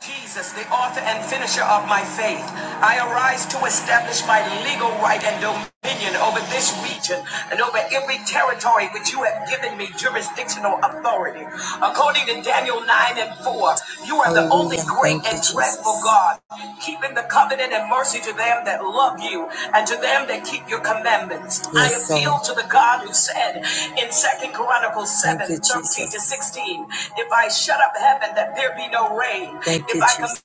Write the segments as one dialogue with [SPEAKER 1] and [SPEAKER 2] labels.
[SPEAKER 1] Jesus, the author and finisher of my faith, I arise to establish my legal right and dominion over this region and over every territory which you have given me jurisdictional authority. According to Daniel 9 and 4, you are the only great Thank you, and you, dreadful, God, keeping the covenant and mercy to them that love you and to them that keep your commandments. Yes, I Yes, appeal Lord. to the God who said in Second Chronicles 7 13 to 16, If I shut up heaven, that there be no rain. Thank if I command."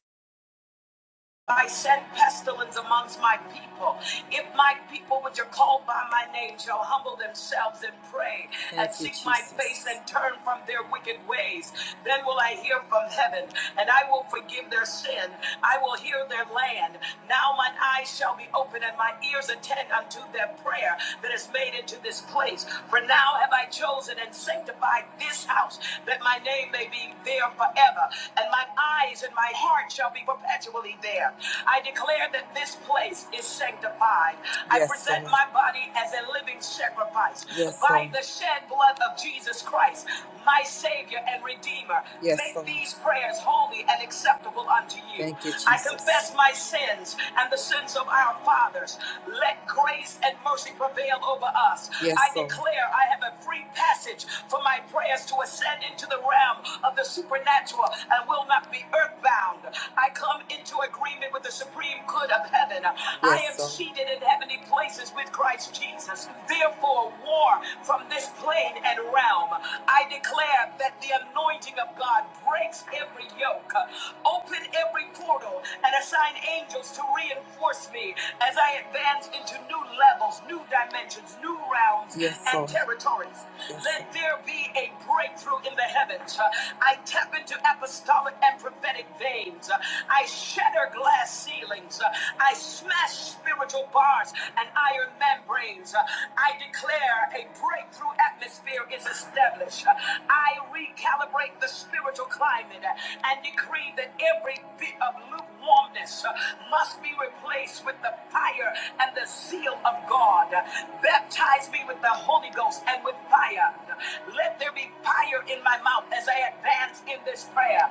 [SPEAKER 1] I send pestilence amongst my people. If my people, which are called by my name, shall humble themselves and pray Thank and you, seek my Jesus. face and turn from their wicked ways, then will I hear from heaven and I will forgive their sin. I will hear their land. Now mine eyes shall be open and my ears attend unto their prayer that is made into this place. For now have I chosen and sanctified this house that my name may be there forever, and my eyes and my heart shall be perpetual actually there. I declare that this place is sanctified. I Yes, present Lord. my body as a living sacrifice Yes, by Lord. the shed blood of Jesus Christ, my Savior and Redeemer. Yes, Make Lord. these prayers holy and acceptable unto you. Thank you, Jesus. I confess my sins and the sins of our fathers. Let grace and mercy prevail over us. Yes, I Lord. declare I have a free passage for my prayers to ascend into the realm of the supernatural and will not be earthbound. I come into agreement with the supreme good of heaven. I Yes, am sir. seated in heavenly places with Christ Jesus. Therefore, war from this plane and realm. I declare that the anointing of God breaks every yoke, open every portal, and assign angels to reinforce me as I advance into new levels, new dimensions, new realms, Yes, and territories. Yes, Let there be a breakthrough in the heavens. I tap into apostolic and prophetic veins chains. I shatter glass ceilings. I smash spiritual bars and iron membranes. I declare a breakthrough atmosphere is established. I recalibrate the spiritual climate and decree that every bit of lukewarmness must be replaced with the fire and the zeal of God. Baptize me with the Holy Ghost and with fire. Let there be fire in my mouth as I advance in this prayer.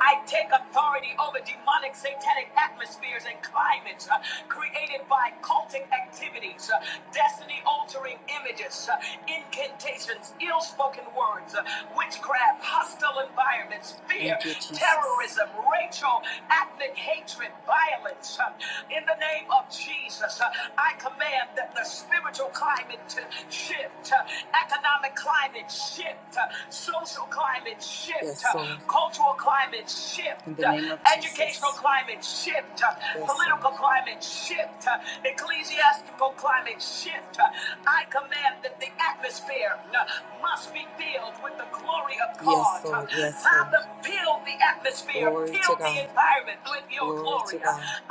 [SPEAKER 1] I I take authority over demonic satanic atmospheres and climates uh, created by cultic activities, uh, destiny altering images, uh, incantations, ill spoken words, uh, witchcraft, hostile environments, fear, Thank you, Jesus. terrorism, racial, ethnic hatred, violence. uh, in the name of Jesus, uh, I command that the spiritual climate to shift, uh, economic climate shift, uh, social climate shift, yes, uh, Lord. cultural climate climate shift, educational climate shift, Yes, political climate shift, ecclesiastical climate shift. I command that the atmosphere must be filled with the glory of God. Yes, Lord. Yes, Lord. Father, fill the atmosphere, Glory to fill to the God. environment with your Glory glory.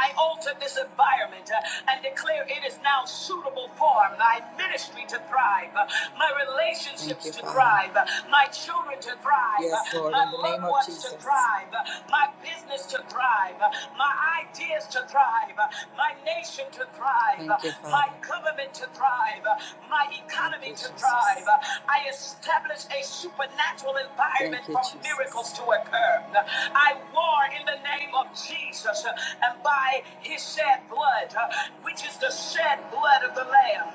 [SPEAKER 1] I alter this environment uh, and declare it is now suitable for my ministry to thrive, uh, my Thank relationships Thank you, to Father. thrive, uh, my children to thrive, Yes, Lord. uh, my In the loved name name of wants to Jesus. thrive, my business to thrive, my ideas to thrive, my nation to thrive, Thank you, Father. my Father. government to thrive, my Thank economy you, to Jesus. thrive. I establish a supernatural environment Thank you, for Jesus. miracles Jesus. to occur. I war in the name of Jesus and by his shed blood, which is the shed blood of the Lamb,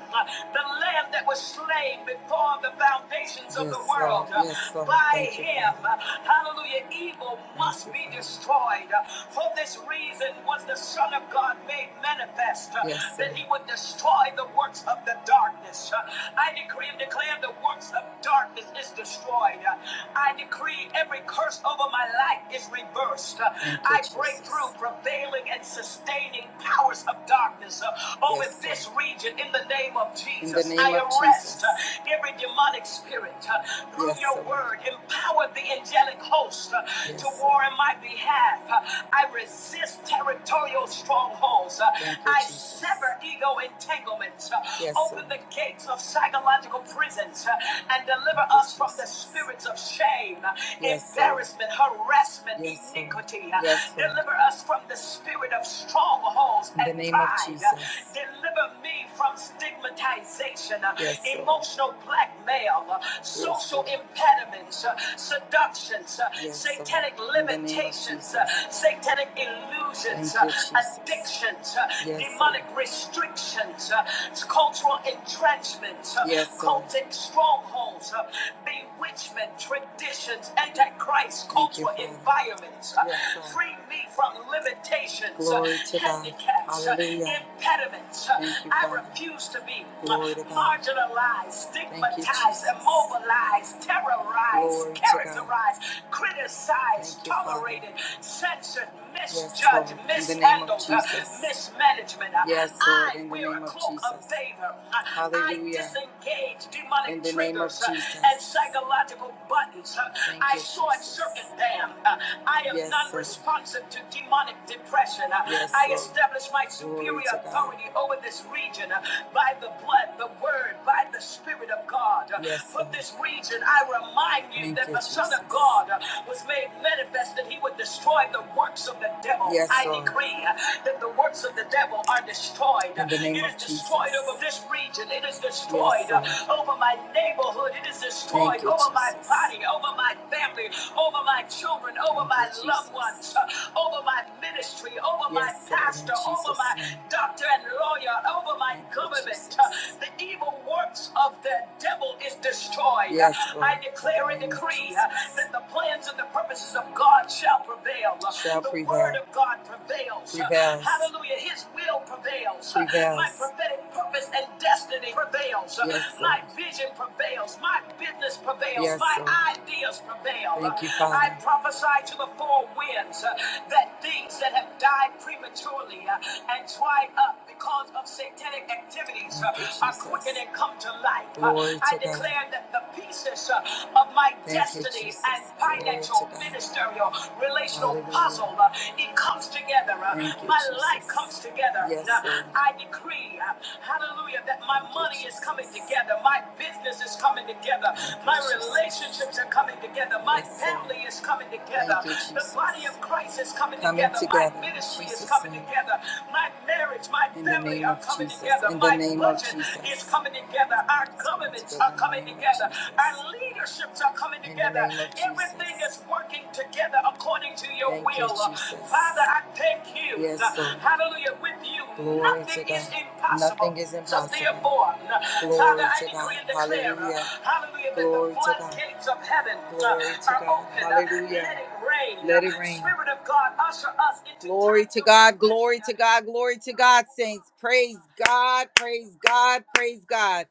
[SPEAKER 1] the Lamb that was slain before the foundations of the Yes, Lord. world. Yes, Lord. By Thank you, him, Father. Hallelujah. Evil must be destroyed. For this reason was the Son of God made manifest uh, Yes, that he would destroy the works of the darkness. Uh, I decree and declare the works of darkness is destroyed. Uh, I decree every curse over my life is reversed. Uh, I break through prevailing and sustaining powers of darkness uh, over Yes, this region in the name of Jesus. name I of arrest of Jesus. uh, every demonic spirit uh, through Yes, your word. Empower empower the angelic host uh, yes. to Yes. war in my behalf. Uh, I resist territorial strongholds. Uh, Thank you, I Jesus. sever ego entanglements. Uh, Yes, open Lord. the gates of psychological prisons uh, and deliver Thank us from the spirits of shame, uh, Yes, Lord. embarrassment, sir. harassment, Yes, iniquity. Uh, Yes, Deliver us from the spirit of strongholds in the and the name pride. of pride. Uh, Deliver deliver me from stigmatization, uh, Yes, Lord. emotional blackmail, uh, Yes, Lord. social impediments, uh, seductions, uh, Yes, Lord. satanic In the name of limitations, uh, Jesus. satanic illusions, Thank uh, you, Jesus. addictions, uh, Yes, Lord. demonic restrictions, uh, cultural entrenchments, uh, Yes, Lord. cultic strongholds, uh, bewitchment, traditions, antichrist, Thank you, cultural Father. environments. uh, Yes, Lord. free me from limitations, Glory to God. handicaps, Hallelujah. impediments. Thank you, I Father. refuse to be Glory to God. marginalized, stigmatized, Thank you, immobilized, terrorized, Glory to God. characterized, criticized, Thank you, tolerated, Father. censored, misjudged, Yes, Lord. In the mishandled, name of Jesus. mismanagement. Yes, Lord. I In the wear name a of cloak of Jesus. favor. Hallelujah. I disengage demonic in the triggers name of Jesus. and psychological buttons. Thank I you, short circuit them. Uh, I am Yes, non responsive to demonic depression. Uh, Yes, I establish my superior authority over this region uh, by the blood, the word, by the Spirit of God. Uh, Yes, For this region, I remind you Thank that you, the Jesus. Son of God uh, was made manifest that he would destroy the works of the devil. Yes, I Lord. decree uh, that the works of the devil are destroyed. In the name It is of Jesus. destroyed Jesus. over this region. It is destroyed yes, uh, Lord over my neighborhood. It is destroyed Thank you, over my Jesus. body, over my family, over my children, over Thank you, my loved ones, Jesus. uh, over my ministry, over my Yes, Lord in pastor, over Jesus. my name. doctor and lawyer, over my Thank you, government. Uh, Jesus. The evil works of the devil is destroyed. Uh, Yes, I Lord. I In declare the and name of decree uh, Jesus. that the plans and the purposes of God shall prevail. Uh, Shall The word prevail. of God prevails. Uh, Prevails. Hallelujah. His will prevails prevails. prevails. My prophetic purpose and destiny prevails. Yes, Lord. my vision prevails. My business prevails. Yes, my Lord. ideas prevail. Thank you, Father. I prophesy to the four winds uh, that things that have died prematurely uh, and dried up because of satanic activities uh, Thank you, are Jesus. quickened and come to life. Uh, Glory I to God. declare God. that the pieces uh, of my Thank you, destiny Jesus. and Glory financial, to God. ministerial, relational Hallelujah. puzzle home, uh, it comes together. uh, Thank you, My life Jesus. comes together. Yes, Uh, Lord. I decree, uh, hallelujah, that my Thank you, money is coming Jesus. together. My business is coming together. Thank you, My Jesus. relationships are coming together. My Yes, Lord. family is coming together. Thank you, The body Jesus. of Jesus. Christ is coming Coming together. My together in ministry is Jesus' coming name. together. My marriage, my In the family name are of coming Jesus. together. In the My name of budget is Jesus. coming together. Our It's coming governments together are together in the coming name of together. Jesus. Our leaderships are coming In together. Everything is working together according to your Thank you, will. Jesus. Father, I thank you. Yes, Lord. Hallelujah. With you, Glory nothing to is God. impossible. Nothing is So impossible. therefore, Father, Glory Father, I to decree God. decree and declare, Hallelujah. hallelujah, that the Glory to God. floodgates of heaven uh, Glory to are God. open. Uh, Hallelujah. Let it rain. Let it rain. Spirit of God, usher us into Glory to God, glory to God, glory to God, saints. Praise God, praise God, praise God.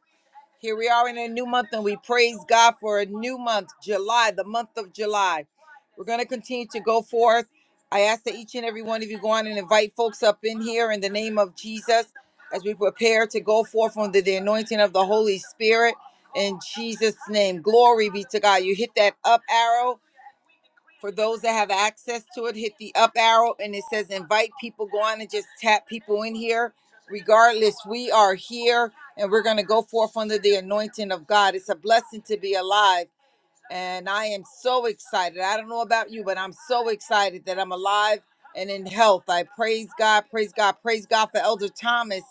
[SPEAKER 1] Here we are in a new month, and we praise God for a new month, July, the month of July. We're going to continue to go forth. I ask that each and every one of you go on and invite folks up in here in the name of Jesus as we prepare to go forth under the anointing of the Holy Spirit in Jesus' name. Glory be to God. You hit that up arrow for those that have access to it, hit the up arrow and it says invite people. Go on and just tap people in here. Regardless, we are here and we're going to go forth under the anointing of God. It's a blessing to be alive. And I am so excited. I don't know about you, but I'm so excited that I'm alive and in health. I praise God, praise God, praise God for Elder Thomas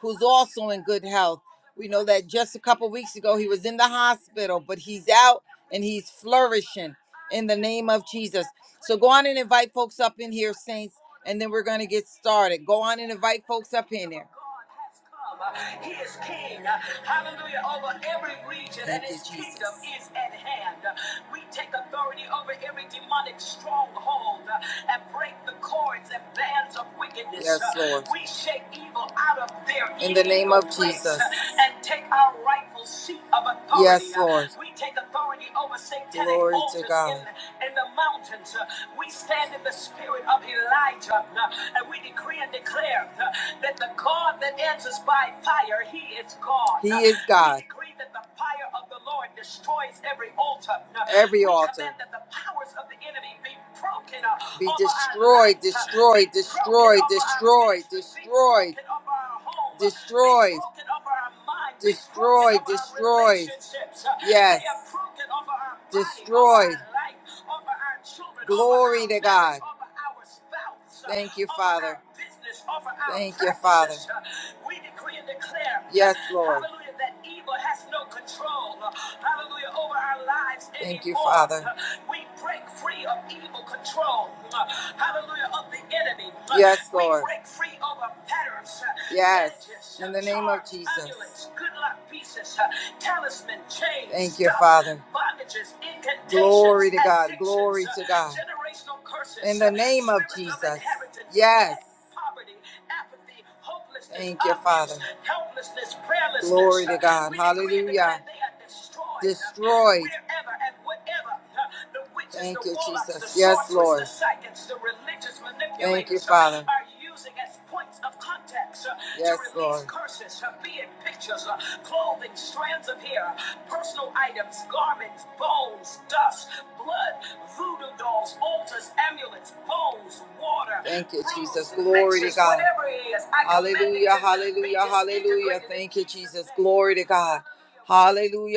[SPEAKER 1] who's also in good health. We know that just a couple weeks ago he was in the hospital, but he's out and he's flourishing in the name of Jesus. So go on and invite folks up in here, saints, and then we're going to get started. Go on and invite folks up in there. He is king, hallelujah, over every region, and Thank you, his kingdom Jesus. Kingdom is at hand. We take authority over every demonic stronghold and break the cords and bands of wickedness. Yes, Lord. We shake in the name of Jesus. Yes, Lord. Glory to God. In the mountains, uh, we stand in the spirit of Elijah, uh, and we decree and declare uh, that the God that answers by fire, He is God. He is God decree that the fire of the Lord destroys every altar. Every altar that the powers of the enemy be broken up be destroyed, lives, be destroyed, broken destroyed, over our destroyed, destroyed, destroyed, destroyed, destroyed. Yes, are destroyed. Glory to God. Thank you, Father. Thank you, Father. yes, Lord. no Thank you, Father. Yes, Lord. Yes, in the name of Jesus talisman, chains, Thank you, Father. bondages, Glory to God. Glory to God. generational curses, In the name of spirits of Jesus. Yes. poverty, apathy, hopelessness, Thank you, abuse, Father. helplessness, prayerlessness. Glory to God. We Hallelujah. declare Destroyed. Destroyed. Wherever and whatever huh, the witches, Thank the you, warlocks, Jesus. the Yes, Lord. the psychics, the religious manipulators, Thank you, Father. Are using as points of contacts uh, to Yes, to release Lord. curses, uh, be it pictures, uh, clothing, strands of hair, personal items, garments, bones, dust, blood, voodoo dolls, altars, amulets, bones, water, Thank you, bruises, Jesus. Glory to God. whatever it is, I Hallelujah, hallelujah, hallelujah. Thank you, Jesus' Glory to God.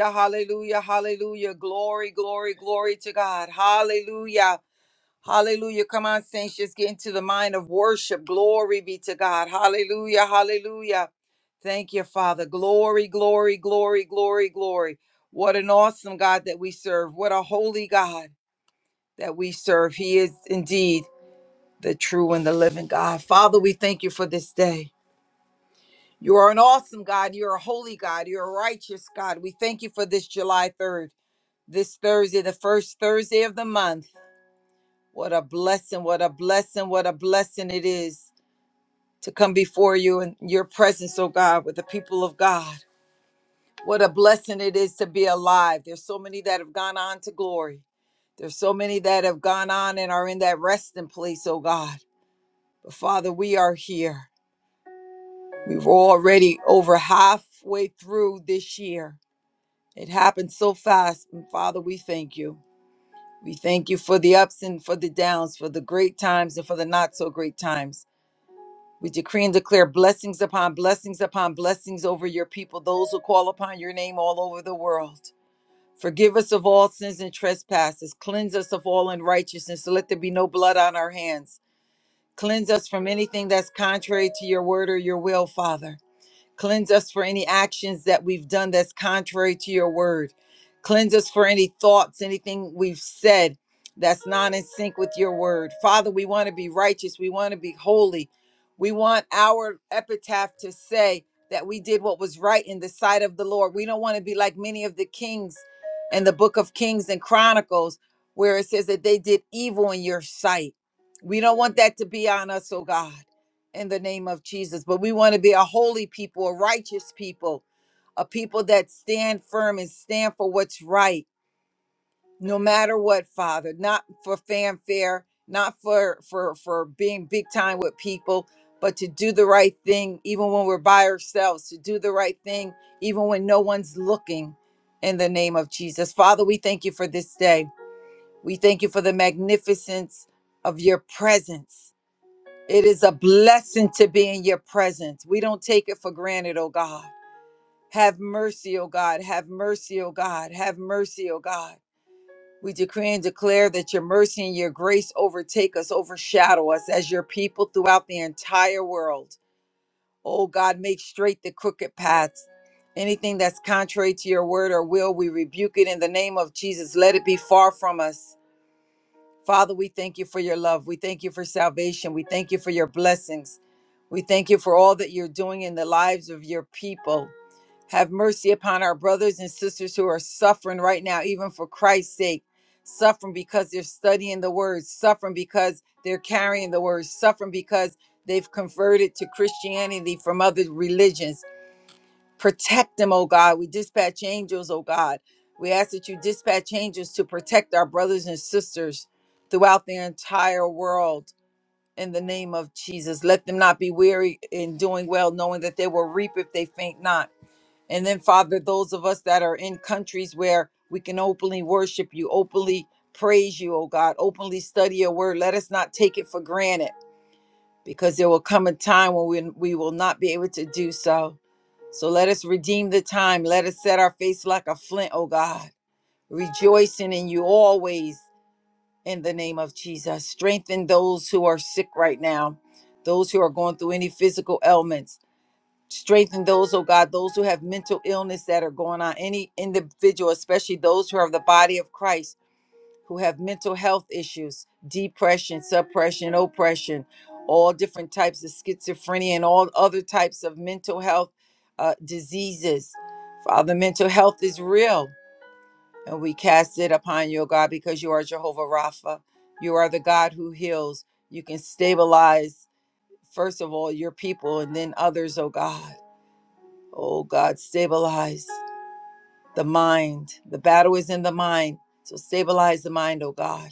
[SPEAKER 1] Hallelujah, hallelujah, hallelujah. Glory, glory, glory to God. Hallelujah. Hallelujah. Come on, saints. Just get into the mind of worship. Glory be to God. Hallelujah. Hallelujah. Thank you, Father. Glory, glory, glory, glory, glory. What an awesome God that we serve. What a holy God that we serve. He is indeed the true and the living God. Father, we thank you for this day. You are an awesome God. You're a holy God. You're a righteous God. We thank you for this July 3rd, this Thursday, the first Thursday of the month. What a blessing, what a blessing, what a blessing it is to come before you in your presence, oh God, with the people of God. What a blessing it is to be alive. There's so many that have gone on to glory. There's so many that have gone on and are in that resting place, oh God. But Father, we are here. We were already over halfway through this year. It happened so fast. And Father, we thank you. We thank you for the ups and for the downs, for the great times and for the not so great times. We decree and declare blessings upon blessings upon blessings over your people, those who call upon your name all over the world. Forgive us of all sins and trespasses. Cleanse us of all unrighteousness. So let there be no blood on our hands. Cleanse us from anything that's contrary to your word or your will, Father. Cleanse us for any actions that we've done that's contrary to your word. Cleanse us for any thoughts, anything we've said that's not in sync with your word. Father, we want to be righteous. We want to be holy. We want our epitaph to say that we did what was right in the sight of the Lord. We don't want to be like many of the kings in the book of Kings and Chronicles, where it says that they did evil in your sight. We don't want that to be on us, oh God in the name of Jesus. But we want to be a holy people, a righteous people, a people that stand firm and stand for what's right, no matter what, Father. Not for fanfare, not for for for being big time with people, but to do the right thing even when we're by ourselves, to do the right thing even when no one's looking. In the name of Jesus. Father, we thank you for this day. We thank you for the magnificence of your presence. It is a blessing to be in your presence. We don't take it for granted, oh God. Have mercy, oh God. Have mercy, oh God. Have mercy, oh God. We decree and declare that your mercy and your grace overtake us, overshadow us as your people throughout the entire world. Oh God, make straight the crooked paths. Anything that's contrary to your word or will, we rebuke it in the name of Jesus. Let it be far from us. Father, we thank you for your love. We thank you for salvation. We thank you for your blessings. We thank you for all that you're doing in the lives of your people. Have mercy upon our brothers and sisters who are suffering right now, even for Christ's sake. Suffering because they're studying the word, suffering because they're carrying the word, suffering because they've converted to Christianity from other religions Protect them, oh God. We dispatch angels, oh God. We ask that you dispatch angels to protect our brothers and sisters throughout the entire world in the name of Jesus. Let them not be weary in doing well, knowing that they will reap if they faint not. And then, Father, those of us that are in countries where we can openly worship you, openly praise you, oh God, openly study your word, let us not take it for granted because there will come a time when we, we will not be able to do so. So let us redeem the time. Let us set our face like a flint, oh God, rejoicing in you always in the name of Jesus. Strengthen those who are sick right now, those who are going through any physical ailments. Strengthen those, oh God, those who have mental illness that are going on, any individual, especially those who are of the body of Christ who have mental health issues, depression, suppression, oppression, all different types of schizophrenia and all other types of mental health uh, diseases. Father, mental health is real, and we cast it upon you, O God, because you are Jehovah Rapha. You are the God who heals. You can stabilize, first of all, your people and then others, O God. Oh God, stabilize the mind. The battle is in the mind. So stabilize the mind, O God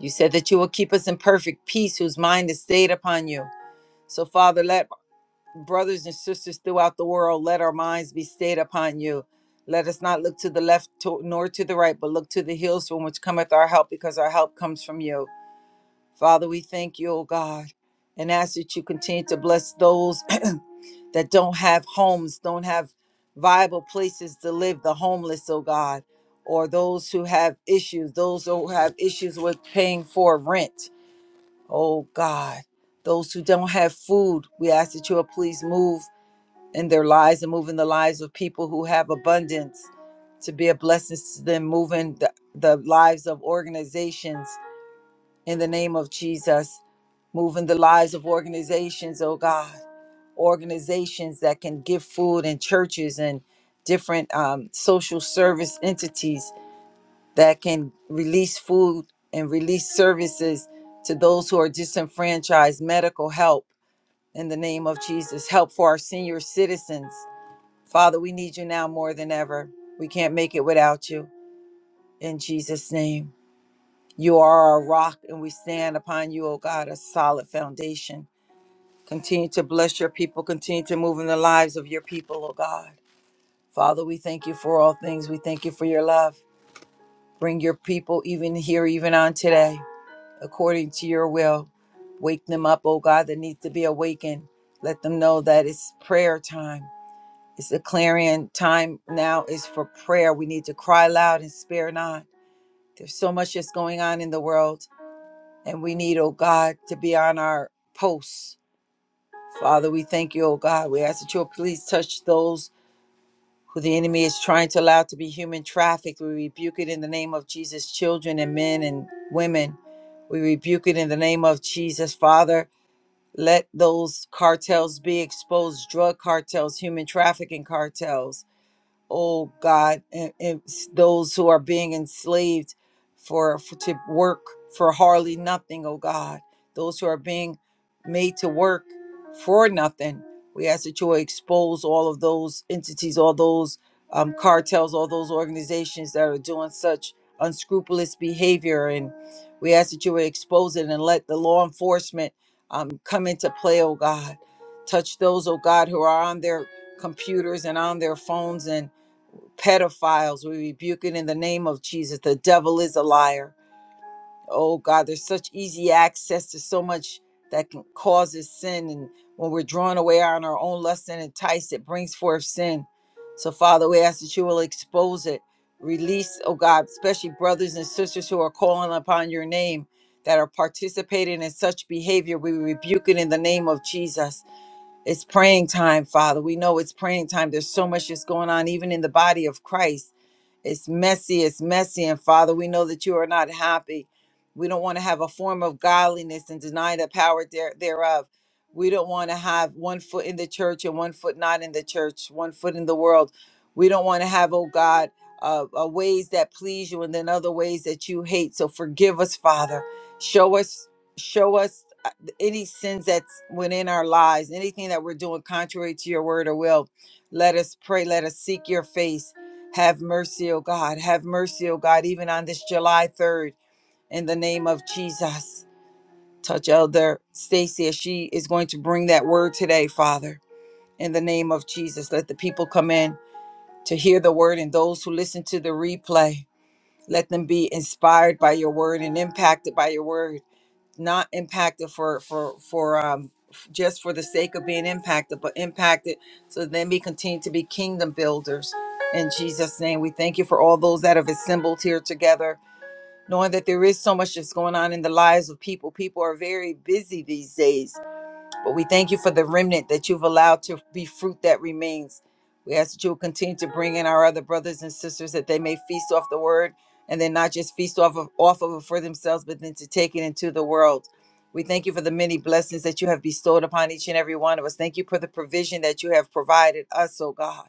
[SPEAKER 1] You said that you will keep us in perfect peace, whose mind is stayed upon you. So, Father, let brothers and sisters throughout the world let our minds be stayed upon you. Let us not look to the left to, nor to the right, but look to the hills from which cometh our help, because our help comes from you. Father, we thank you, O God, and ask that you continue to bless those that don't have homes, don't have viable places to live, the homeless, O God, or those who have issues, those who have issues with paying for rent Oh God, those who don't have food, we ask that you will please move in their lives and move in the lives of people who have abundance to be a blessing to them, moving the, the lives of organizations in the name of Jesus, moving the lives of organizations, oh God, organizations that can give food and churches and different um, social service entities that can release food and release services to those who are disenfranchised, medical help in the name of Jesus, help for our senior citizens. Father, we need you now more than ever. We can't make it without you. In Jesus' name, you are our rock, and we stand upon you, O God, a solid foundation. Continue to bless your people. Continue to move in the lives of your people, O God. Father, we thank you for all things. We thank you for your love. Bring your people even here, even on today. according to your will. Wake them up, oh God, that needs to be awakened. Let them know that it's prayer time. It's the clarion time now is for prayer. We need to cry loud and spare not. There's so much that's going on in the world, and we need, oh God, to be on our posts. Father, we thank you, oh God. We ask that you'll please touch those who the enemy is trying to allow to be human trafficked. We rebuke it in the name of Jesus, children and men and women. We rebuke it in the name of Jesus, Father. Let those cartels be exposed drug cartels, human trafficking cartels oh God, and, and s- those who are being enslaved for, for to work for hardly nothing, oh God, those who are being made to work for nothing. We ask that you will expose all of those entities, all those um, cartels, all those organizations that are doing such unscrupulous behavior, and we ask that you would expose it and let the law enforcement um, come into play, oh God. Touch those, oh God, who are on their computers and on their phones and pedophiles. We rebuke it in the name of Jesus. The devil is a liar. Oh God, there's such easy access to so much that can causes sin. And when we're drawn away on our own lust and enticed, it brings forth sin. So, Father, we ask that you will expose it. Release, oh God, especially brothers and sisters who are calling upon your name that are participating in such behavior. We rebuke it in the name of Jesus. It's praying time, Father. We know it's praying time. There's so much that's going on, even in the body of Christ it's messy, it's messy. And Father, we know that you are not happy. We don't want to have a form of godliness and deny the power there, thereof. We don't want to have one foot in the church and one foot not in the church, one foot in the world. We don't want to have, oh God, uh, uh, ways that please you and then other ways that you hate. So forgive us, Father. Show us, show us uh, any sins that's within our lives, anything that we're doing contrary to your word or will. Let us pray. Let us seek your face have mercy, O God. Have mercy, O God, even on this July 3rd, in the name of Jesus. Touch Elder Stacy as she is going to bring that word today, Father. In the name of Jesus, let the people come in to hear the word and those who listen to the replay, let them be inspired by your word and impacted by your word not impacted for for for um f- just for the sake of being impacted but impacted so then we continue to be kingdom builders in jesus name we thank you for all those that have assembled here together knowing that there is so much that's going on in the lives of people people are very busy these days but we thank you for the remnant that you've allowed to be fruit that remains. We ask that you will continue to bring in our other brothers and sisters that they may feast off the word and then not just feast off of, off of it for themselves, but then to take it into the world. We thank you for the many blessings that you have bestowed upon each and every one of us. Thank you for the provision that you have provided us, oh God.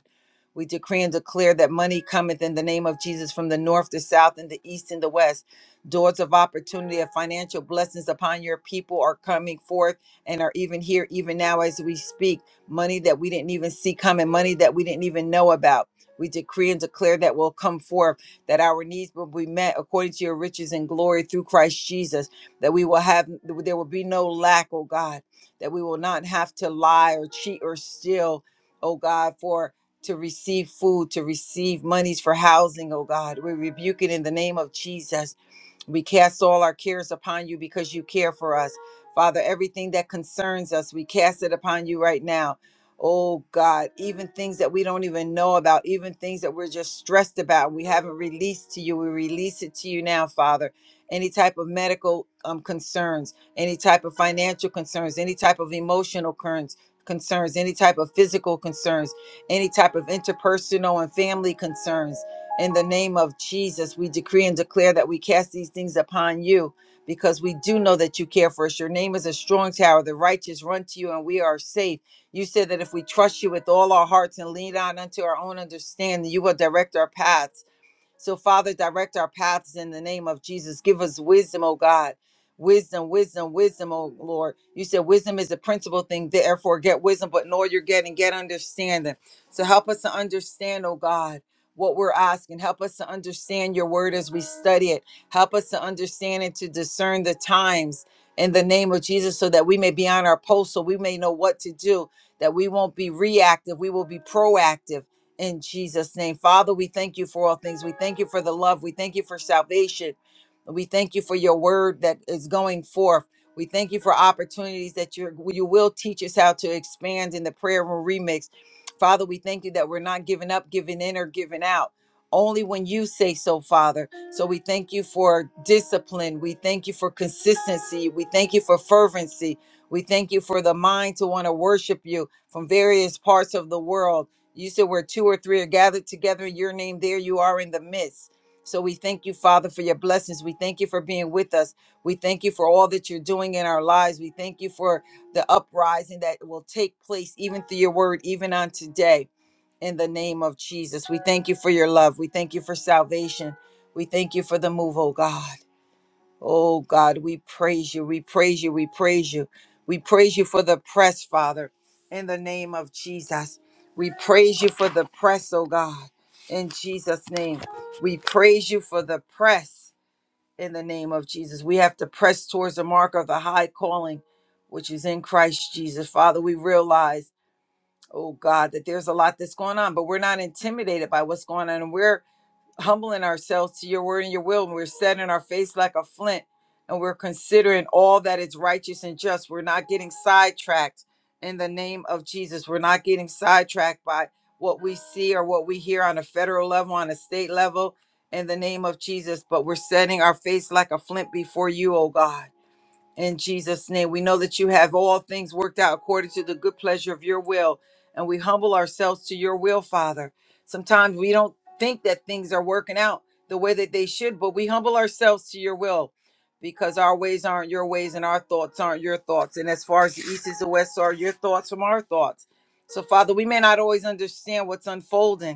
[SPEAKER 1] We decree and declare that money cometh in the name of Jesus from the north, the south, and the east, and the west. Doors of opportunity of financial blessings upon your people are coming forth and are even here, even now as we speak. Money that we didn't even see coming, money that we didn't even know about. We decree and declare that will come forth, that our needs will be met according to your riches and glory through Christ Jesus, that we will have, there will be no lack, oh God, that we will not have to lie or cheat or steal, oh God, for to receive food, to receive monies for housing, oh God. We rebuke it in the name of Jesus we cast all our cares upon you because you care for us. Father, everything that concerns us, we cast it upon you right now. Oh God, even things that we don't even know about, even things that we're just stressed about, we haven't released to you. We release it to you now, Father. Any type of medical um, concerns, any type of financial concerns, any type of emotional concerns, concerns, any type of physical concerns, any type of interpersonal and family concerns in the name of Jesus, we decree and declare that we cast these things upon you because we do know that you care for us. Your name is a strong tower. The righteous run to you and we are safe. You said that if we trust you with all our hearts and lean on unto our own understanding, you will direct our paths. So, Father, direct our paths in the name of Jesus. Give us wisdom, oh God. Wisdom, wisdom, wisdom, oh Lord. You said wisdom is the principal thing. Therefore, get wisdom, but know you're getting, get understanding. So, help us to understand, oh God. What we're asking. Help us to understand your word as we study it. Help us to understand and to discern the times in the name of Jesus so that we may be on our post, so we may know what to do, that we won't be reactive, we will be proactive in Jesus' name. Father, we thank you for all things. We thank you for the love. We thank you for salvation. We thank you for your word that is going forth. We thank you for opportunities that you you will teach us how to expand in the prayer room remix. Father, we thank you that we're not giving up, giving in, or giving out. Only when you say so, Father. So we thank you for discipline. We thank you for consistency. We thank you for fervency. We thank you for the mind to want to worship you from various parts of the world. You said where two or three are gathered together in your name, there you are in the midst. So we thank you, Father, for your blessings. We thank you for being with us. We thank you for all that you're doing in our lives. We thank you for the uprising that will take place even through your word, even on today. In the name of Jesus, we thank you for your love. We thank you for salvation. We thank you for the move, oh God. Oh God, we praise you. We praise you. We praise you. We praise you for the press, Father, in the name of Jesus. We praise you for the press, oh God, in Jesus' name. We praise you for the press in the name of Jesus. We have to press towards the mark of the high calling, which is in Christ Jesus. Father, we realize, oh God, that there's a lot that's going on, but we're not intimidated by what's going on. and we're humbling ourselves to your word and your will, and we're setting our face like a flint, and we're considering all that is righteous and just. We're not getting sidetracked in the name of Jesus. We're not getting sidetracked by what we see or what we hear on a federal level, on a state level, in the name of Jesus, but we're setting our face like a flint before you, oh God in Jesus' name, we know that you have all things worked out according to the good pleasure of your will, and we humble ourselves to your will, Father. Sometimes we don't think that things are working out the way that they should, but we humble ourselves to your will because our ways aren't your ways and our thoughts aren't your thoughts. And as far as the east is the west so are your thoughts from our thoughts. So, Father, we may not always understand what's unfolding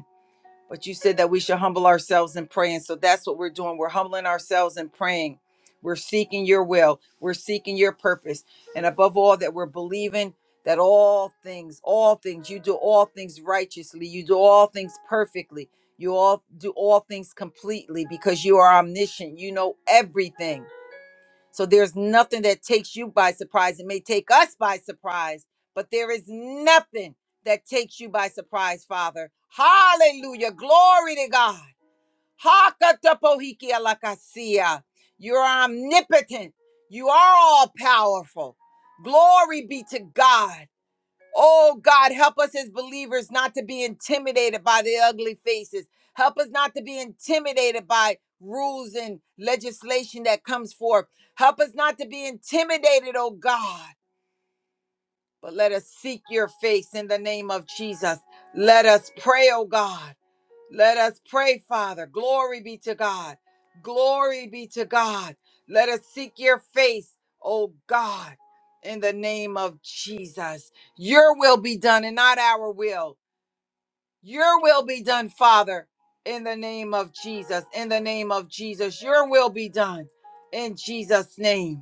[SPEAKER 1] but you said that we should humble ourselves and pray. And so that's what we're doing. We're humbling ourselves and praying. We're seeking your will. We're seeking your purpose. And above all, that we're believing that all things, all things, you do all things righteously. You do all things perfectly. You all do all things completely because you are omniscient. You know everything. So there's nothing that takes you by surprise. It may take us by surprise, but there is nothing that takes you by surprise, Father. Hallelujah. Glory to God. Hakatapohiki alakasia. You're omnipotent. You are all powerful. Glory be to God. Oh God, help us as believers not to be intimidated by the ugly faces. Help us not to be intimidated by rules and legislation that comes forth. Help us not to be intimidated, oh God. But let us seek your face in the name of Jesus. Let us pray, oh God. Let us pray, Father. Glory be to God. Glory be to God. Let us seek your face, oh God, in the name of Jesus. Your will be done and not our will. Your will be done, Father, in the name of Jesus. In the name of Jesus. Your will be done in Jesus' name.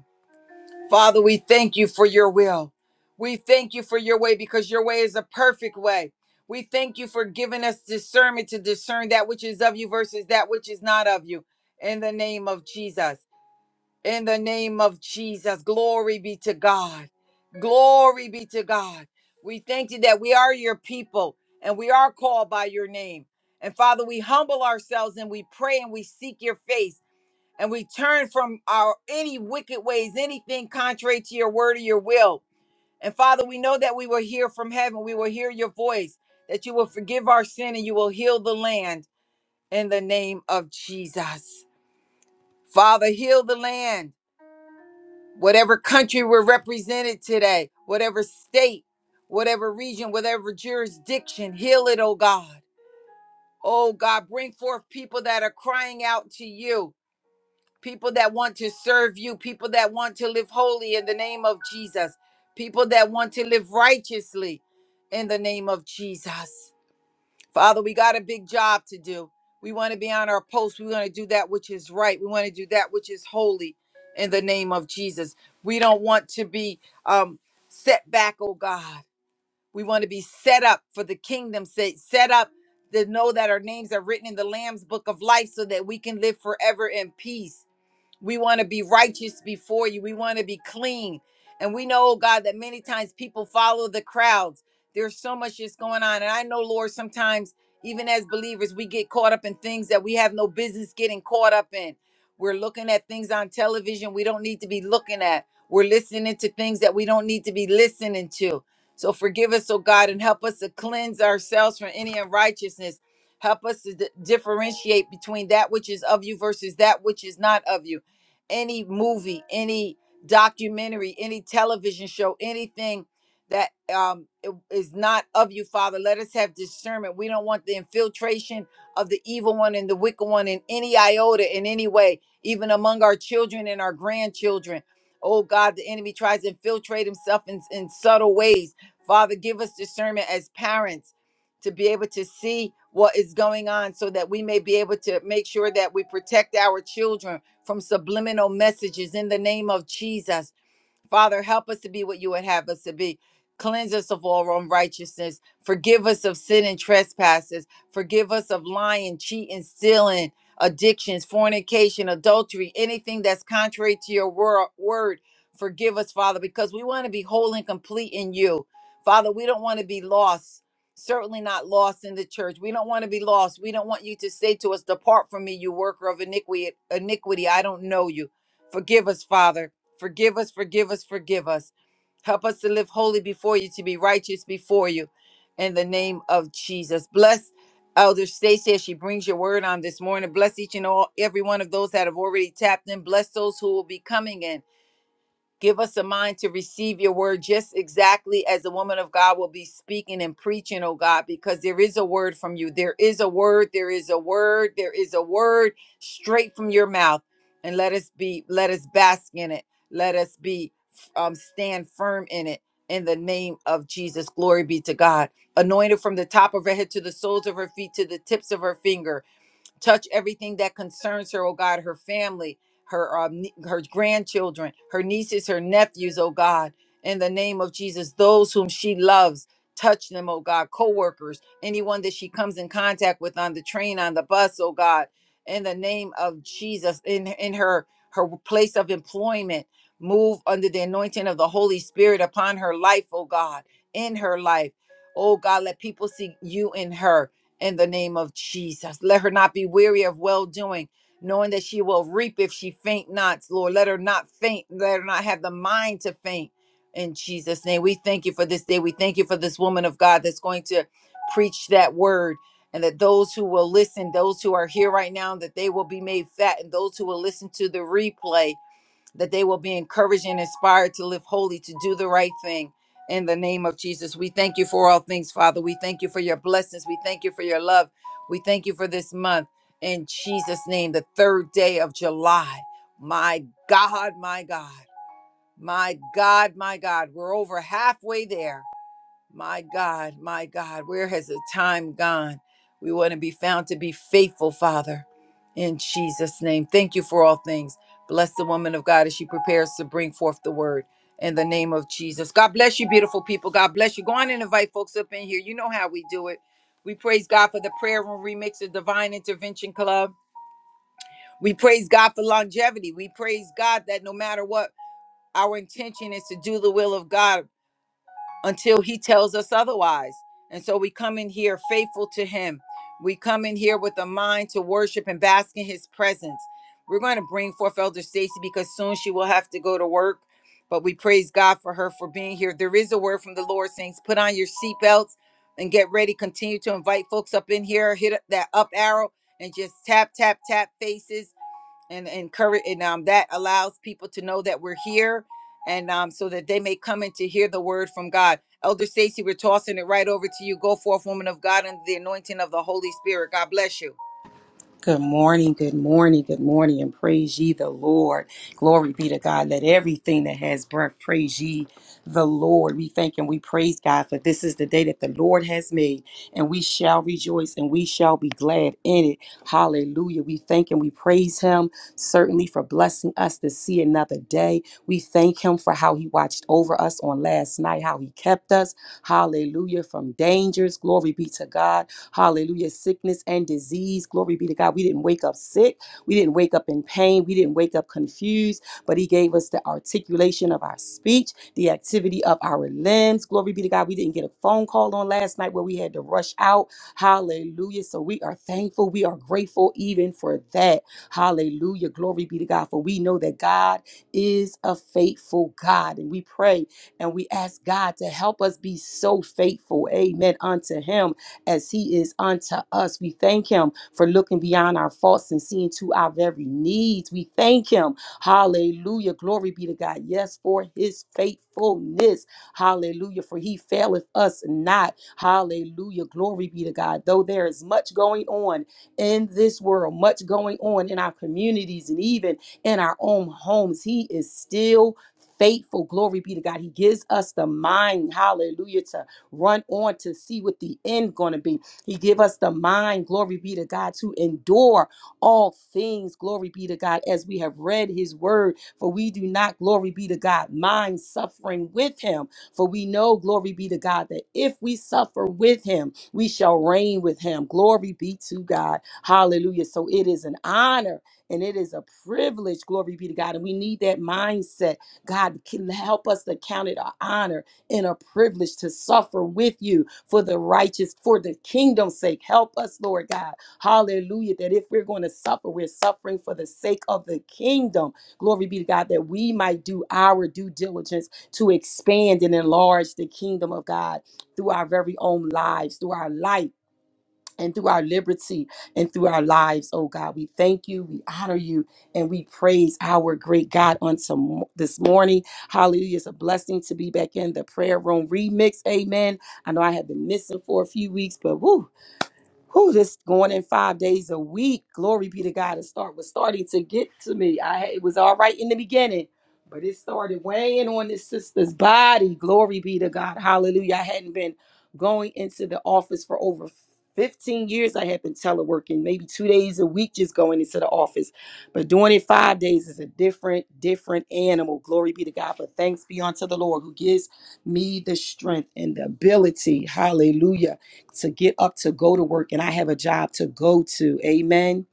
[SPEAKER 1] Father, we thank you for your will. We thank you for your way because your way is a perfect way. We thank you for giving us discernment to discern that which is of you versus that which is not of you. In the name of Jesus. In the name of Jesus. Glory be to God. Glory be to God. We thank you that we are your people and we are called by your name. And Father, we humble ourselves and we pray and we seek your face and we turn from our any wicked ways, anything contrary to your word or your will. And Father, we know that we will hear from heaven. We will hear your voice, that you will forgive our sin and you will heal the land in the name of Jesus. Father, heal the land. Whatever country we're represented today, whatever state, whatever region, whatever jurisdiction, heal it, oh God. Oh God, bring forth people that are crying out to you people that want to serve you, people that want to live holy in the name of Jesus, people that want to live righteously in the name of Jesus. Father, we got a big job to do. We want to be on our post. We want to do that which is right. We want to do that which is holy in the name of Jesus. We don't want to be um, set back, oh God. We want to be set up for the kingdom's sake, set up to know that our names are written in the Lamb's book of life so that we can live forever in peace we want to be righteous before you. We want to be clean. And we know, oh God, that many times people follow the crowds. There's so much that's going on. And I know, Lord, sometimes even as believers, we get caught up in things that we have no business getting caught up in. We're looking at things on television we don't need to be looking at. We're listening to things that we don't need to be listening to. So forgive us, oh God, and help us to cleanse ourselves from any unrighteousness. Help us to di- differentiate between that which is of you versus that which is not of you any movie, any documentary, any television show, anything that um, i- is not of you, Father. Let us have discernment. We don't want the infiltration of the evil one and the wicked one in any iota, in any way, even among our children and our grandchildren. Oh God, the enemy tries to infiltrate himself in, in subtle ways. Father, give us discernment as parents to be able to see what is going on so that we may be able to make sure that we protect our children from subliminal messages in the name of Jesus. Father, help us to be what you would have us to be. Cleanse us of all unrighteousness. Forgive us of sin and trespasses. Forgive us of lying, cheating, stealing, addictions, fornication, adultery, anything that's contrary to your wor- word. Forgive us, Father, because we want to be whole and complete in you. Father, we don't want to be lost. Certainly not lost in the church. We don't want to be lost. We don't want you to say to us, Depart from me, you worker of iniquity. iniquity. I don't know you. Forgive us, Father. Forgive us, forgive us, forgive us. Help us to live holy before you, to be righteous before you. In the name of Jesus. Bless Elder Stacy as she brings your word on this morning. Bless each and all every one of those that have already tapped in. Bless those who will be coming in. Give us a mind to receive your word just exactly as the woman of God will be speaking and preaching, oh God, because there is a word from you. There is a word, there is a word, there is a word straight from your mouth. And let us be, let us bask in it. Let us be, um, stand firm in it in the name of Jesus. Glory be to God. Anointed from the top of her head to the soles of her feet to the tips of her finger Touch everything that concerns her, oh God, her family, her um, nie- her grandchildren, her nieces, her nephews, oh God, in the name of Jesus, those whom she loves, touch them, oh God, co-workers, anyone that she comes in contact with on the train, on the bus, oh God, in the name of Jesus, in in her her place of employment, move under the anointing of the Holy Spirit upon her life, oh God, in her life. Oh God, let people see you in her in the name of Jesus. Let her not be weary of well doing, knowing that she will reap if she faint not, Lord. Let her not faint. Let her not have the mind to faint. In Jesus' name, we thank you for this day. We thank you for this woman of God that's going to preach that word. And that those who will listen, those who are here right now, that they will be made fat. And those who will listen to the replay, that they will be encouraged and inspired to live holy, to do the right thing. In the name of Jesus, we thank you for all things, Father. We thank you for your blessings. We thank you for your love. We thank you for this month. In Jesus' name, the third day of July. My God, my God, my God, my God. We're over halfway there. My God, my God, where has the time gone? We want to be found to be faithful, Father, in Jesus' name. Thank you for all things. Bless the woman of God as she prepares to bring forth the word in the name of Jesus. God bless you, beautiful people. God bless you. Go on and invite folks up in here. You know how we do it. We praise God for the prayer room remix of Divine Intervention Club. We praise God for longevity. We praise God that no matter what, our intention is to do the will of God until he tells us otherwise. And so we come in here faithful to him. We come in here with a mind to worship and bask in his presence. We're going to bring forth Elder Stacy because soon she will have to go to work. But we praise God for her for being here. There is a word from the Lord, saints. Put on your seatbelts and get ready. Continue to invite folks up in here. Hit that up arrow and just tap, tap, tap faces and encourage and um, that allows people to know that we're here and um, so that they may come in to hear the word from god elder stacy we're tossing it right over to you go forth woman of god under the anointing of the holy spirit god bless you
[SPEAKER 2] Good morning, good morning, good morning, and praise ye the Lord. Glory be to God. Let everything that has breath praise ye the Lord. We thank and we praise God for this is the day that the Lord has made, and we shall rejoice and we shall be glad in it. Hallelujah. We thank and we praise Him certainly for blessing us to see another day. We thank Him for how He watched over us on last night, how He kept us. Hallelujah. From dangers. Glory be to God. Hallelujah. Sickness and disease. Glory be to God. We didn't wake up sick. We didn't wake up in pain. We didn't wake up confused, but He gave us the articulation of our speech, the activity of our limbs. Glory be to God. We didn't get a phone call on last night where we had to rush out. Hallelujah. So we are thankful. We are grateful even for that. Hallelujah. Glory be to God. For we know that God is a faithful God. And we pray and we ask God to help us be so faithful. Amen. Unto Him as He is unto us. We thank Him for looking beyond our faults and seeing to our very needs. We thank Him. Hallelujah. Glory be to God. Yes, for His faithfulness. Hallelujah. For He faileth us not. Hallelujah. Glory be to God. Though there is much going on in this world, much going on in our communities and even in our own homes, He is still faithful. Glory be to God. He gives us the mind, hallelujah, To run on to see what the end going to be. He give us the mind, glory be to God, to endure all things, glory be to God, as we have read his word. For we do not, glory be to God, mind suffering with him. For we know, glory be to God, that if we suffer with him, we shall reign with him. Glory be to God. Hallelujah. So it is an honor and it is a privilege, glory be to God. And we need that mindset. God can help us to count it our honor and a privilege to suffer with you for the righteous, for the kingdom's sake. Help us, Lord God. Hallelujah. That if we're going to suffer, we're suffering for the sake of the kingdom. Glory be to God that we might do our due diligence to expand and enlarge the kingdom of God through our very own lives, through our life and through our liberty and through our lives, oh God. We thank you, we honor you, and we praise our great God on some this morning. Hallelujah. It's a blessing to be back in the prayer room remix. Amen. I know I have been missing for a few weeks, but woo who this going in five days a week. Glory be to God. It start was starting to get to me. I it was all right in the beginning, but it started weighing on this sister's body. Glory be to God. Hallelujah. I hadn't been going into the office for over 15 years. I had been teleworking maybe two days a week, just going into the office. But doing it five days is a different, different animal. Glory be to God. But thanks be unto the Lord who gives me the strength and the ability. Hallelujah to get up to go to work and I have a job to go to. Amen.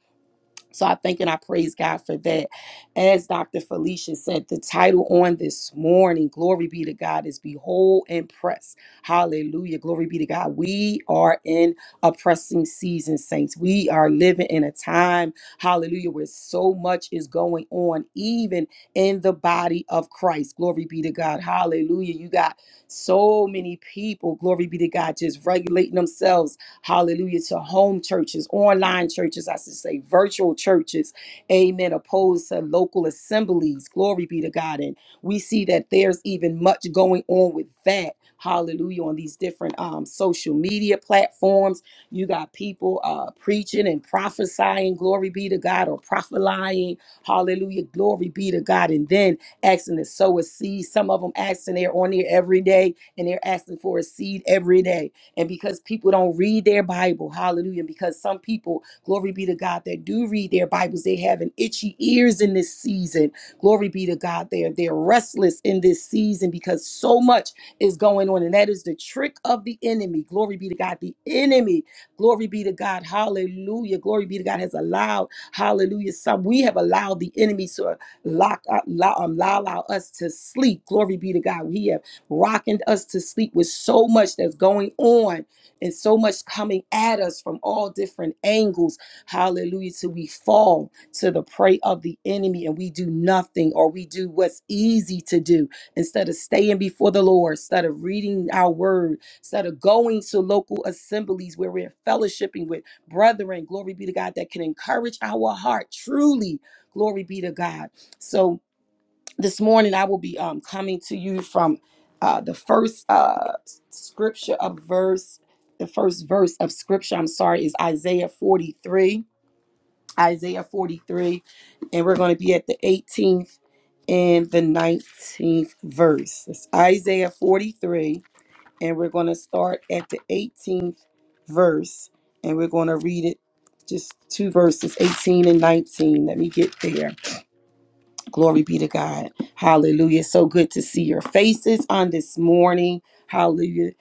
[SPEAKER 2] So I thank and I praise God for that. As Dr. Felicia said, the title on this morning, glory be to God, is Behold and Press. Hallelujah. Glory be to God. We are in a pressing season, saints. We are living in a time, hallelujah, where so much is going on, even in the body of Christ. Glory be to God. Hallelujah. You got so many people, glory be to God, just regulating themselves hallelujah, to home churches, online churches, I should say, virtual churches, amen, opposed to local assemblies. Glory be to God. And we see that there's even much going on with that, hallelujah, on these different um, social media platforms. You got people uh, preaching and prophesying, glory be to God, or prophesying, hallelujah, glory be to God. And then asking to sow a seed. Some of them asking, they're on there every day and they're asking for a seed every day and because people don't read their Bible, hallelujah, and because some people, glory be to God, that do read their Bibles, they have an itchy ears in this season. Glory be to God, they're they're restless in this season because so much is going on, and that is the trick of the enemy. Glory be to God, the enemy. Glory be to God, hallelujah. Glory be to God has allowed, hallelujah. Some we have allowed the enemy to lock, uh, lo- um, allow, allow us to sleep. Glory be to God. We have rocking us to sleep with so much that's going on and so much coming at us from all different angles. Hallelujah. Till we fall to the prey of the enemy and we do nothing or we do what's easy to do instead of staying before the Lord, instead of reading our word, instead of going to local assemblies where we're fellowshipping with brethren. Glory be to God that can encourage our heart truly. Glory be to God. So, this morning I will be um, coming to you from uh, the first uh, scripture of verse, the first verse of scripture, I'm sorry, is Isaiah 43. Isaiah 43. And we're going to be at the 18th and the 19th verse. It's Isaiah 43. And we're going to start at the 18th verse. And we're going to read it just two verses, 18 and 19. Let me get there. Glory be to God. Hallelujah. So good to see your faces on this morning. Hallelujah.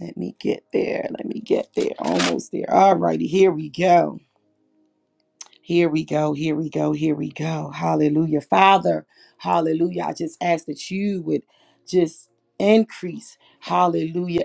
[SPEAKER 2] Let me get there. Let me get there. Almost there. All righty. Here we go. Here we go. Here we go. Here we go. Hallelujah. Father, hallelujah. I just ask that you would just increase. Hallelujah.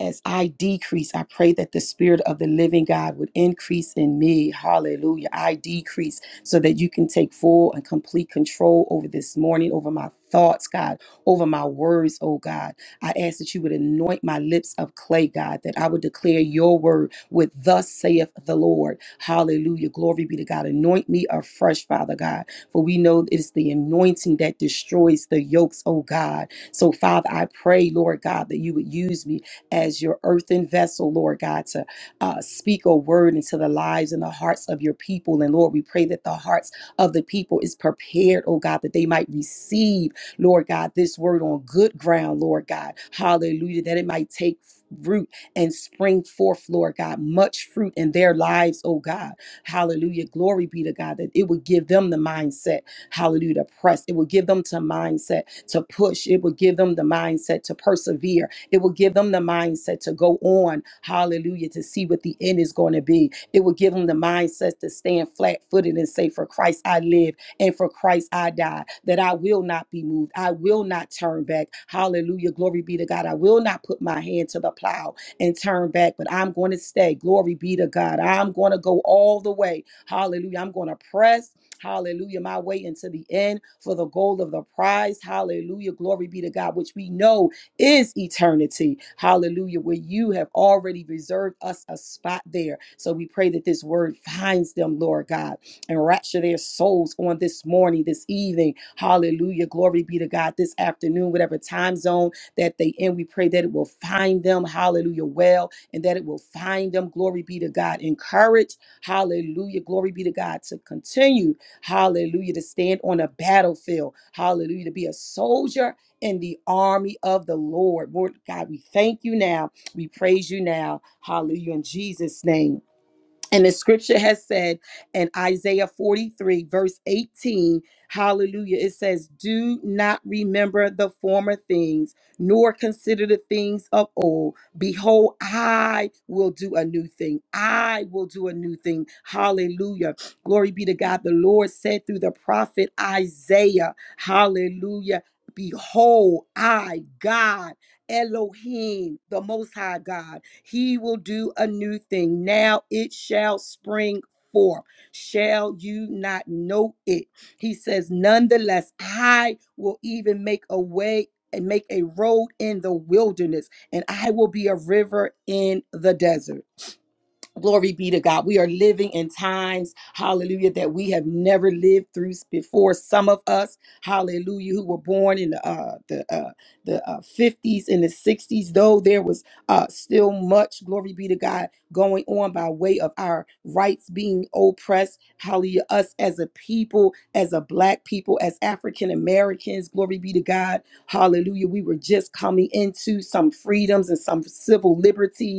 [SPEAKER 2] as I decrease, I pray that the Spirit of the living God would increase in me. Hallelujah. I decrease so that you can take full and complete control over this morning, over my thoughts, God, over my words, oh God. I ask that you would anoint my lips of clay, God, that I would declare your word with thus saith the Lord. Hallelujah. Glory be to God. Anoint me afresh, Father God, for we know it is the anointing that destroys the yokes, oh God. So, Father, I pray, Lord God, that you would use me as your earthen vessel, Lord God, to uh, speak a word into the lives and the hearts of your people. And Lord, we pray that the hearts of the people is prepared, oh God, that they might receive, Lord God, this word on good ground, Lord God. Hallelujah, that it might take root and spring forth, Lord God, much fruit in their lives, oh God. Hallelujah. Glory be to God that it would give them the mindset, hallelujah, to press. It would give them to mindset to push. It would give them the mindset to persevere it will give them the mindset to go on, hallelujah, to see what the end is going to be. It will give them the mindset to stand flat footed and say, For Christ I live and for Christ I die, that I will not be moved. I will not turn back. Hallelujah. Glory be to God. I will not put my hand to the plow and turn back, but I'm going to stay. Glory be to God. I'm going to go all the way. Hallelujah. I'm going to press. Hallelujah. My way into the end for the goal of the prize. Hallelujah. Glory be to God, which we know is eternity. Hallelujah. Where you have already reserved us a spot there. So we pray that this word finds them, Lord God, and rapture their souls on this morning, this evening. Hallelujah. Glory be to God this afternoon, whatever time zone that they in. We pray that it will find them. Hallelujah. Well, and that it will find them. Glory be to God. Encourage. Hallelujah. Glory be to God to continue. Hallelujah. To stand on a battlefield. Hallelujah. To be a soldier in the army of the Lord. Lord God, we thank you now. We praise you now. Hallelujah. In Jesus' name. And the scripture has said in Isaiah 43, verse 18, hallelujah, it says, Do not remember the former things, nor consider the things of old. Behold, I will do a new thing. I will do a new thing. Hallelujah. Glory be to God. The Lord said through the prophet Isaiah, hallelujah. Behold, I, God, Elohim, the Most High God. He will do a new thing. Now it shall spring forth. Shall you not know it? He says, Nonetheless, I will even make a way and make a road in the wilderness, and I will be a river in the desert. Glory be to God. We are living in times, hallelujah, that we have never lived through before. Some of us, hallelujah, who were born in the uh, the uh, the uh, 50s and the 60s, though there was uh, still much, glory be to God, going on by way of our rights being oppressed. Hallelujah, us as a people, as a black people, as African Americans, glory be to God, hallelujah. We were just coming into some freedoms and some civil liberties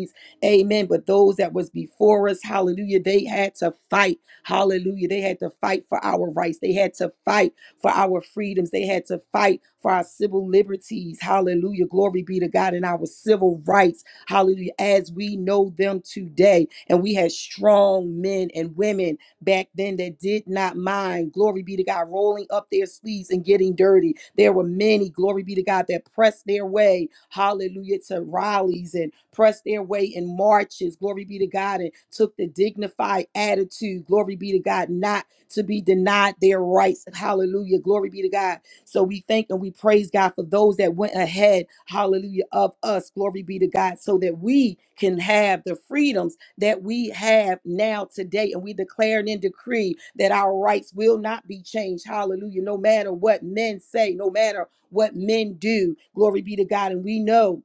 [SPEAKER 2] Amen. But those that was before us, hallelujah, they had to fight. Hallelujah. They had to fight for our rights. They had to fight for our freedoms. They had to fight for our civil liberties. Hallelujah. Glory be to God and our civil rights. Hallelujah. As we know them today. And we had strong men and women back then that did not mind, glory be to God, rolling up their sleeves and getting dirty. There were many, glory be to God, that pressed their way, hallelujah, to rallies and pressed their way in marches, glory be to God, and took the dignified attitude, glory be to God, not to be denied their rights, hallelujah, glory be to God. So we thank and we praise God for those that went ahead, hallelujah, of us, glory be to God, so that we can have the freedoms that we have now today. And we declare and decree that our rights will not be changed. Hallelujah. No matter what men say, no matter what men do. Glory be to God. And we know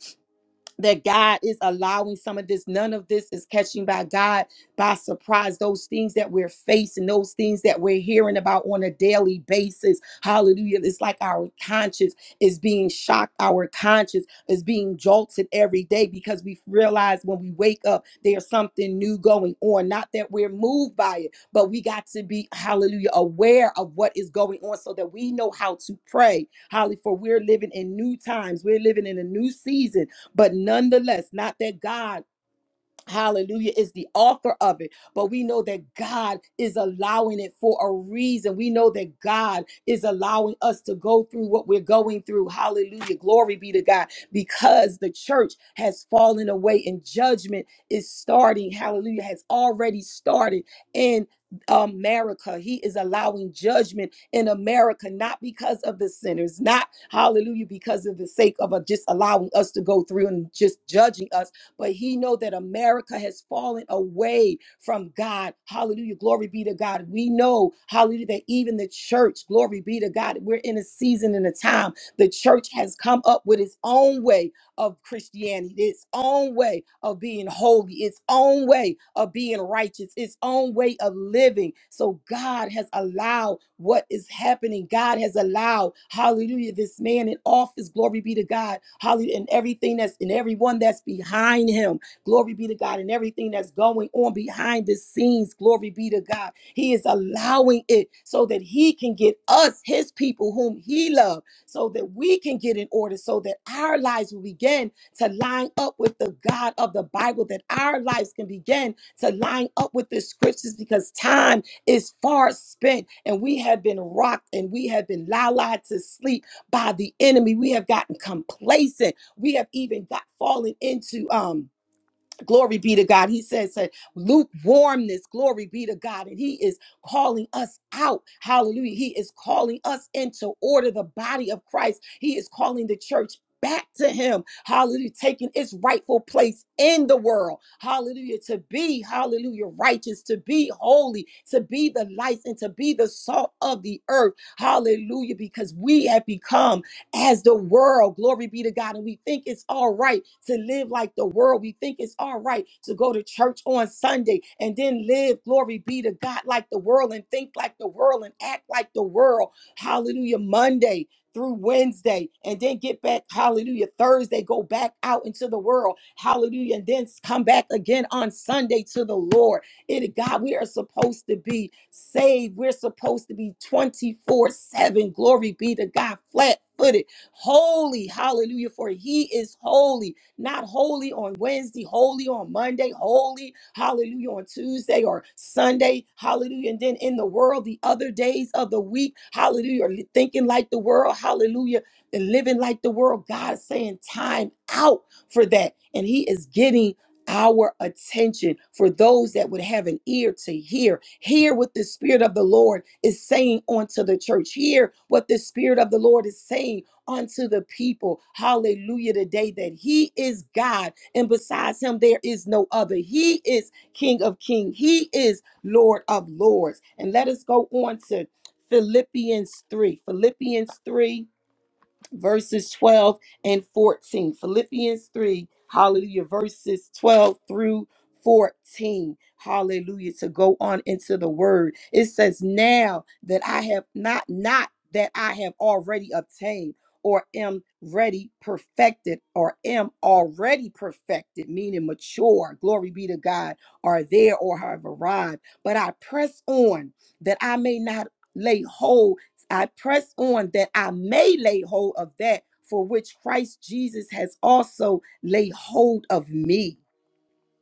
[SPEAKER 2] that God is allowing some of this. None of this is catching by God by surprise. Those things that we're facing, those things that we're hearing about on a daily basis. Hallelujah. It's like our conscience is being shocked. Our conscience is being jolted every day because we realize when we wake up, there's something new going on. Not that we're moved by it, but we got to be, hallelujah, aware of what is going on so that we know how to pray. Hallelujah. For we're living in new times, we're living in a new season but nonetheless, not that God Hallelujah is the author of it, but we know that God is allowing it for a reason. We know that God is allowing us to go through what we're going through. Hallelujah. Glory be to God because the church has fallen away and judgment is starting. Hallelujah has already started in America. He is allowing judgment in America, not because of the sinners, not hallelujah, because of the sake of uh, just allowing us to go through and just judging us but he know that America has fallen away from God. Hallelujah. Glory be to God. We know, hallelujah, that even the church, glory be to God, we're in a season and a time. The church has come up with its own way of Christianity, its own way of being holy, its own way of being righteous, its own way of living. So God has allowed what is happening. God has allowed, hallelujah, this man in office, glory be to God, hallelujah, and everything that's and everyone that's behind him, glory be to God, and everything that's going on behind the scenes, glory be to God. He is allowing it so that he can get us, his people, whom he loves so that we can get in order, so that our lives will begin to line up with the God of the Bible, that our lives can begin to line up with the scriptures because time is far spent and we have been rocked and we have been lulled to sleep by the enemy. We have gotten complacent. We have even got fallen into um Glory be to God. He says that lukewarmness, glory be to God. And he is calling us out. Hallelujah. He is calling us into order the body of Christ. He is calling the church back to him. Hallelujah. Taking its rightful place in the world. Hallelujah. To be, hallelujah, righteous, to be holy, to be the light and to be the salt of the earth. Hallelujah. Because we have become as the world. Glory be to God. And we think it's all right to live like the world. We think it's all right to go to church on Sunday and then live, glory be to God, like the world and think like the world and act like the world. Hallelujah. Monday through Wednesday and then get back, hallelujah, Thursday, go back out into the world, hallelujah, and then come back again on Sunday to the Lord. It God, we are supposed to be saved. We're supposed to be 24-7. Glory be to God. Flat footed, holy, hallelujah, for he is holy, not holy on Wednesday, holy on Monday, holy, hallelujah, on Tuesday or Sunday, hallelujah, and then in the world, the other days of the week, hallelujah, or thinking like the world, hallelujah, and living like the world. God is saying time out for that, and he is getting our attention for those that would have an ear to hear. Hear what the Spirit of the Lord is saying unto the church. Hear what the Spirit of the Lord is saying unto the people. Hallelujah. Today that He is God, and besides Him, there is no other. He is King of Kings, He is Lord of Lords. And let us go on to Philippians 3. Philippians 3 verses 12 and 14. Philippians 3, hallelujah, verses 12 through 14. Hallelujah. To go on into the word. It says, Now that I have not, not that I have already obtained or am ready perfected or am already perfected meaning mature glory be to god are there or have arrived but i press on that i may not lay hold I press on that I may lay hold of that for which Christ Jesus has also laid hold of me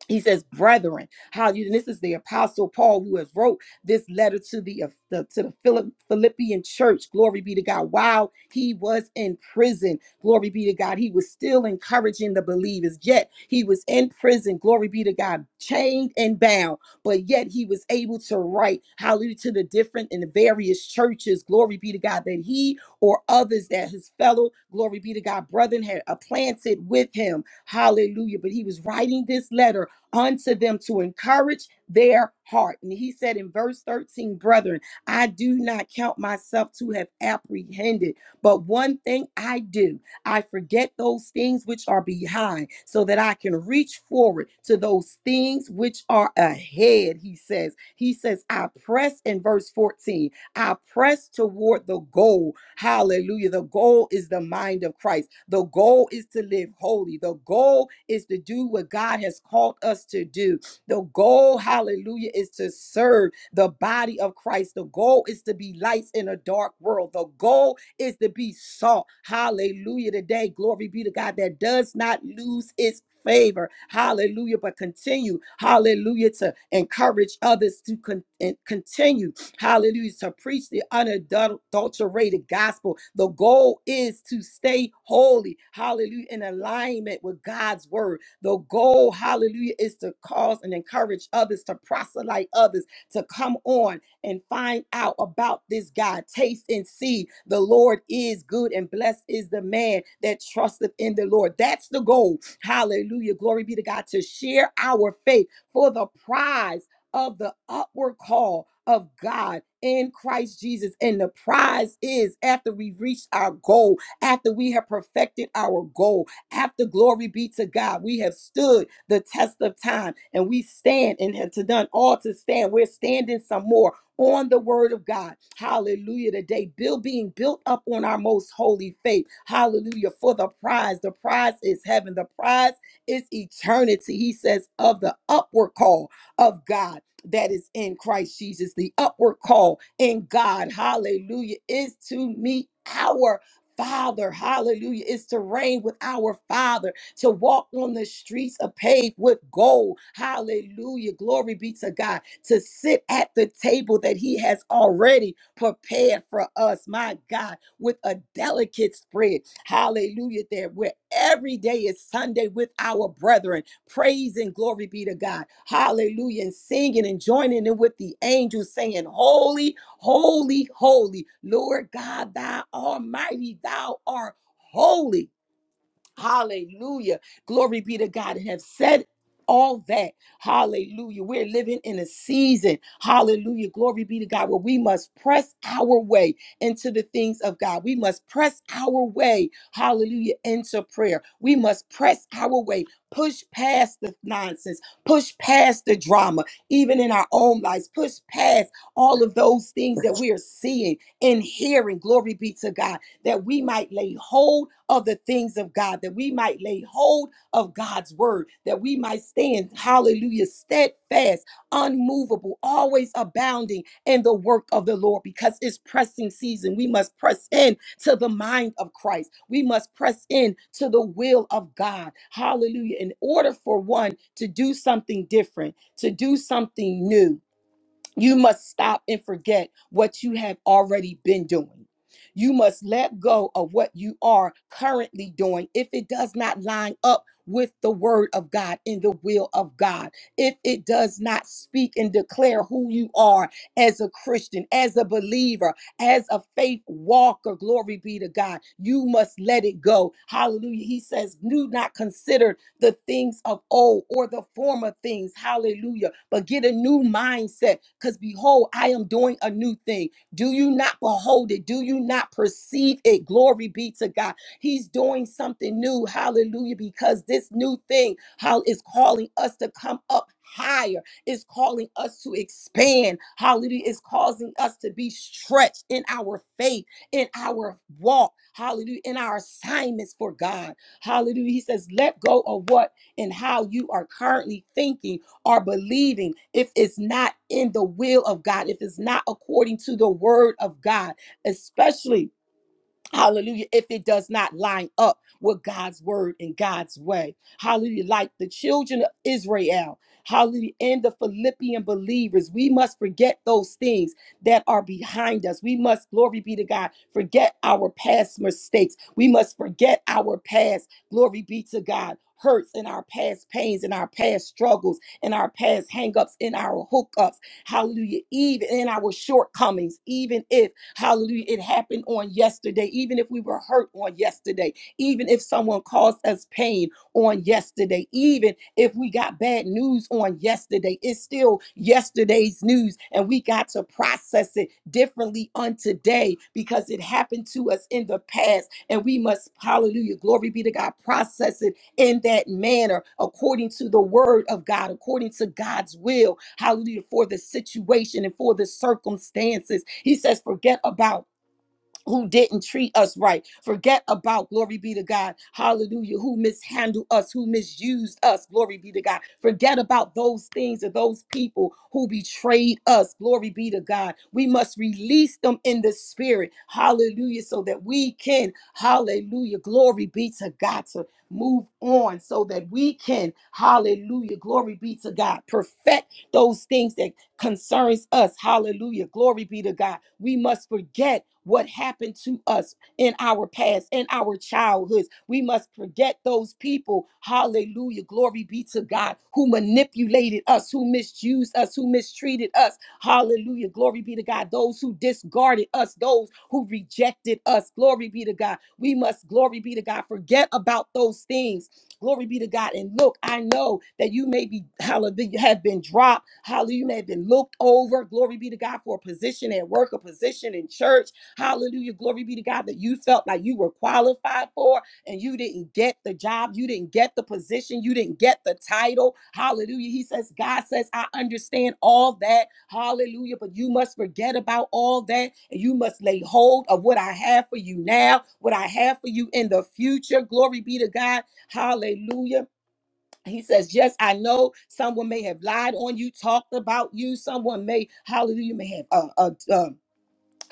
[SPEAKER 2] he says brethren how you and this is the apostle paul who has wrote this letter to the, uh, the- to the Philip, philippian church glory be to god while he was in prison glory be to god he was still encouraging the believers yet he was in prison glory be to god chained and bound but yet he was able to write hallelujah to the different and the various churches glory be to god that he or others that his fellow glory be to god brethren had uh, planted with him hallelujah but he was writing this letter unto them to encourage their heart. And he said in verse 13, Brethren, I do not count myself to have apprehended, but one thing I do, I forget those things which are behind, so that I can reach forward to those things which are ahead. He says, He says, I press in verse 14 I press toward the goal. Hallelujah. The goal is the mind of Christ. The goal is to live holy. The goal is to do what God has called us to do. The goal, hallelujah, is to serve the body of Christ. The goal is to be lights in a dark world. The goal is to be salt. Hallelujah. Today, glory be to God that does not lose its favor. Hallelujah. But continue, hallelujah, to encourage others to con- and continue. Hallelujah. To preach the unadulterated gospel. The goal is to stay holy. Hallelujah. In alignment with God's word. The goal, hallelujah, is to cause and encourage others to proselyte others to come on and find out about this God. Taste and see the Lord is good and blessed is the man that trusteth in the Lord. That's the goal. Hallelujah. Glory be to God to share our faith for the prize of the upward call of God in Christ Jesus. And the prize is after we reach our goal, after we have perfected our goal, after glory be to God, we have stood the test of time and we stand and have to done all to stand. We're standing some more on the word of God. Hallelujah. Today, build being built up on our most holy faith. Hallelujah. For the prize. The prize is heaven. The prize is eternity. He says of the upward call of God that is in Christ Jesus. The upward call in God, hallelujah, is to meet our Father, hallelujah, is to reign with our Father, to walk on the streets of paved with gold, hallelujah, glory be to God, to sit at the table that He has already prepared for us, my God, with a delicate spread, hallelujah, there where every day is Sunday with our brethren Praise and glory be to God. Hallelujah. And singing and joining in with the angels, saying, Holy, holy, holy, Lord God, thou almighty, thou art holy. Hallelujah. Glory be to God. And have said all that. Hallelujah. We're living in a season. Hallelujah. Glory be to God. Where we must press our way into the things of God. We must press our way. Hallelujah. Into prayer. We must press our way. Push past the nonsense. Push past the drama, even in our own lives. Push past all of those things that we are seeing and hearing. Glory be to God that we might lay hold of the things of God, that we might lay hold of God's word, that we might stand, hallelujah, steadfast, unmovable, always abounding in the work of the Lord because it's pressing season. We must press in to the mind of Christ. We must press in to the will of God. Hallelujah. In order for one to do something different, to do something new, you must stop and forget what you have already been doing. You must let go of what you are currently doing if it does not line up with the word of God and the will of God. If it does not speak and declare who you are as a Christian, as a believer, as a faith walker, glory be to God. You must let it go. Hallelujah. He says, do not consider the things of old or the former things. Hallelujah. But get a new mindset because behold, I am doing a new thing. Do you not behold it? Do you not perceive it? Glory be to God. He's doing something new. Hallelujah. Because this new thing how is calling us to come up higher is calling us to expand. Hallelujah. Is causing us to be stretched in our faith, in our walk. Hallelujah. In our assignments for God. Hallelujah. He says, let go of what and how you are currently thinking or believing if it's not in the will of God, if it's not according to the word of God, especially. Hallelujah. If it does not line up with God's word and God's way. Hallelujah. Like the children of Israel. Hallelujah. And the Philippian believers, we must forget those things that are behind us. We must, glory be to God, forget our past mistakes. We must forget our past, glory be to God, hurts and our past pains and our past struggles and our past hangups and our hookups. Hallelujah. Even in our shortcomings, even if, hallelujah, it happened on yesterday, even if we were hurt on yesterday, even if someone caused us pain on yesterday, even if we got bad news on yesterday, it's still yesterday's news. And we got to process it differently on today because it happened to us in the past. And we must, hallelujah, glory be to God, process it in that manner, according to the word of God, according to God's will, hallelujah, for the situation and for the circumstances. He says, forget about who didn't treat us right. Forget about, glory be to God, hallelujah, who mishandled us, who misused us, glory be to God. Forget about those things or those people who betrayed us, glory be to God. We must release them in the spirit, hallelujah, so that we can, hallelujah, glory be to God, to move on, so that we can, hallelujah, glory be to God, perfect those things that concerns us. Hallelujah. Glory be to God. We must forget what happened to us in our past, in our childhoods. We must forget those people. Hallelujah. Glory be to God who manipulated us, who misused us, who mistreated us. Hallelujah. Glory be to God. Those who discarded us, those who rejected us. Glory be to God. We must, glory be to God, forget about those things Glory be to God. And look, I know that you may be, hallelujah, have been dropped. Hallelujah, you may have been looked over. Glory be to God for a position at work, a position in church. Hallelujah. Glory be to God that you felt like you were qualified for and you didn't get the job. You didn't get the position. You didn't get the title. Hallelujah. He says, God says, I understand all that. Hallelujah. But you must forget about all that and you must lay hold of what I have for you now, what I have for you in the future. Glory be to God. Hallelujah. He says, Yes, I know someone may have lied on you, talked about you. Someone may, hallelujah, may have uh, uh, uh,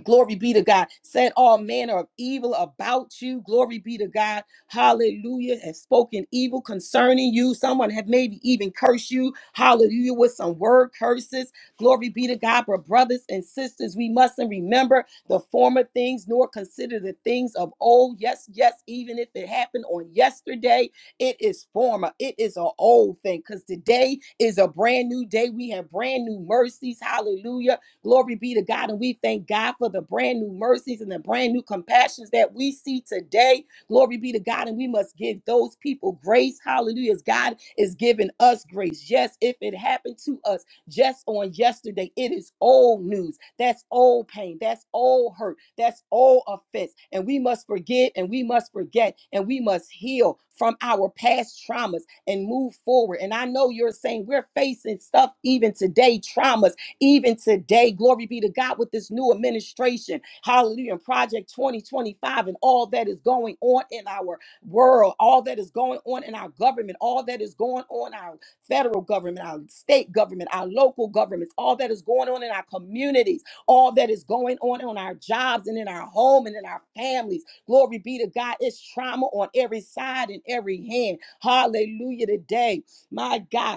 [SPEAKER 2] Glory be to God. Said all manner of evil about you. Glory be to God. Hallelujah. Have spoken evil concerning you. Someone have maybe even cursed you. Hallelujah. With some word curses. Glory be to God. But brothers and sisters, we mustn't remember the former things nor consider the things of old. Yes, yes. Even if it happened on yesterday, it is former. It is an old thing because today is a brand new day. We have brand new mercies. Hallelujah Glory be to God. And we thank God for the brand new mercies and the brand new compassions that we see today. Glory be to God. And we must give those people grace. Hallelujah. As God is giving us grace. Yes, if it happened to us just on yesterday, it is old news. That's old pain. That's old hurt. That's old offense. And we must forgive and we must forget and we must heal from our past traumas and move forward. And I know you're saying we're facing stuff even today, traumas even today, glory be to God with this new administration. Hallelujah. and Project 2025 and all that is going on in our world, all that is going on in our government, all that is going on in our federal government, our state government, our local governments, all that is going on in our communities, all that is going on on our jobs and in our home and in our families. Glory be to God. It's trauma on every side and every hand. Hallelujah today. My God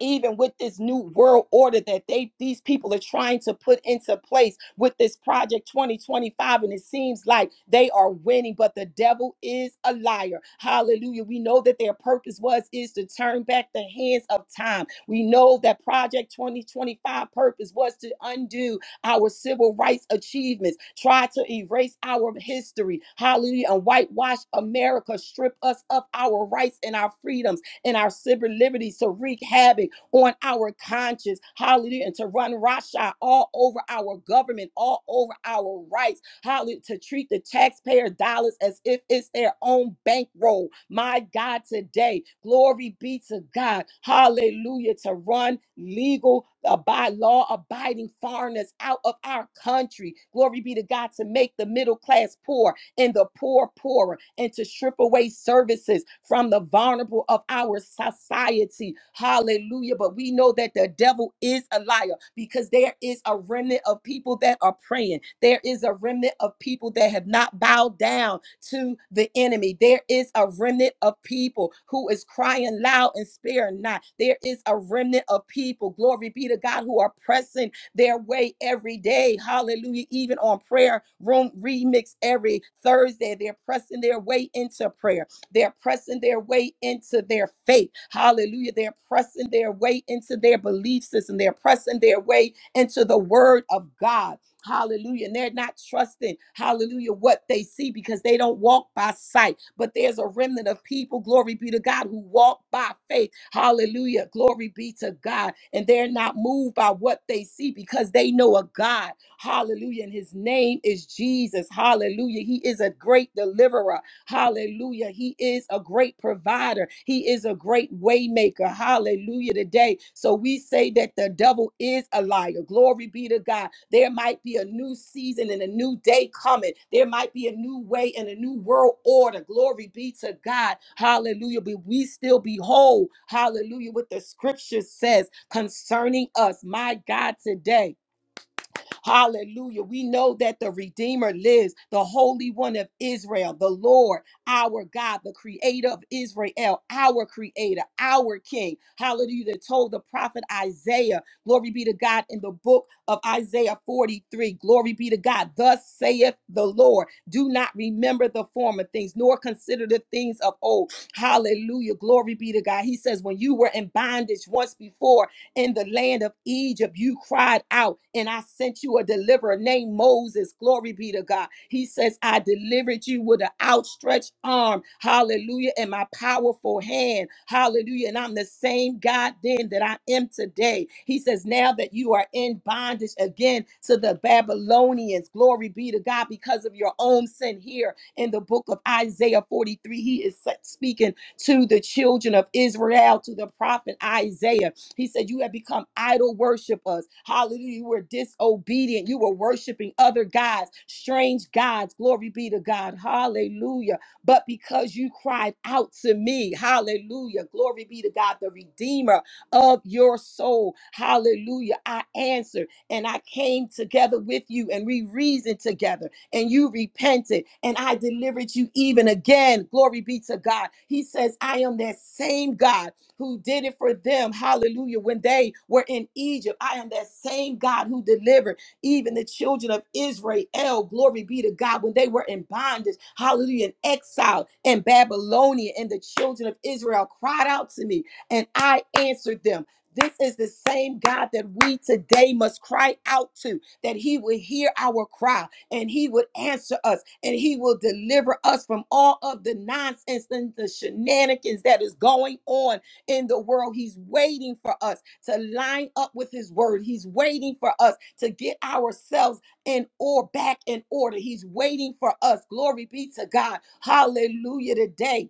[SPEAKER 2] even with this new world order that they these people are trying to put into place with this project 2025 and it seems like they are winning but the devil is a liar hallelujah we know that their purpose was is to turn back the hands of time we know that project 2025 purpose was to undo our civil rights achievements, try to erase our history, hallelujah, and whitewash America, strip us of our rights and our freedoms and our civil liberties to wreak havoc on our conscience. Hallelujah. And to run rothschild all over our government, all over our rights. Hallelujah. To treat the taxpayer dollars as if it's their own bankroll. My God, today, glory be to God. Hallelujah. To run legal. Uh, by law abiding foreigners out of our country. Glory be to God to make the middle class poor and the poor poorer and to strip away services from the vulnerable of our society. Hallelujah. But we know that the devil is a liar because there is a remnant of people that are praying. There is a remnant of people that have not bowed down to the enemy. There is a remnant of people who is crying loud and sparing not. There is a remnant of people, glory be to God, who are pressing their way every day. Hallelujah. Even on prayer room remix every Thursday, they're pressing their way into prayer. They're pressing their way into their faith. Hallelujah. They're pressing their way into their belief system. They're pressing their way into the word of God. Hallelujah. And they're not trusting, hallelujah, what they see because they don't walk by sight. But there's a remnant of people, glory be to God, who walk by faith. Hallelujah. Glory be to God. And they're not moved by what they see because they know a God. Hallelujah. And his name is Jesus. Hallelujah. He is a great deliverer. Hallelujah. He is a great provider. He is a great waymaker. Hallelujah today. So we say that the devil is a liar. Glory be to God. There might be a new season and a new day coming. There might be a new way and a new world order. Glory be to God. Hallelujah. But we still behold, hallelujah, what the scripture says concerning us. My God, today. Hallelujah. We know that the Redeemer lives, the Holy One of Israel, the Lord, our God, the Creator of Israel, our Creator, our King. Hallelujah. That told the prophet Isaiah, glory be to God, in the book of Isaiah 43, glory be to God. Thus saith the Lord, do not remember the former things, nor consider the things of old. Hallelujah. Glory be to God. He says, when you were in bondage once before, in the land of Egypt, you cried out, and I sent you a deliverer named Moses. Glory be to God. He says, I delivered you with an outstretched arm, hallelujah, and my powerful hand, hallelujah. And I'm the same God then that I am today. He says, Now that you are in bondage again to the Babylonians, glory be to God, because of your own sin here in the book of Isaiah 43, he is speaking to the children of Israel, to the prophet Isaiah. He said, You have become idol worshipers. Hallelujah. You were disobedient. You were worshiping other gods, strange gods. Glory be to God. Hallelujah. But because you cried out to me, hallelujah. Glory be to God, the Redeemer of your soul. Hallelujah. I answered and I came together with you and we reasoned together and you repented and I delivered you even again. Glory be to God. He says, I am that same God who did it for them. Hallelujah. When they were in Egypt, I am that same God who delivered even the children of Israel. Glory be to God. When they were in bondage, hallelujah, in exile in Babylonia, and the children of Israel cried out to me, and I answered them. This is the same God that we today must cry out to, that He would hear our cry and He would answer us and He will deliver us from all of the nonsense and the shenanigans that is going on in the world. He's waiting for us to line up with his word. He's waiting for us to get ourselves in or back in order. He's waiting for us. Glory be to God. Hallelujah today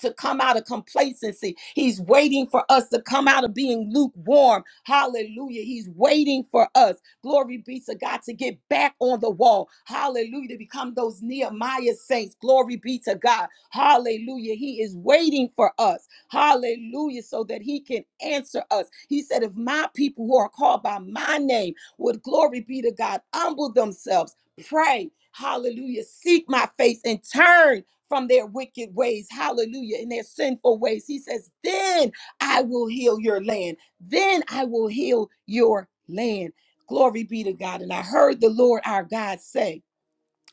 [SPEAKER 2] to come out of complacency. He's waiting for us to come out of being lukewarm. Hallelujah. He's waiting for us. Glory be to God to get back on the wall. Hallelujah. To become those Nehemiah saints. Glory be to God. Hallelujah. He is waiting for us. Hallelujah. So that he can answer us. He said, If my people who are called by my name would glory be to God, humble themselves Pray, hallelujah. Seek my face and turn from their wicked ways, hallelujah, and their sinful ways. He says, Then I will heal your land. Then I will heal your land. Glory be to God. And I heard the Lord our God say,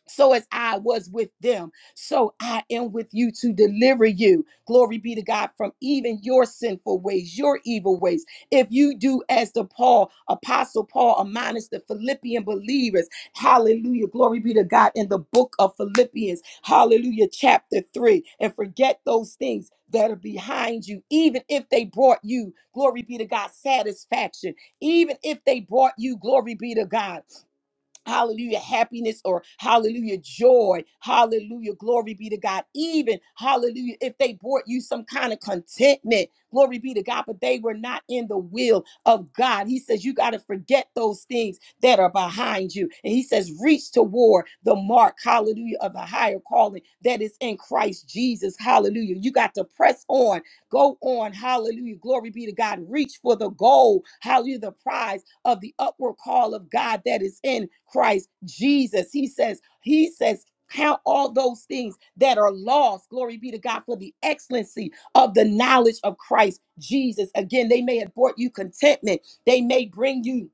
[SPEAKER 2] so as I was with them, so I am with you to deliver you. Glory be to God from even your sinful ways, your evil ways. If you do as the Paul, Apostle Paul admonished the Philippian believers, hallelujah, glory be to God in the book of Philippians, hallelujah, chapter 3, and forget those things that are behind you, even if they brought you, glory be to God, satisfaction, even if they brought you, glory be to God. Hallelujah, happiness or hallelujah, joy. Hallelujah, glory be to God. Even hallelujah, if they brought you some kind of contentment, glory be to God, but they were not in the will of God. He says, You got to forget those things that are behind you. And he says, Reach toward the mark, hallelujah, of the higher calling that is in Christ Jesus. Hallelujah. You got to press on, go on, hallelujah, glory be to God. Reach for the goal, hallelujah, the prize of the upward call of God that is in Christ Jesus. He says, He says, Count all those things that are lost. Glory be to God for the excellency of the knowledge of Christ Jesus. Again, they may have brought you contentment. They may bring you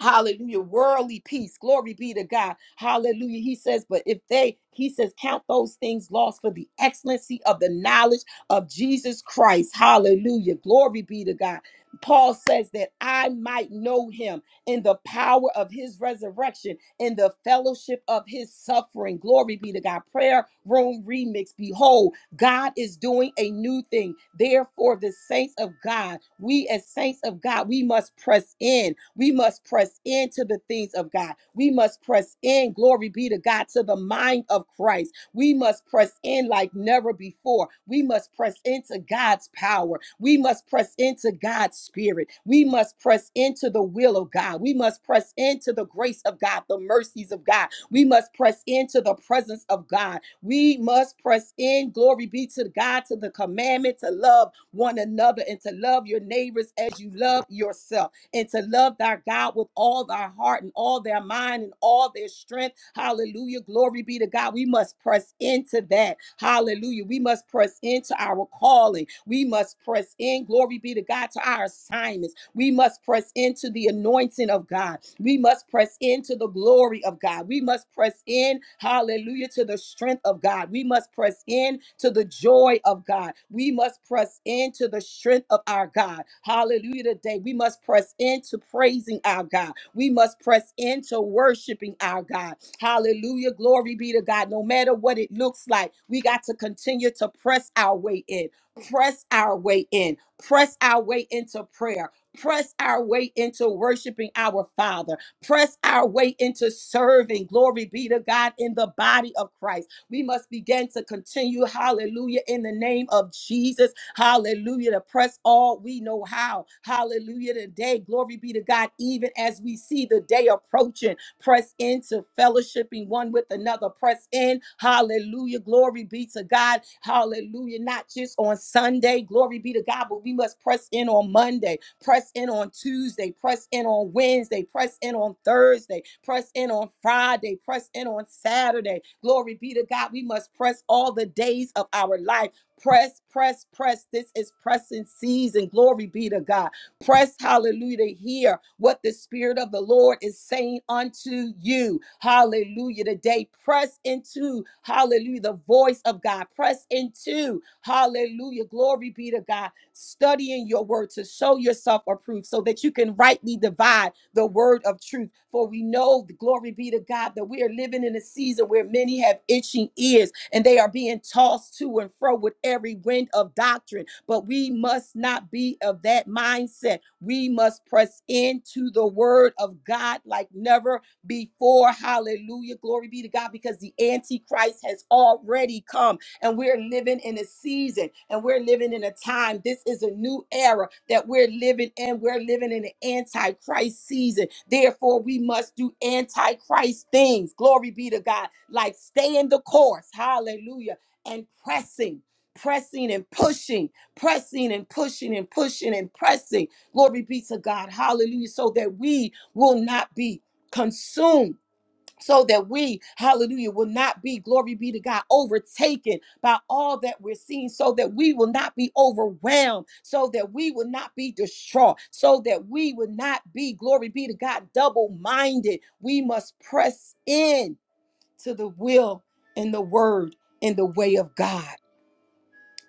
[SPEAKER 2] Hallelujah. Worldly peace. Glory be to God. Hallelujah. He says, but if they, he says, count those things lost for the excellency of the knowledge of Jesus Christ. Hallelujah. Glory be to God. Paul says that I might know him in the power of his resurrection, in the fellowship of his suffering. Glory be to God. Prayer room remix. Behold, God is doing a new thing. Therefore, the saints of God, we as saints of God, we must press in. We must press into the things of God. We must press in, glory be to God, to the mind of Christ. We must press in like never before. We must press into God's power. We must press into God's spirit. We must press into the will of God. We must press into the grace of God, the mercies of God. We must press into the presence of God we must press in. Glory be to God, to the commandment to love one another and to love your neighbors as you love yourself and to love thy God with all thy heart and all their mind and all their strength. Hallelujah. Glory be to God. We must press into that. Hallelujah. We must press into our calling. We must press in. Glory be to God to our assignments. We must press into the anointing of God. We must press into the glory of God. We must press in in, hallelujah, to the strength of God. We must press in to the joy of God. We must press into the strength of our God. Hallelujah today. We must press into praising our God. We must press into worshiping our God. Hallelujah. Glory be to God. No matter what it looks like, we got to continue to press our way in. Press our way in. Press our way into prayer. Press our way into worshiping our Father press our way into serving. Glory be to God in the body of Christ. We must begin to continue, hallelujah, in the name of Jesus, hallelujah, to press all we know how, hallelujah, today. Glory be to God, even as we see the day approaching. Press into fellowshipping one with another. Press in. Hallelujah. Glory be to God. Hallelujah. Not just on Sunday. Glory be to God, but we must press in on Monday. Press in on Tuesday. Press in on Wednesday. Press in on Thursday. Press in on Friday. Press in on Saturday. Glory be to God. We must press all the days of our life press, press, press. This is pressing season. Glory be to God. Press, hallelujah, to hear what the Spirit of the Lord is saying unto you. Hallelujah. Today, press into, hallelujah, the voice of God. Press into, hallelujah. Glory be to God. Studying your word to show yourself approved so that you can rightly divide. God, the word of truth. For we know, glory be to God, that we are living in a season where many have itching ears and they are being tossed to and fro with every wind of doctrine. But we must not be of that mindset. We must press into the word of God like never before. Hallelujah. Glory be to God because the Antichrist has already come and we're living in a season and we're living in a time. This is a new era that we're living in. We're living in an antichrist season. Therefore, we must do antichrist things. Glory be to God. Like staying the course. Hallelujah. And pressing. Pressing and pushing, pressing and pushing and pushing and pressing. Glory be to God. Hallelujah. So that we will not be consumed so that we, hallelujah, will not be, glory be to God, overtaken by all that we're seeing, so that we will not be overwhelmed, so that we will not be distraught, so that we will not be, glory be to God, double minded. We must press in to the will and the word and the way of God.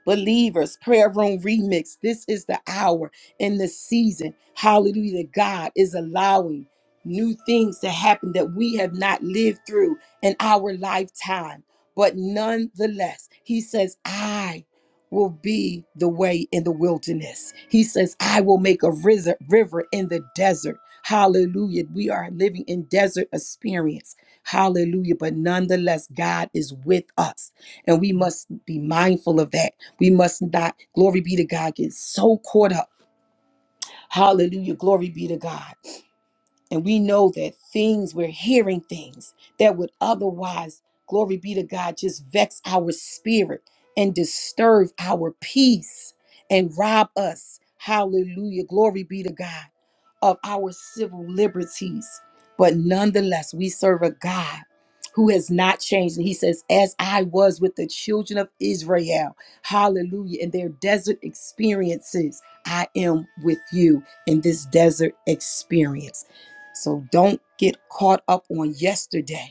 [SPEAKER 2] Believers, prayer room remix. This is the hour and the season. Hallelujah. that God is allowing new things to happen that we have not lived through in our lifetime. But nonetheless, He says, I will be the way in the wilderness. He says, I will make a riz- river in the desert. Hallelujah. We are living in desert experience. Hallelujah. But nonetheless, God is with us. And we must be mindful of that we must not, glory be to God, get so caught up. Hallelujah. Glory be to God. And we know that things, we're hearing things that would otherwise, glory be to God, just vex our spirit and disturb our peace and rob us, hallelujah, glory be to God, of our civil liberties. But nonetheless, we serve a God who has not changed. And he says, As I was with the children of Israel, hallelujah, in their desert experiences, I am with you in this desert experience. So don't get caught up on yesterday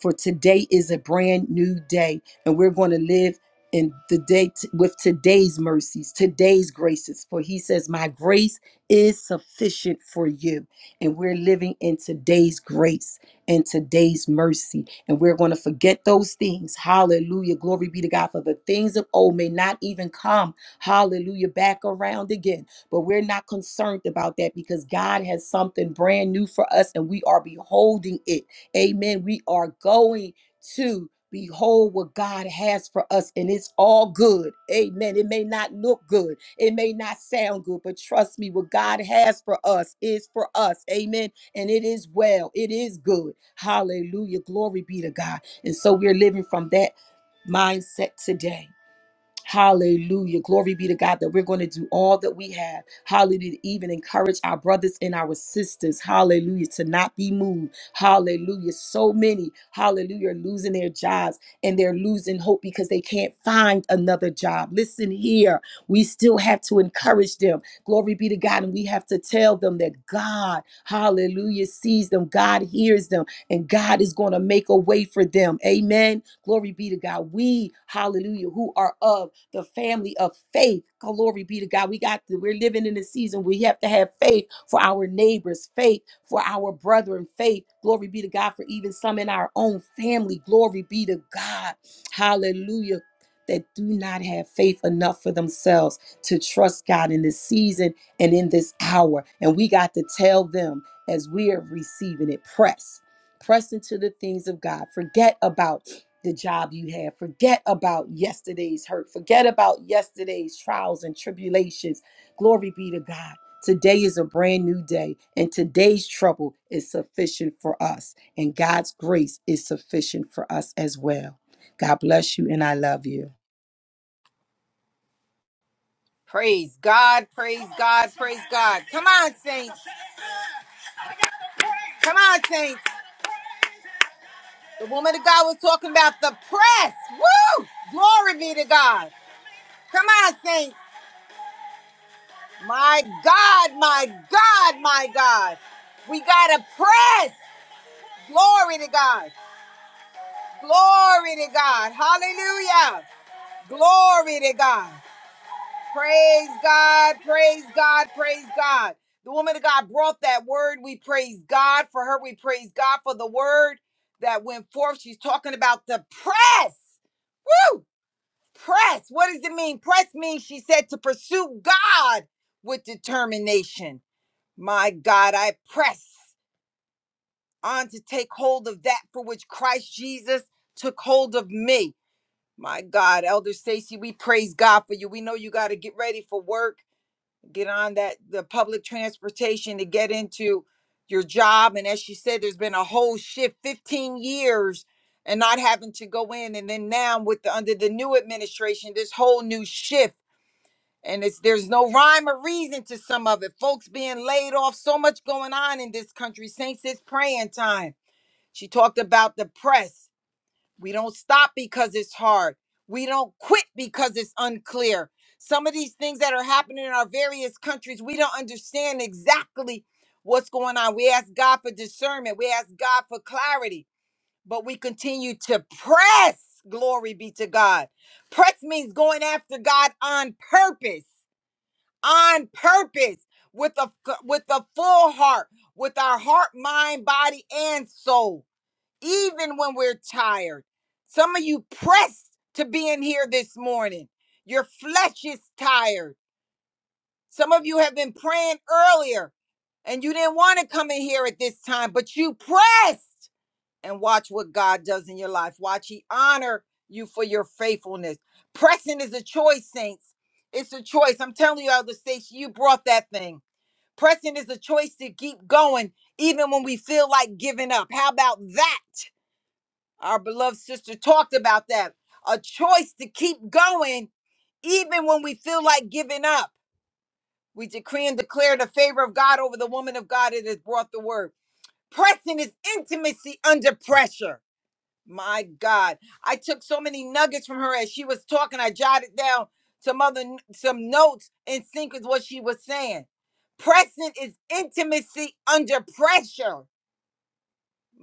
[SPEAKER 2] for today is a brand new day, and we're going to live in the day t- with today's mercies, today's graces. For he says, My grace is sufficient for you. And we're living in today's grace and today's mercy. And we're going to forget those things. Hallelujah. Glory be to God. For the things of old may not even come, hallelujah, back around again. But we're not concerned about that because God has something brand new for us and we are beholding it Amen. We are going to behold what God has for us, and it's all good. Amen. It may not look good, it may not sound good, but trust me, what God has for us is for us. Amen. And it is well, it is good. Hallelujah. Glory be to God. And so we're living from that mindset today. Hallelujah. Glory be to God that we're going to do all that we have. Hallelujah. to Even encourage our brothers and our sisters. Hallelujah. To not be moved. Hallelujah. So many, hallelujah, are losing their jobs and they're losing hope because they can't find another job. Listen here. We still have to encourage them. Glory be to God. And we have to tell them that God, hallelujah, sees them. God hears them and God is going to make a way for them. Amen. Glory be to God. We, hallelujah, who are of the family of faith. Glory be to God. We got to, we're living in a season we have to have faith for our neighbors, faith for our brethren, faith. Glory be to God for even some in our own family. Glory be to God. Hallelujah. That do not have faith enough for themselves to trust God in this season and in this hour. And we got to tell them as we are receiving it. Press. Press into the things of God. Forget about the job you had. Forget about yesterday's hurt. Forget about yesterday's trials and tribulations. Glory be to God. Today is a brand new day, and today's trouble is sufficient for us, and God's grace is sufficient for us as well. God bless you, and I love you.
[SPEAKER 1] praise god praise god praise god come on saints come on saints the woman of god was talking about the press woo glory be to god come on saints my god my god my god we gotta press glory to god Glory to God. Hallelujah. Glory to God. Praise God. Praise God. Praise God. The woman of God brought that word. We praise God for her. We praise God for the word that went forth. She's talking about the press. Woo! Press. What does it mean? Press means she said to pursue God with determination. My God, I press on to take hold of that for which Christ Jesus took hold of me. My God, Elder Stacy, we praise God for you. We know you got to get ready for work, get on that the public transportation to get into your job. And as she said, there's been a whole shift, 15 years, and not having to go in. And then now with the under the new administration, this whole new shift. And it's there's no rhyme or reason to some of it. Folks being laid off, so much going on in this country. Saints, it's praying time. She talked about the press. We don't stop because it's hard. We don't quit because it's unclear. Some of these things that are happening in our various countries, we don't understand exactly what's going on. We ask God for discernment, we ask God for clarity, but we continue to press. Glory be to God. Press means going after God on purpose, on purpose, with a with a full heart, with our heart, mind, body, and soul even when we're tired. Some of you pressed to be in here this morning. Your flesh is tired. Some of you have been praying earlier and you didn't want to come in here at this time, but you pressed and watch what God does in your life. Watch He honor you for your faithfulness. Pressing is a choice, saints. It's a choice. I'm telling you, Elder Station, you brought that thing. Pressing is a choice to keep going, even when we feel like giving up. How about that? Our beloved sister talked about that. A choice to keep going even when we feel like giving up. We decree and declare the favor of God over the woman of God that has brought the word. Pressing is intimacy under pressure. My God. I took so many nuggets from her as she was talking. I jotted down some other some notes in sync with what she was saying. Pressing is intimacy under pressure.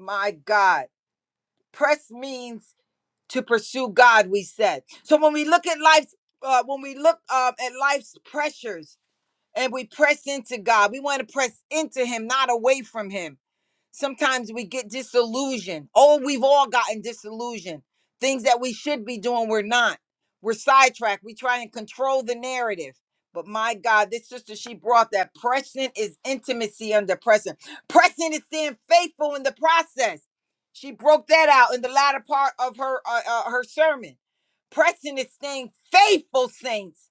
[SPEAKER 1] My God. Press means to pursue God, we said. So when we look at life's, uh, when we look uh, at life's pressures and we press into God, we want to press into Him, not away from Him. Sometimes we get disillusioned. Oh, we've all gotten disillusioned. Things that we should be doing, we're not. We're sidetracked. We try and control the narrative. But my God, this sister, she brought that. Present is intimacy under pressing. Present is staying faithful in the process. She broke that out in the latter part of her uh, uh, her sermon. Present is staying faithful, saints,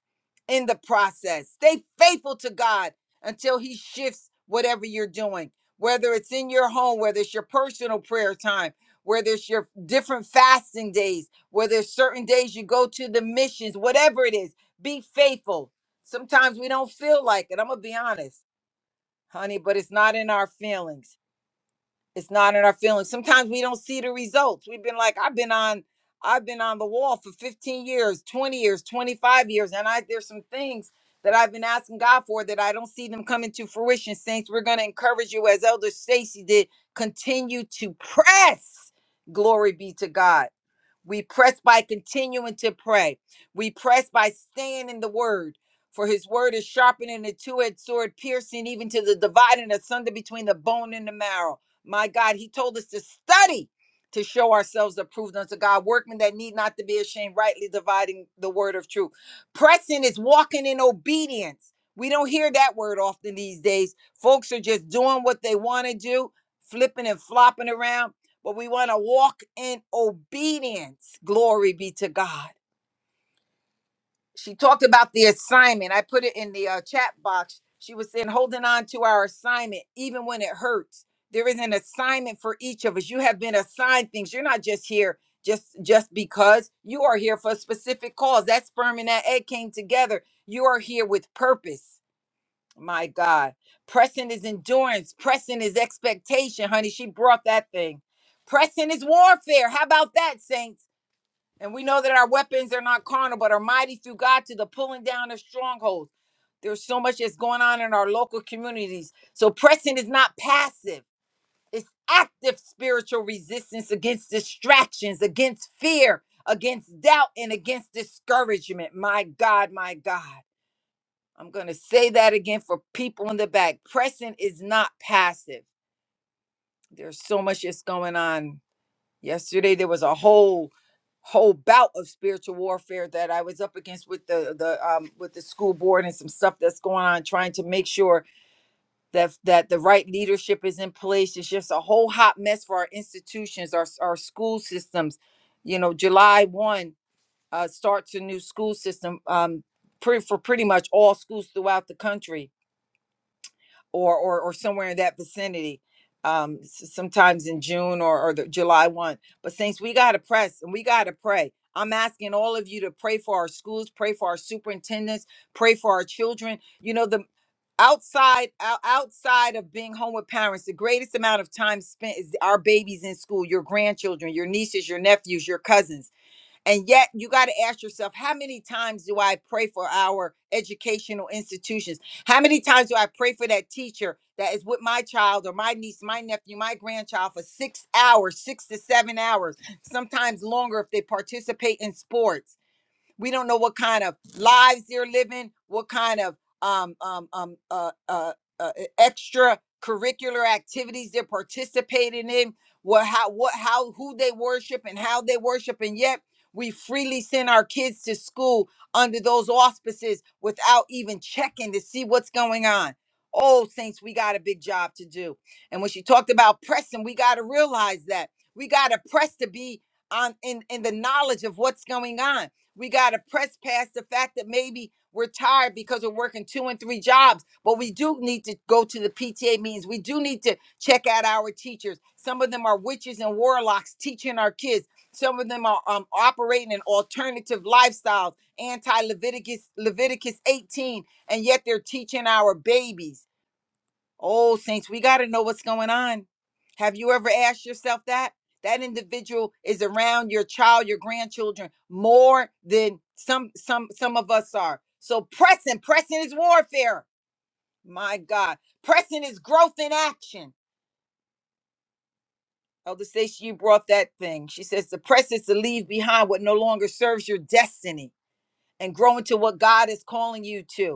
[SPEAKER 1] in the process. Stay faithful to God until He shifts whatever you're doing whether it's in your home, whether it's your personal prayer time, whether it's your different fasting days, whether it's certain days you go to the missions, whatever it is, be faithful. Sometimes we don't feel like it. I'm going to be honest, honey, but it's not in our feelings it's not in our feelings sometimes we don't see the results we've been like i've been on i've been on the wall for 15 years 20 years 25 years and i there's some things that i've been asking god for that i don't see them coming to fruition saints we're going to encourage you as elder stacy did continue to press glory be to god we press by continuing to pray. We press by staying in the word. For his word is sharpening than a two edged sword, piercing even to the dividing asunder between the bone and the marrow. My God, he told us to study to show ourselves approved unto God, workmen that need not to be ashamed, rightly dividing the word of truth. Pressing is walking in obedience. We don't hear that word often these days. Folks are just doing what they want to do, flipping and flopping around but we want to walk in obedience. Glory be to God. She talked about the assignment. I put it in the uh, chat box. She was saying, holding on to our assignment, even when it hurts. There is an assignment for each of us. You have been assigned things. You're not just here just just because you are here for a specific cause. That sperm and that egg came together. You are here with purpose. My God. Pressing is endurance. Pressing is expectation, honey. She brought that thing. Pressing is warfare. How about that, saints? And we know that our weapons are not carnal, but are mighty through God to the pulling down of strongholds. There's so much that's going on in our local communities. So pressing is not passive, it's active spiritual resistance against distractions, against fear, against doubt, and against discouragement. My God, my God. I'm going to say that again for people in the back. Pressing is not passive. There's so much that's going on. Yesterday there was a whole whole bout of spiritual warfare that I was up against with the the um with the school board and some stuff that's going on trying to make sure that that the right leadership is in place. It's just a whole hot mess for our institutions, our our school systems. You know, July 1 uh starts a new school system um pre- for pretty much all schools throughout the country or or, or somewhere in that vicinity. Um, s- sometimes in June or, or the July one. But saints, we gotta press and we gotta pray. I'm asking all of you to pray for our schools, pray for our superintendents, pray for our children. You know, the outside ou- outside of being home with parents the greatest amount of time spent is our babies in school your grandchildren your nieces your nephews your cousins and yet, you got to ask yourself, how many times do I pray for our educational institutions? How many times do I pray for that teacher that is with my child or my niece, my nephew, my grandchild for six hours, six to seven hours, sometimes longer if they participate in sports? We don't know what kind of lives they're living, what kind of um, um, um, uh, uh, uh, e, extracurricular activities they're participating in, what, how, what, how, who they worship and how they worship, and yet we freely send our kids to school under those auspices without even checking to see what's going on. Oh, saints, we got a big job to do. And when she talked about pressing, we got to realize that we got to press to be on in in the knowledge of what's going on we got to press past the fact that maybe we're tired because we're working two and three jobs, but we do need to go to the PTA meetings. We do need to check out our teachers. Some of them are witches and warlocks teaching our kids. Some of them are um, operating in alternative lifestyles, anti Leviticus Leviticus 18, and yet they're teaching our babies. Oh, saints, we got to know what's going on. Have you ever asked yourself that? That individual is around your child, your grandchildren more than some some some of us are. So pressing, pressing is warfare. My God, pressing is growth in action. Elder Stacey, you brought that thing. She says the press is to leave behind what no longer serves your destiny and grow into what God is calling you to.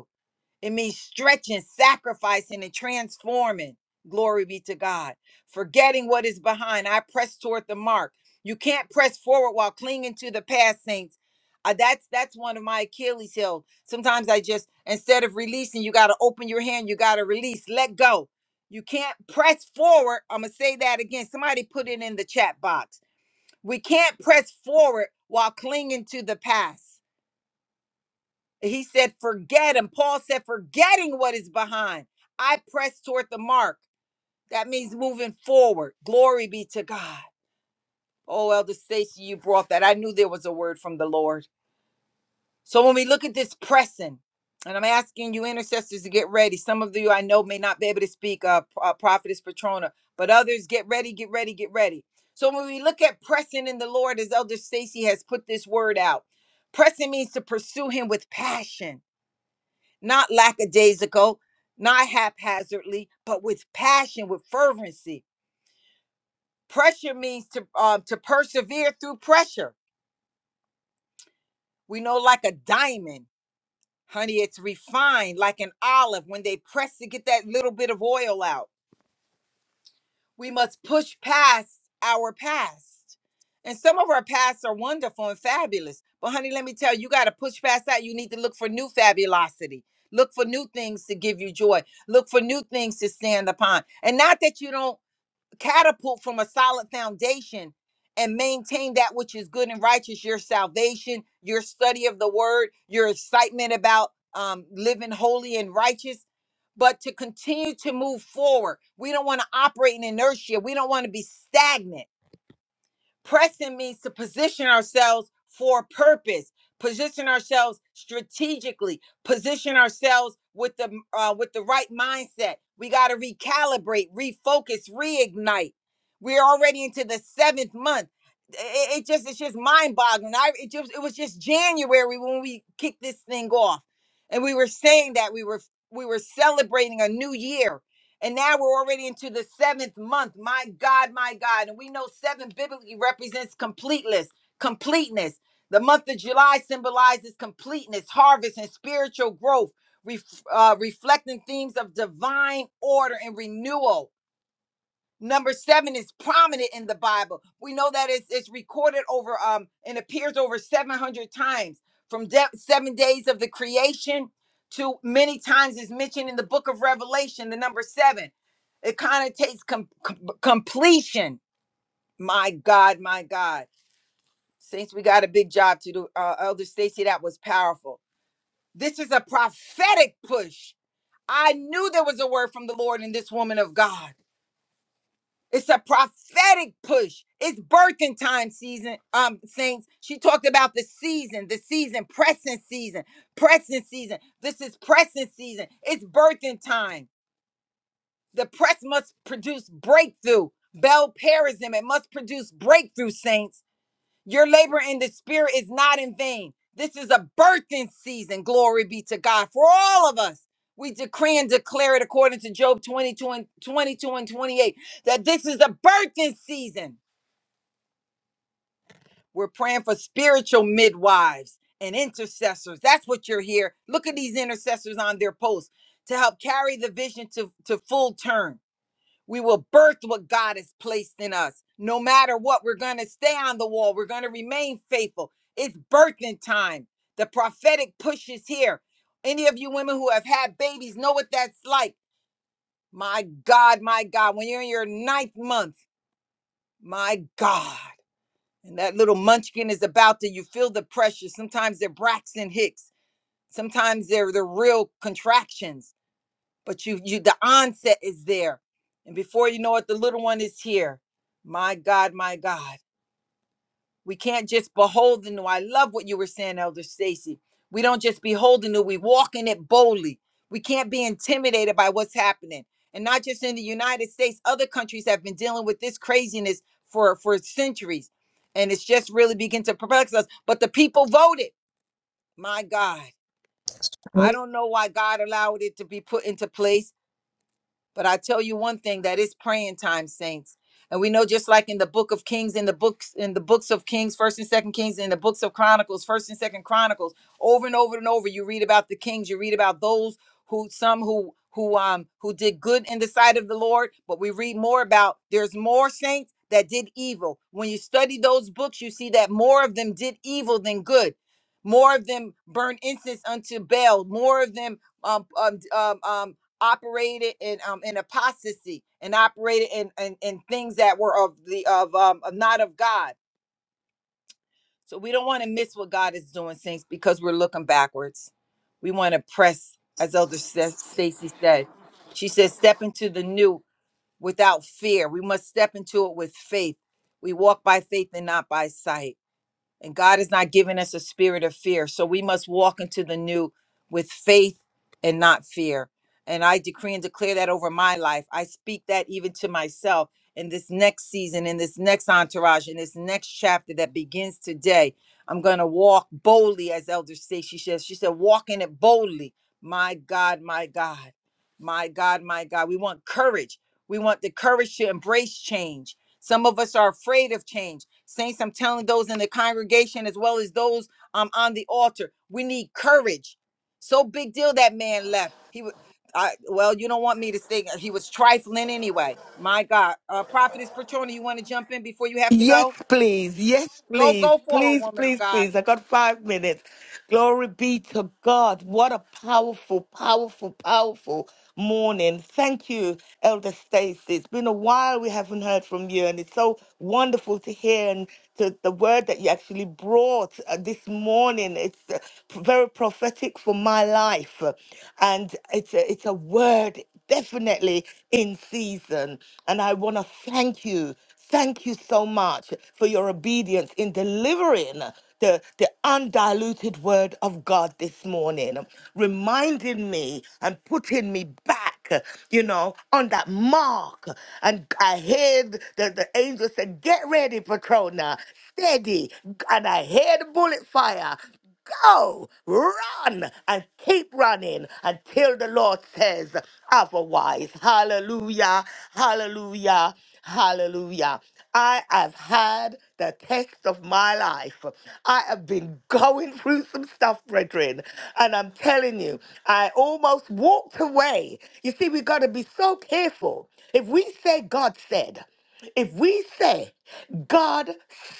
[SPEAKER 1] It means stretching, sacrificing, and transforming. Glory be to God. Forgetting what is behind, I press toward the mark. You can't press forward while clinging to the past, saints. Uh, that's that's one of my Achilles' heel. Sometimes I just instead of releasing, you got to open your hand. You got to release. Let go. You can't press forward. I'm gonna say that again. Somebody put it in the chat box. We can't press forward while clinging to the past. He said, forget. And Paul said, forgetting what is behind, I press toward the mark. That means moving forward. Glory be to God. Oh, Elder Stacy, you brought that. I knew there was a word from the Lord. So when we look at this pressing, and I'm asking you intercessors to get ready. Some of you I know may not be able to speak, uh, P- uh, Prophetess Patrona, but others get ready, get ready, get ready. So when we look at pressing in the Lord, as Elder Stacy has put this word out, pressing means to pursue Him with passion not lackadaisical, not haphazardly, but with passion, with fervency. Pressure means to um, to persevere through pressure. We know, like a diamond, honey, it's refined like an olive when they press to get that little bit of oil out. We must push past our past. And some of our pasts are wonderful and fabulous. But, honey, let me tell you, you got to push past that. You need to look for new fabulosity. Look for new things to give you joy. Look for new things to stand upon. And not that you don't catapult from a solid foundation and maintain that which is good and righteous your salvation your study of the word your excitement about um, living holy and righteous but to continue to move forward we don't want to operate in inertia we don't want to be stagnant Pressing means to position ourselves for a purpose, position ourselves strategically, position ourselves with the uh, with the right mindset. We got to recalibrate, refocus, reignite. We're already into the seventh month. It, it just it's just mind boggling. I it just it was just January when we kicked this thing off, and we were saying that we were we were celebrating a new year and now we're already into the seventh month. My God, my God. And we know seven biblically represents completeness, completeness. The month of July symbolizes completeness, harvest, and spiritual growth, ref- uh, reflecting themes of divine order and renewal. Number seven is prominent in the Bible. We know that it's, it's recorded over um and appears over 700 times from de- seven days of the creation to many times is mentioned in the book of Revelation. The number seven, it connotates com- com- completion. My God, my God. saints, we got a big job to do, uh, Elder Stacy, that was powerful. This is a prophetic push. I knew there was a word from the Lord in this woman of God. It's a prophetic push. It's birthing time season, um, saints. She talked about the season, the season, pressing season, pressing season. This is pressing season. It's birthing time. The press must produce breakthrough. Bell Parism, it must produce breakthrough, saints. Your labor in the spirit is not in vain. This is a birthing season. Glory be to God for all of us. We decree and declare it according to Job 22 and 22 and 28 that this is a birthing season. We're praying for spiritual midwives and intercessors. That's what you're here. Look at these intercessors on their posts to help carry the vision to, to full term we will birth what God has placed in us. No matter what, we're going to stay on the wall. We're going to remain faithful. It's birthing time. The prophetic push is here. Any of you women who have had babies know what that's like. My God, my God, when you're in your ninth month, my God, and that little munchkin is about to, you feel the pressure. Sometimes they're Braxton Hicks, sometimes they're the real contractions but you you the onset is there and before you know it the little one is here my god my god we can't just behold the new i love what you were saying elder stacy we don't just behold the new we walk in it boldly we can't be intimidated by what's happening and not just in the united states other countries have been dealing with this craziness for for centuries and it's just really begin to perplex us but the people voted my god i
[SPEAKER 3] Good,
[SPEAKER 1] don't know why god allowed it to be put into place But I tell you one thing that is praying time, saints. And we know just like in the book of Kings, in the books, in the books of Kings, first and second Kings, in the books of Chronicles, first and second Chronicles, over and over and over, you read about the kings, you read about those who some who who um who did good in the sight of the Lord, but we read more about there's more saints that did evil. When you study those books, you see that more of them did evil than good. More of them burned incense unto Baal. More of them um, um um um operated in um in apostasy and operated in in, in things that were of the of um of not of God. So we don't want to miss what God is doing, saints, because we're looking backwards. We want to press, as Elder Sta- Stacy said. She says, "Step into the new without fear. We must step into it with faith. We walk by faith and not by sight." And God has not given us a spirit of fear. So we must walk into the new with faith and not fear. And I decree and declare that over my life. I speak that even to myself in this next season, in this next entourage, in this next chapter that begins today. I'm going to walk boldly, as Elder Stacy says. She said, walk in it boldly. My God, my God, my God, my God. We want courage. We want the courage to embrace change some of us are afraid of change. Saints, I'm telling those in the congregation as well as those um, on the altar, we need courage. So big deal that man left. He was, I, well, you don't want me to say he was trifling anyway. My God. Uh, Prophetess Petrona, you want to jump in before you have to
[SPEAKER 4] Yes,
[SPEAKER 1] go?
[SPEAKER 4] please. Yes,
[SPEAKER 1] Go,
[SPEAKER 4] please.
[SPEAKER 1] go forward,
[SPEAKER 4] Please,
[SPEAKER 1] woman of
[SPEAKER 4] please,
[SPEAKER 1] God.
[SPEAKER 4] please. I got five minutes. Glory be to God. What a powerful, powerful, powerful morning. Thank you, Elder Stacy. It's been a while we haven't heard from you, and it's so wonderful to hear and to the word that you actually brought uh, this morning. It's uh, p- very prophetic for my life, uh, and it's a, it's a word definitely in season. And I want to thank you. Thank you so much for your obedience in delivering the, the undiluted word of God this morning, reminding me and putting me back, you know, on that mark. And I heard the, the angel said, Get ready, Patrona, steady. And I heard bullet fire go, run, and keep running until the Lord says otherwise. Hallelujah, hallelujah, hallelujah. I have had the test of my life. I have been going through some stuff, brethren, and I'm telling you, I almost walked away. You see, we got to be so careful. If we say God said, if we say, God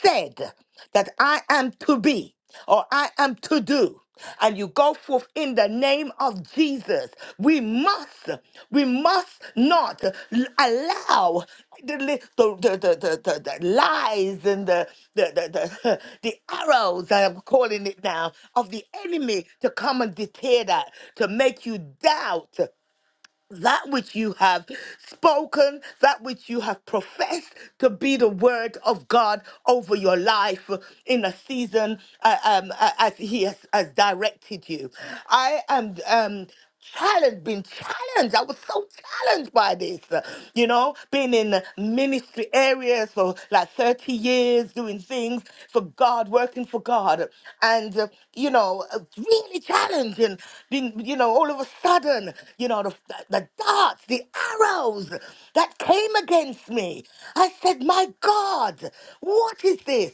[SPEAKER 4] said that I am to be or I am to do, and you go forth in the name of Jesus, we must, we must not l- allow the, li- the, the, the, the, the, the lies and the, the, the, the, the arrows, I'm calling it now, of the enemy to come and deter that, to make you doubt that which you have spoken, that which you have professed to be the word of God over your life in a season uh, um, uh, as He has, has directed you. I am um, challenged, been challenged. I was so challenged by this, uh, you know, being in ministry areas for like 30 years, doing things for God, working for God, and, uh, you know, uh, really challenged and been, you know, all of a sudden, you know, the, the the darts, the arrows that came against me. I said, My God, what is this?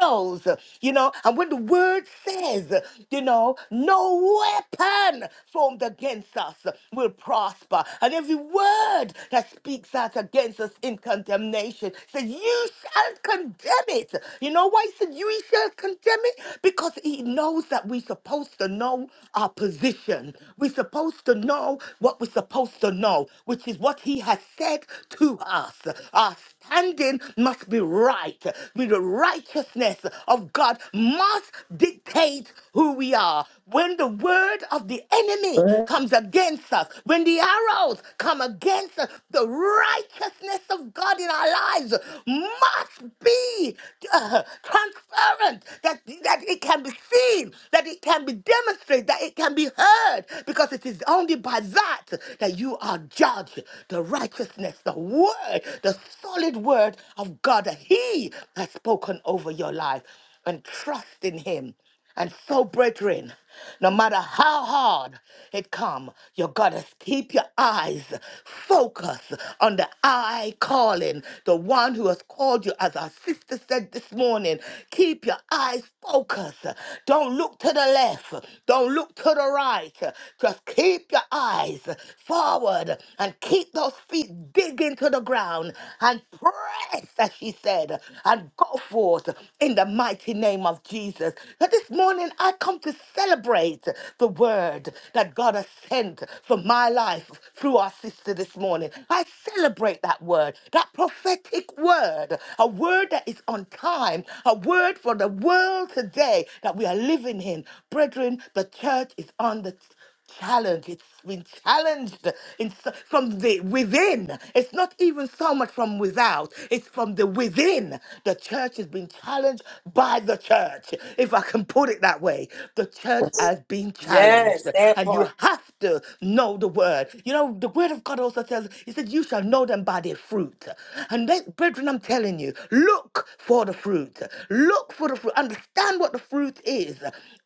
[SPEAKER 4] Arrows, you know, and when the word says, you know, no weapon formed against us will prosper, and every word that speaks out against us in condemnation says, You shall condemn it. You know why he said, You shall condemn it? Because he knows that we're supposed to know our position, we're supposed to know what what we're supposed to know, which is what he has said to us. Our standing must be right. With The righteousness of God must dictate who we are. When the word of the enemy
[SPEAKER 3] good.
[SPEAKER 4] comes against us, when the arrows come against us, the righteousness of God in our lives must be uh, transparent, that, that it can be seen, that it can be demonstrated, that it can be heard, because it is only by that fact that you are judged, the righteousness, the word, the solid word of God that He has spoken over your life, and trust in Him. And so, brethren, no matter how hard it come, you gotta keep your eyes focused on the eye calling, the one who has called you, as our sister said this morning. Keep your eyes focused. Don't look to the left. Don't look to the right. Just keep your eyes face forward and keep those feet digging to the ground and press, as she said, and go forth in the mighty name of Jesus. But this morning, I come to celebrate the word that God has sent for my life through our sister this morning. I celebrate that word, that prophetic word, a word that is on time, a word for the world today that we are living in. Brethren, the church is on the challenged. It's been challenged in, so- from the within. It's not even so much from without. It's from the within. The church has been challenged by the church, if I can put it that way. The church has been challenged,
[SPEAKER 2] Yes, that
[SPEAKER 4] and
[SPEAKER 2] part.
[SPEAKER 4] you have to know the word. You know, the word of God also says, "He said, you shall know them by their fruit." And that, brethren, I'm telling you, look. Look for the fruit. Look for the fruit. Understand what the fruit is.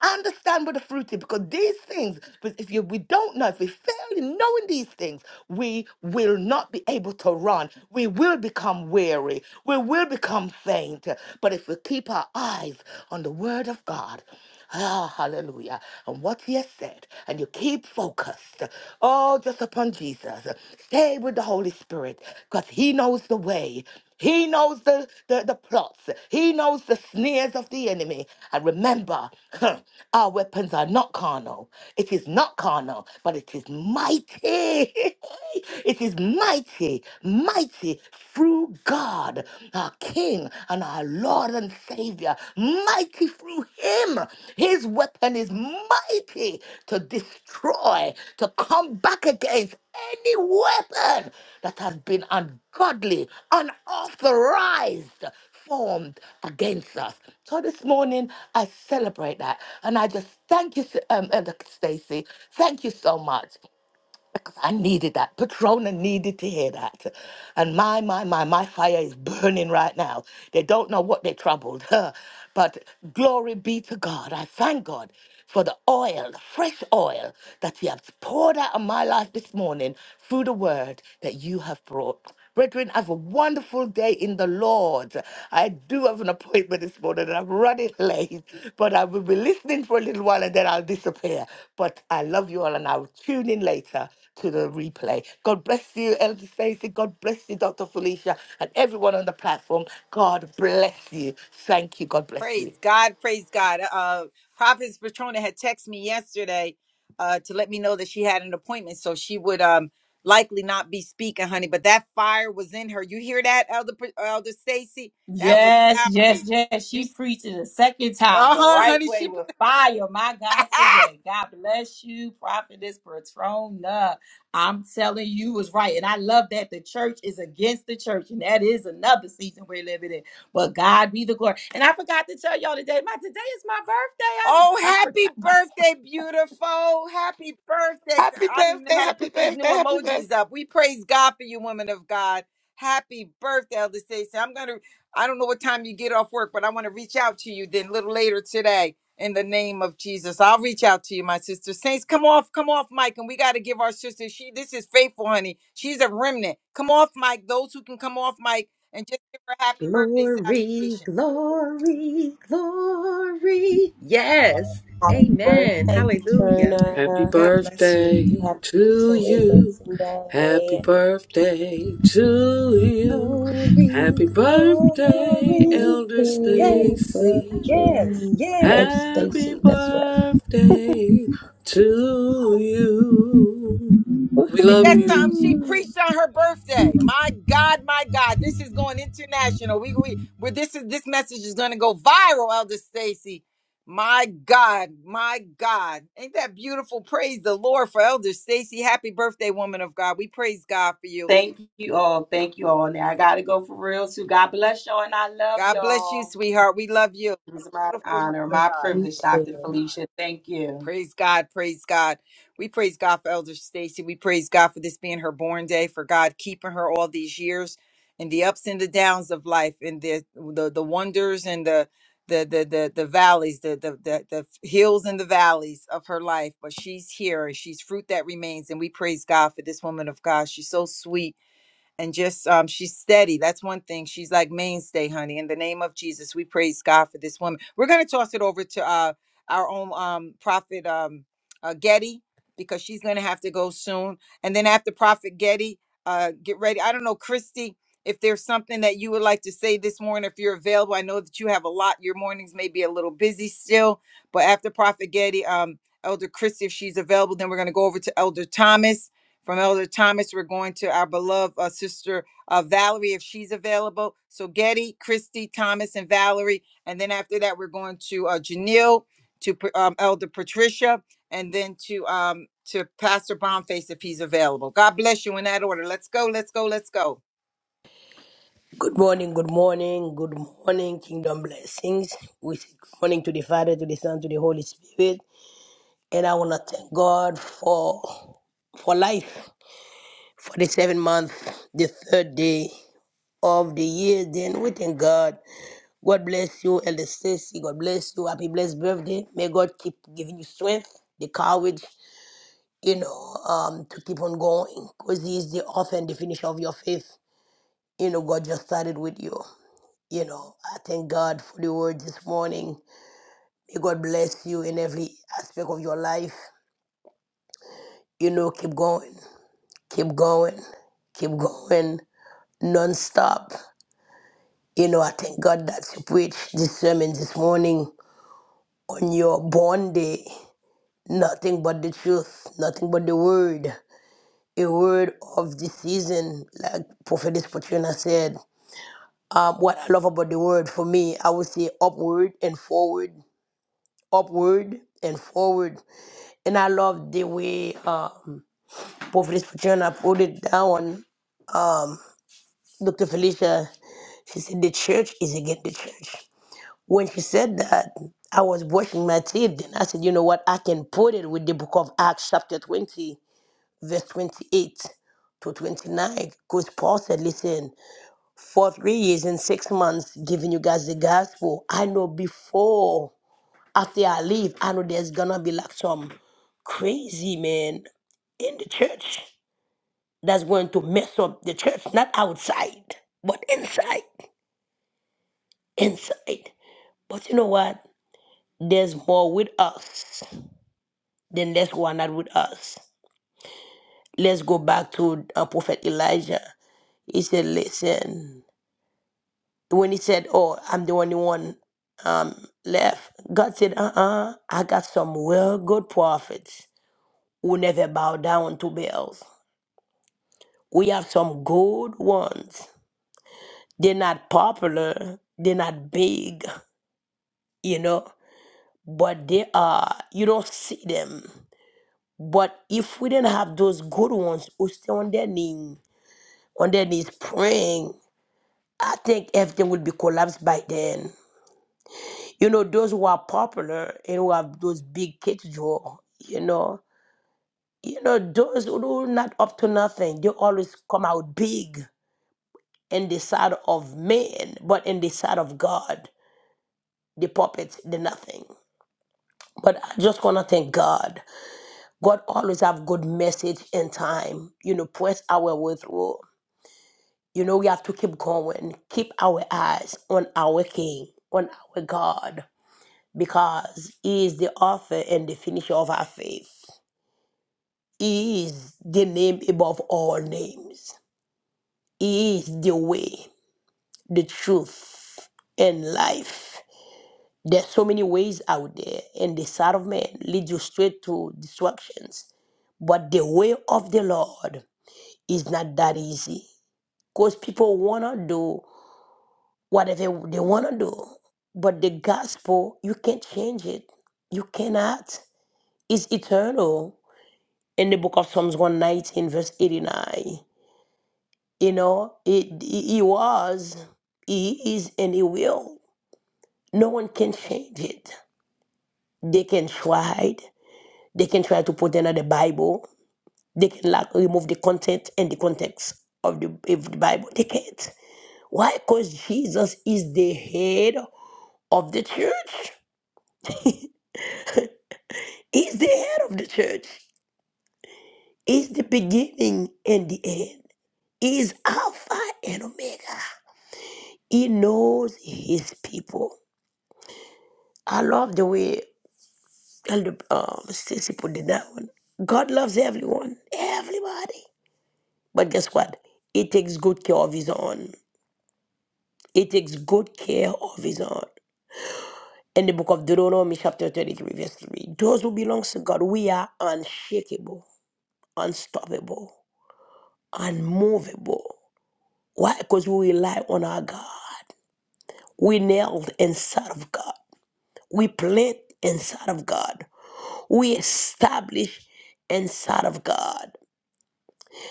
[SPEAKER 4] Understand what the fruit is because these things, but if you, we don't know, if we fail in knowing these things, we will not be able to run. We will become weary. We will become faint. But if we keep our eyes on the word of God, Ah, hallelujah. And what he has said, and you keep focused, oh, just upon Jesus. Stay with the Holy Spirit, because he knows the way. He knows the, the, the plots. He knows the sneers of the enemy. And remember, our weapons are not carnal. It is not carnal, but it is mighty. it is mighty, mighty through God. God, our King, and our Lord and Savior, mighty through him. His weapon is mighty to destroy, to come back against any weapon that has been ungodly, unauthorized, formed against us. So this morning, I celebrate that. And I just thank you, um, Elder Stacy. Thank you so much because I needed that. Patrona needed to hear that. And my, my, my, my fire is burning right now. They don't know what they troubled. but glory be to God. I thank God for the oil, the fresh oil that you have poured out on my life this morning through the word that you have brought. Brethren, have a wonderful day in the Lord. I do have an appointment this morning and I'm running late, but I will be listening for a little while and then I'll disappear. But I love you all and I'll tune in later to the replay. God bless you, Elder Stacey. God bless you, Dr. Felicia, and everyone on the platform. God bless you. Thank you. God bless you.
[SPEAKER 1] Praise God, praise God. Uh Prophetess Patrona had texted me yesterday uh to let me know that she had an appointment, so she would um likely not be speaking, honey. But that fire was in her. You hear that, Elder Pa- Elder Stacy? That was
[SPEAKER 2] Yes, yes,
[SPEAKER 1] powerful.
[SPEAKER 2] yes.
[SPEAKER 1] You
[SPEAKER 2] She preaches a second time the
[SPEAKER 1] uh-huh,
[SPEAKER 2] right
[SPEAKER 1] honey.
[SPEAKER 2] way
[SPEAKER 1] She
[SPEAKER 2] with fire. My God, today. God bless you, Prophetess Patrona. I'm telling you was right. And I love that the church is against the church. And that is another season we're living in. But God be the glory. And I forgot to tell y'all today, my today is my birthday. I,
[SPEAKER 1] Oh,
[SPEAKER 2] I
[SPEAKER 1] happy
[SPEAKER 2] forgot my sc-
[SPEAKER 1] birthday, beautiful. Happy birthday.
[SPEAKER 4] Happy
[SPEAKER 1] I don't even know
[SPEAKER 4] birthday,
[SPEAKER 1] how to
[SPEAKER 4] happy
[SPEAKER 1] put these new
[SPEAKER 4] birthday, happy birthday.
[SPEAKER 1] emojis up. We praise God for you, women of God. Happy birthday, Elder Stacy. I'm going to, I don't know what time you get off work, but I want to reach out to you then a little later today in the name of Jesus. I'll reach out to you, my sister. Saints, come off, come off, Mike. And we got to give our sister, she, this is faithful, honey. She's a remnant. Come off, Mike. Those who can come off, Mike, and just give her a happy birthday salutation.
[SPEAKER 5] Glory, glory, glory. Yes.
[SPEAKER 3] Happy
[SPEAKER 5] Amen.
[SPEAKER 3] birthday,
[SPEAKER 5] Hallelujah.
[SPEAKER 6] Happy
[SPEAKER 3] Katrina.
[SPEAKER 5] God bless you.
[SPEAKER 3] You
[SPEAKER 6] birthday
[SPEAKER 3] Have an
[SPEAKER 6] to
[SPEAKER 3] absolutely
[SPEAKER 6] you.
[SPEAKER 3] amazing
[SPEAKER 6] Happy
[SPEAKER 3] day.
[SPEAKER 6] birthday to you.
[SPEAKER 5] Glory,
[SPEAKER 6] Happy birthday,
[SPEAKER 5] glory.
[SPEAKER 6] Elder
[SPEAKER 3] Birthday,
[SPEAKER 5] Yes.
[SPEAKER 6] Stacy.
[SPEAKER 5] Yes.
[SPEAKER 3] Katrina. Oh,
[SPEAKER 5] Yes.
[SPEAKER 6] Happy
[SPEAKER 3] Stacy, that's right.
[SPEAKER 6] birthday to you. We
[SPEAKER 1] Ain't
[SPEAKER 6] love
[SPEAKER 1] that
[SPEAKER 6] you.
[SPEAKER 1] something she
[SPEAKER 3] Woohoo!
[SPEAKER 1] preached on her birthday? My God, my God, this is going international. We we where this is this message is going to go viral, Elder Stacy. My God, my God, ain't that beautiful? Praise the Lord for Elder Stacy. Happy birthday, woman of God. We praise God for you.
[SPEAKER 2] Thank you all. Thank you all. Now I gotta go for real too. God bless y'all and I love
[SPEAKER 1] God bless you,
[SPEAKER 2] y'all.
[SPEAKER 1] sweetheart. We love you.
[SPEAKER 2] It was my
[SPEAKER 1] Beautiful woman
[SPEAKER 2] honor,
[SPEAKER 1] of
[SPEAKER 3] Love
[SPEAKER 2] my
[SPEAKER 1] God.
[SPEAKER 3] you
[SPEAKER 2] privilege, Dr.
[SPEAKER 3] too.
[SPEAKER 2] Felicia. Thank you.
[SPEAKER 1] Praise God, praise God. We praise God for Elder Stacy. We praise God for this being her born day, for God keeping her all these years and the ups and the downs of life and the the, the wonders and the the the the, the valleys, the, the the the hills and the valleys of her life. But she's here and she's fruit that remains. And we praise God for this woman of God. She's so sweet and just um, she's steady. That's one thing. She's like mainstay, honey. In the name of Jesus, we praise God for this woman. We're gonna toss it over to uh, our own um, prophet um, uh, Getty because she's gonna have to go soon. And then after Prophet Getty, uh, get ready. I don't know, Christy, if there's something that you would like to say this morning, if you're available. I know that you have a lot. Your mornings may be a little busy still, but after Prophet Getty, um, Elder Christy, if she's available, then we're gonna go over to Elder Thomas from Elder Thomas, we're going to our beloved uh, sister uh, Valerie if she's available. So Getty, Christy, Thomas, and Valerie. And then after that, we're going to uh, Janelle, to Pa- um, Elder Patricia, and then to um, to Pastor Bonface if he's available. God bless you in that order. Let's go, let's go, let's go.
[SPEAKER 7] Good morning, good morning, good morning, Kingdom Blessings. We say good morning to the Father, to the Son, to the Holy Spirit. And I want to thank God for for life, for the seventh month, the third day of the year. Then we thank God. God bless you, Elder Stacy. God bless you. Happy blessed birthday. May God keep giving you strength, the courage, you know, um, to keep on going. Because He is the author and the finisher of your faith. You know, God just started with you. You know, I thank God for the word this morning. May God bless you in every aspect of your life. You know, keep going, keep going, keep going non-stop. You know, I thank God that you preached this sermon this morning on your born day. Nothing but the truth, nothing but the word, a word of the season, like Prophetess Patrina said. Um, what I love about the word for me, I would say upward and forward, upward and forward. And I love the way uh, Prophetess Patrina put it down. Dr. Felicia, she said, the church is again the church. When she said that, I was brushing my teeth. Then I said, you know what? I can put it with the book of Acts, chapter 20, verse 28 to 29. Because Paul said, listen, for three years and six months, giving you guys the gospel, I know before, after I leave, I know there's going to be like some crazy man in the church. that's going to mess up the church, not outside, but inside. Inside. But you know what? There's more with us than there's one not with us. Let's go back to uh, Prophet Elijah. He said, Listen, when he said, Oh, I'm the only one left, God said, Uh uh I got some real good prophets who never bow down to Baals. We have some good ones. They're not popular, they're not big, you know but they are you don't see them but if we didn't have those good ones who stay on their knee on their knees praying i think everything would be collapsed by then you know those who are popular and who have those big kids draw you know you know those who are not up to nothing they always come out big in the side of men but in the side of god the puppets the nothing but i just want to thank god God always have good message in time. You know, press our way through. You know, we have to keep going. Keep our eyes on our King, on our God, because He is the author and the finisher of our faith. He is the name above all names. He is the way, the truth, and life. There's so many ways out there, and the side of man leads you straight to destructions. But the way of the Lord It's not that easy because people want to do whatever they want to do. But the gospel, you can't change it. You cannot. It's eternal. In the book of Psalms 119, verse 89, you know, it, he was, he is, and he will. No one can change it. They can try. They can try to put another Bible. They can like remove the content and the context of the, of the Bible. They can't. Why? Because Jesus is the head of the church. He's the head of the church. He's the beginning and the end. He's Alpha and Omega. He knows his people. I love the way Elder um, Stacy put it down. God loves everyone, everybody. But guess what? He takes good care of his own. He takes good care of his own. In the book of Deuteronomy, chapter 33, verse 3, those who belong to God, we are unshakable. unstoppable, unmovable. Why? Because we rely on our God. We nailed inside of God. We plant inside of God. We establish inside of God.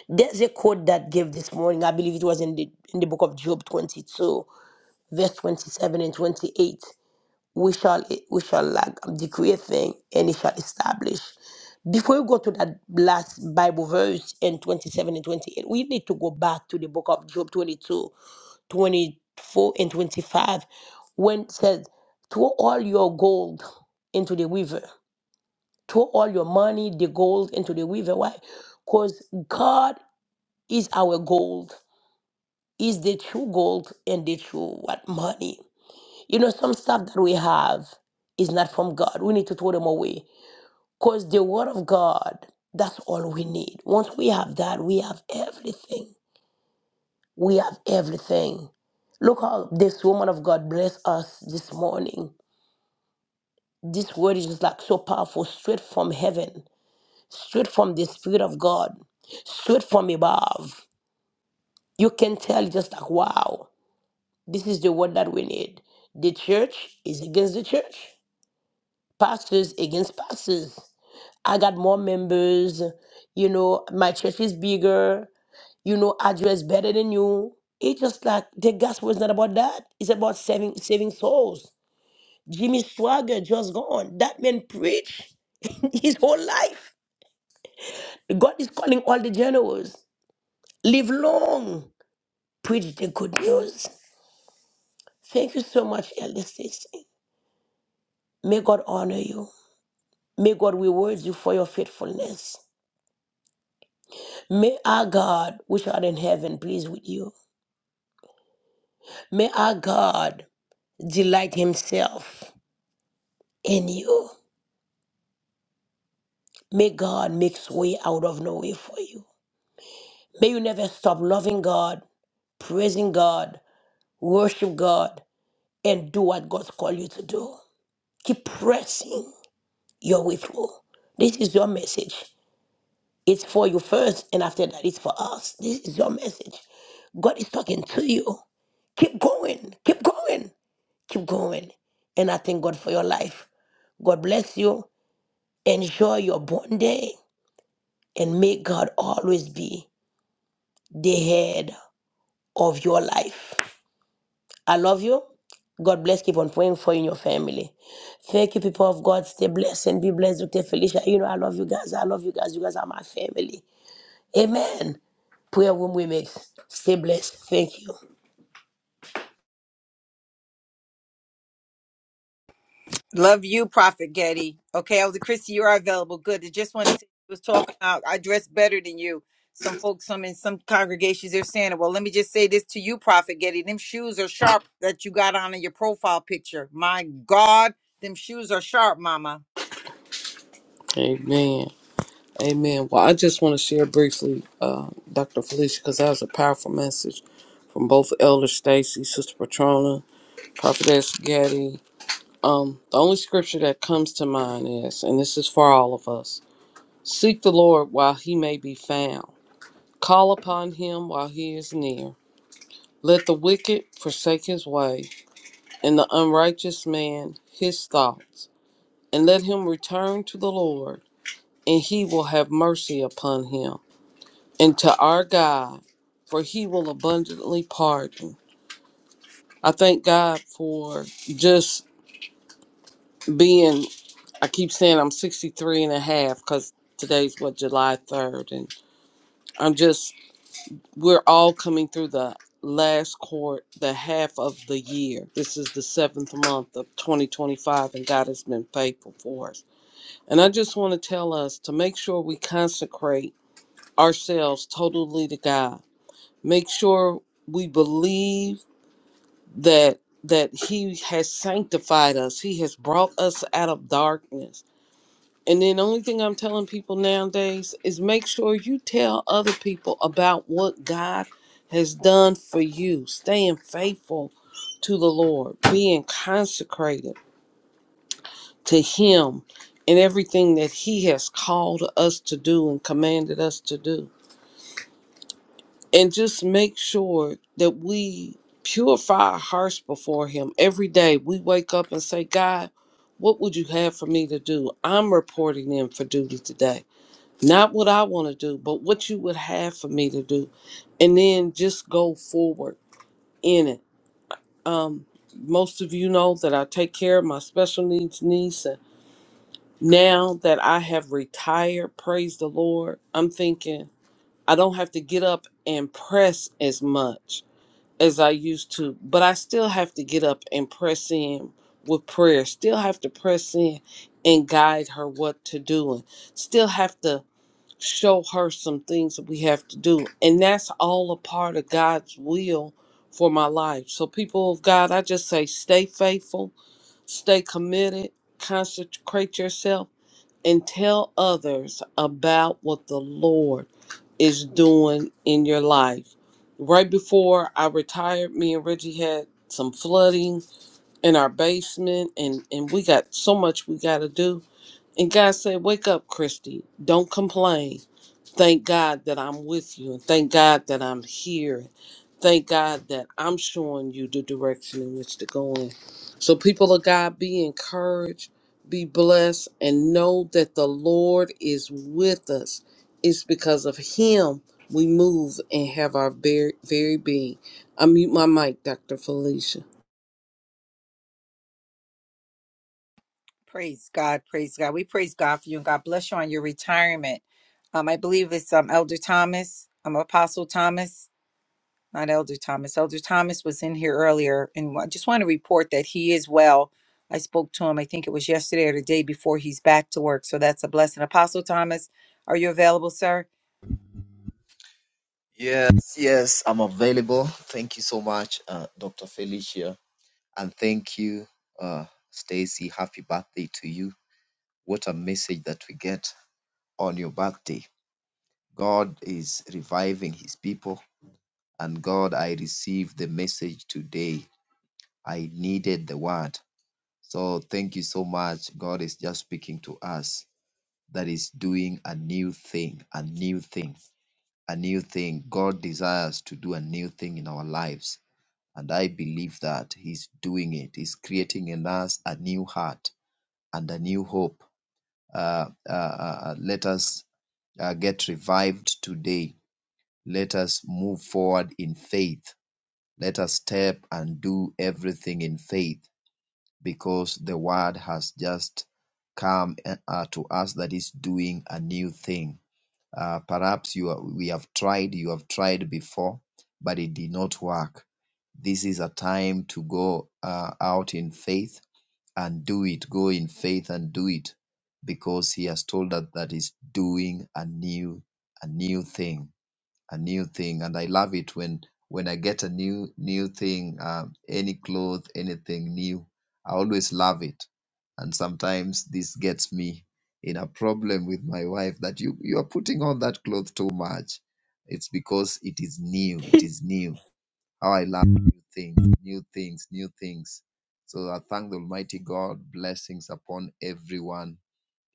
[SPEAKER 7] There's a quote that gave this morning. I believe it was in the in the book of Job 22, verse 27 and 28. we shall we shall like decree a thing and it shall establish. Before we go to that last Bible verse in 27 and 28, we need to go back to the book of Job 22, 24 and 25, when it says, throw all your gold into the river, throw all your money, the gold into the river. Why? Because God is our gold, is the true gold and the true what money. You know, some stuff that we have is not from God. We need to throw them away. Because the Word of God, that's all we need. Once we have that, we have everything. We have everything. Look how this woman of God blessed us this morning. This word is just like so powerful, straight from heaven, straight from the Spirit of God, straight from above. You can tell just like, wow, this is the word that we need. The church is against the church, pastors against pastors. I got more members. You know, my church is bigger. You know, I dress better than you. It's just like the gospel is not about that. It's about saving saving souls. Jimmy Swagger just gone. That man preached his whole life. God is calling all the generals. Live long. Preach the good news. Thank you so much, Elder Stacy. May God honor you. May God reward you for your faithfulness. May our God, which art in heaven, please with you. May our God delight himself in you. May God makes way out of no way for you. May you never stop loving God, praising God, worship God, and do what God's called you to do. Keep pressing your way through. This is your message. It's for you first, and after that, it's for us. This is your message. God is talking to you. Keep going, keep going, keep going. And I thank God for your life. God bless you. Enjoy your born day. and may God always be the head of your life. I love you. God bless. Keep on praying for you and your family. Thank you, people of God. Stay blessed and be blessed, Dr. Felicia. You know, I love you guys. I love you guys. You guys are my family. Amen. Prayer room we make. Stay blessed. Thank you.
[SPEAKER 1] Love you, Prophet Getty. Okay, Elder Christie, you are available. Good. I just want to say, I was talking about I dress better than you. Some folks, some in some congregations, they're saying, "Well, let me just say this to you, Prophet Getty. Them shoes are sharp that you got on in your profile picture. My God, them shoes are sharp, Mama.
[SPEAKER 6] Amen. Amen. Well, I just want to share briefly, uh, Dr. Felicia, because that was a powerful message from both Elder Stacy, Sister Patrona, Prophetess Gaddy, Um, the only scripture that comes to mind is, and this is for all of us seek the Lord while he may be found, call upon him while he is near. Let the wicked forsake his way, and the unrighteous man his thoughts, and let him return to the Lord, and he will have mercy upon him, and to our God, for he will abundantly pardon. I thank God for just being I keep saying I'm sixty-three and a half because today's what July 3rd and I'm just we're all coming through the last quarter, the half of the year this is the seventh month of 2025 and God has been faithful for us and I just want to tell us to make sure we consecrate ourselves totally to God make sure we believe that that he has sanctified us he has brought us out of darkness And then the only thing I'm telling people nowadays is make sure you tell other people about what God has done for you, staying faithful to the Lord, being consecrated to Him and everything that He has called us to do and commanded us to do. And just make sure that we purify our hearts before Him every day. We wake up and say, God, what would you have for me to do? I'm reporting in for duty today. Not what I want to do, but what you would have for me to do. And then just go forward in it. Um, most of you know that I take care of my special needs niece. And now that I have retired, praise the Lord, I'm thinking I don't have to get up and press as much as I used to, but I still have to get up and press in with prayer, still have to press in and guide her what to do, and still have to show her some things that we have to do. And that's all a part of God's will for my life. So, people of God, I just say stay faithful, stay committed, consecrate yourself, and tell others about what the Lord is doing in your life. Right before I retired, me and Reggie had some flooding in our basement and and we got so much we got to do and God said, Wake up, Christy. Don't complain. Thank God that I'm with you. And thank God that I'm here. Thank God that I'm showing you the direction in which to go in. So, people of God, be encouraged, be blessed, and know that the Lord is with us. It's because of Him we move and have our very, very being. I mute my mic, Dr. Felicia.
[SPEAKER 1] Praise God, praise God. We praise God for you and God bless you on your retirement. Um, I believe it's um Elder Thomas, um Apostle Thomas. not Elder Thomas. Elder Thomas was in here earlier, and I just want to report that he is well. I spoke to him, I think it was yesterday or the day before he's back to work. So that's a blessing. Apostle Thomas, are you available, sir?
[SPEAKER 8] Yes, yes, I'm available. Thank you so much, uh, Dr. Felicia. And thank you, uh, Stacy. Happy birthday to you. What a message that we get on your birthday. God is reviving his people. And God, I received the message today. I needed the word. So thank you so much. God is just speaking to us that is doing a new thing, a new thing, a new thing. God desires to do a new thing in our lives And I believe that He's doing it. He's creating in us a new heart and a new hope. Uh, uh, uh, uh, let us uh, get revived today. Let us move forward in faith. Let us step and do everything in faith because the word has just come uh, uh, to us that is doing a new thing uh, perhaps you are, we have tried, you have tried before, but it did not work. This is a time to go uh, out in faith and do it. Go in faith and do it, because He has told us that He's doing a new, a new thing a new thing and i love it when when i get a new new thing um, any cloth anything new i always love it and sometimes this gets me in a problem with my wife that you you are putting on that cloth too much it's because it is new it is new how i love new things new things new things so i thank the almighty god blessings upon everyone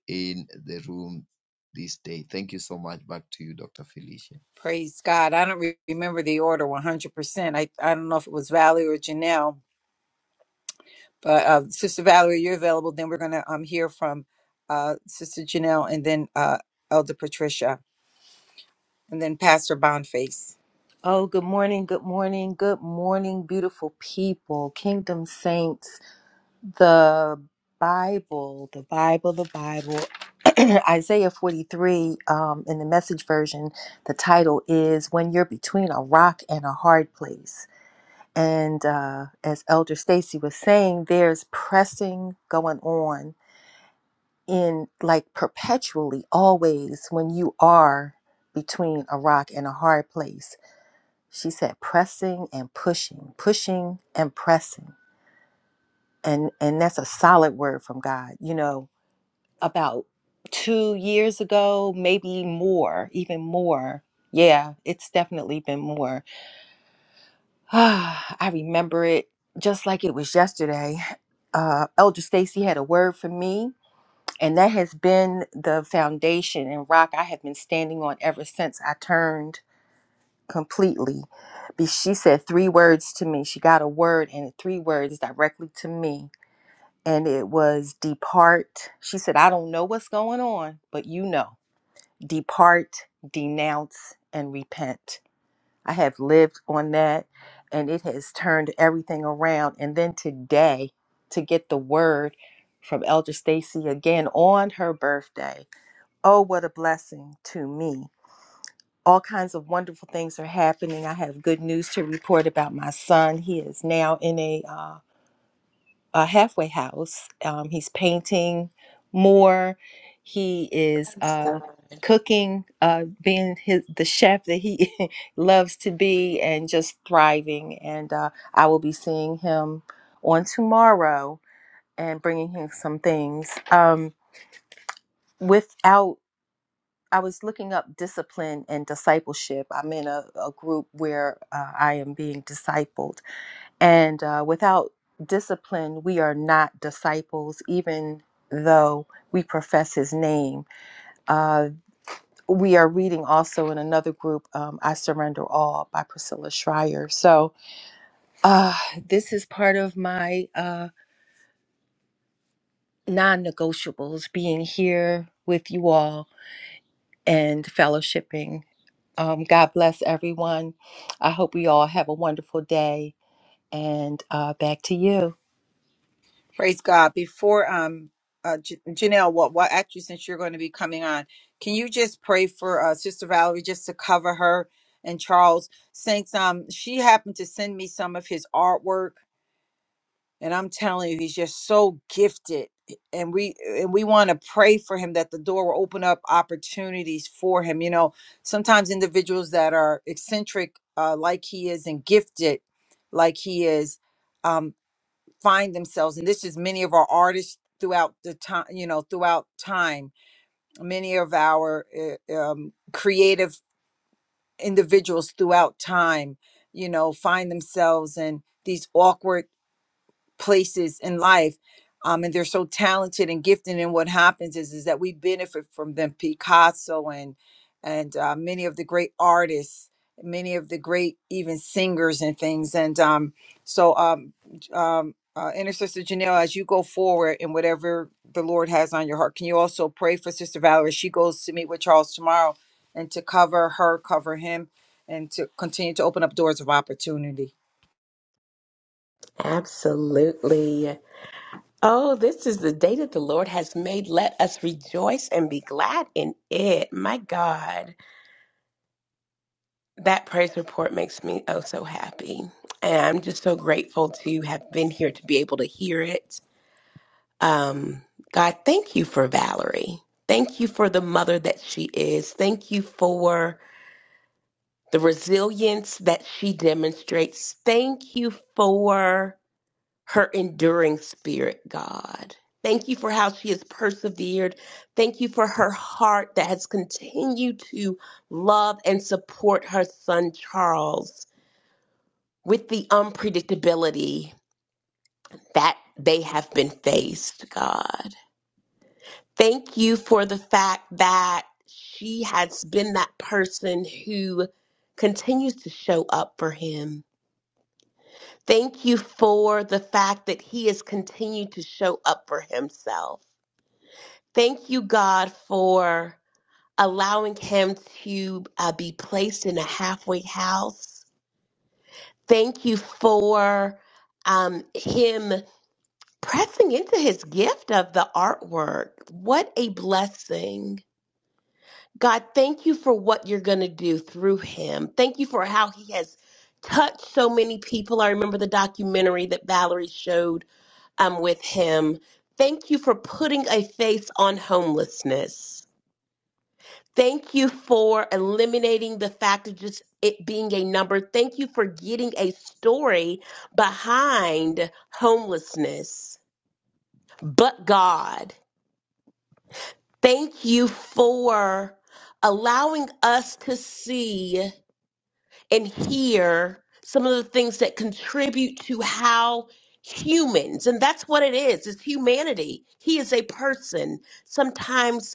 [SPEAKER 8] in the room this day thank you so much back to you dr felicia
[SPEAKER 1] Praise God. I don't re- remember the order 100%. I, I don't know if it was Valerie or Janelle, but uh, Sister Valerie, you're available. Then we're going to um, hear from uh, Sister Janelle and then uh, Elder Patricia and then Pastor Bonface.
[SPEAKER 5] Oh, good morning. Good morning. Good morning, beautiful people, kingdom saints. the Bible, the Bible, the Bible, Isaiah 43 um, in the message version, the title is When You're Between a Rock and a Hard Place. And uh, as Elder Stacy was saying, there's pressing going on in like perpetually, always when you are between a rock and a hard place. She said pressing and pushing, pushing and pressing. And, and that's a solid word from God. You know, about two years ago, maybe more, even more. Yeah, it's definitely been more. I remember it just like it was yesterday. Uh, Elder Stacy had a word for me, and that has been the foundation and rock I have been standing on ever since I turned completely. Be- She said three words to me. She got a word and three words directly to me. And it was depart. She said, I don't know what's going on, but you know. depart, denounce, and repent. I have lived on that and it has turned everything around. And then today, to get the word from Elder Stacy again on her birthday. Oh, what a blessing to me. All kinds of wonderful things are happening. I have good news to report about my son. He is now in a uh, a halfway house. Um, he's painting more. He is
[SPEAKER 3] Thanks,
[SPEAKER 5] uh,
[SPEAKER 3] God.
[SPEAKER 5] cooking, uh, being his the chef that he loves to be, and just thriving. And uh, I will be seeing him on tomorrow and bringing him some things. Um, without, I was looking up discipline and discipleship. I'm in a, a group where uh, I am being discipled and uh, without discipline, we are not disciples, even though we profess his name. Uh, we are reading also in another group, um, I Surrender All by Priscilla Schreier. So uh, this is part of my uh, non negotiables being here with you all and fellowshipping. Um, God bless everyone. I hope we all have a wonderful day. And uh, back to you.
[SPEAKER 1] Praise God. Before um uh, J- Janelle, what what actually since you're going to be coming on, can you just pray for uh, Sister Valerie just to cover her and Charles? Since um she happened to send me some of his artwork, and I'm telling you, he's just so gifted, and we and we want to pray for him that the door will open up opportunities for him. You know, sometimes individuals that are eccentric uh, like he is and gifted like he is. um, find themselves and this is many of our artists throughout the time you know throughout time many of our uh, um, creative individuals throughout time you know find themselves in these awkward places in life um, and they're so talented and gifted and what happens is is that we benefit from them picasso and and uh, many of the great artists many of the great even singers and things and um, so um, j- um, uh, intercessor janelle as you go forward in whatever the lord has on your heart can you also pray for sister valerie she goes to meet with charles tomorrow and to cover her cover him and to continue to open up doors of opportunity
[SPEAKER 3] Absolutely. Oh, this is the day that the Lord has made. Let us rejoice and be glad in it. My God. That praise report makes me oh so happy. And I'm just so grateful to have been here to be able to hear it. Um, God, thank you for Valerie. Thank you for the mother that she is. Thank you for the resilience that she demonstrates. Thank you for her enduring spirit, God. Thank you for how she has persevered. Thank you for her heart that has continued to love and support her son, Charles with the unpredictability that they have been faced, God. Thank you for the fact that she has been that person who continues to show up for him. Thank you for the fact that he has continued to show up for himself. Thank you, God, for allowing him to uh, be placed in a halfway house. Thank you for um, him. pressing into his gift of the artwork. What a blessing. God, thank you for what you're going to do through him. Thank you for how he has touched so many people. I remember the documentary that Valerie showed um, with him. Thank you for putting a face on homelessness. Thank you for eliminating the fact of just it being a number. Thank you for getting a story behind homelessness. But God. Thank you for allowing us to see and hear some of the things that contribute to how humans, and that's what it is, it's humanity. He is a person. Sometimes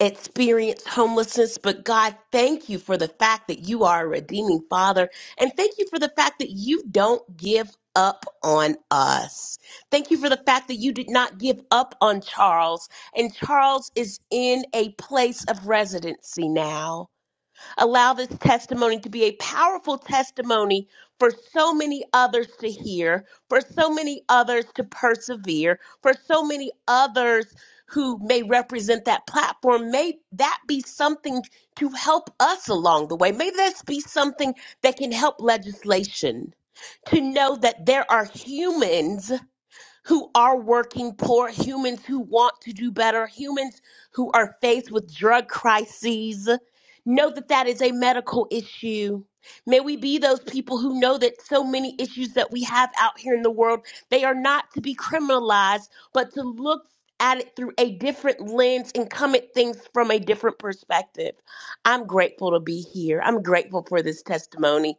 [SPEAKER 3] experience homelessness, but God, thank you for the fact that you are a redeeming father. And thank you for the fact that you don't give up on us. Thank you for the fact that you did not give up on Charles. And Charles is in a place of residency now. Allow this testimony to be a powerful testimony for so many others to hear, for so many others to persevere, for so many others who may represent that platform. May that be something to help us along the way. May this be something that can help legislation to know that there are humans who are working poor, humans who want to do better, humans who are faced with drug crises. Know that that is a medical issue. May we be those people who know that so many issues that we have out here in the world, they are not to be criminalized, but to look at it through a different lens and come at things from a different perspective. I'm grateful to be here. I'm grateful for this testimony.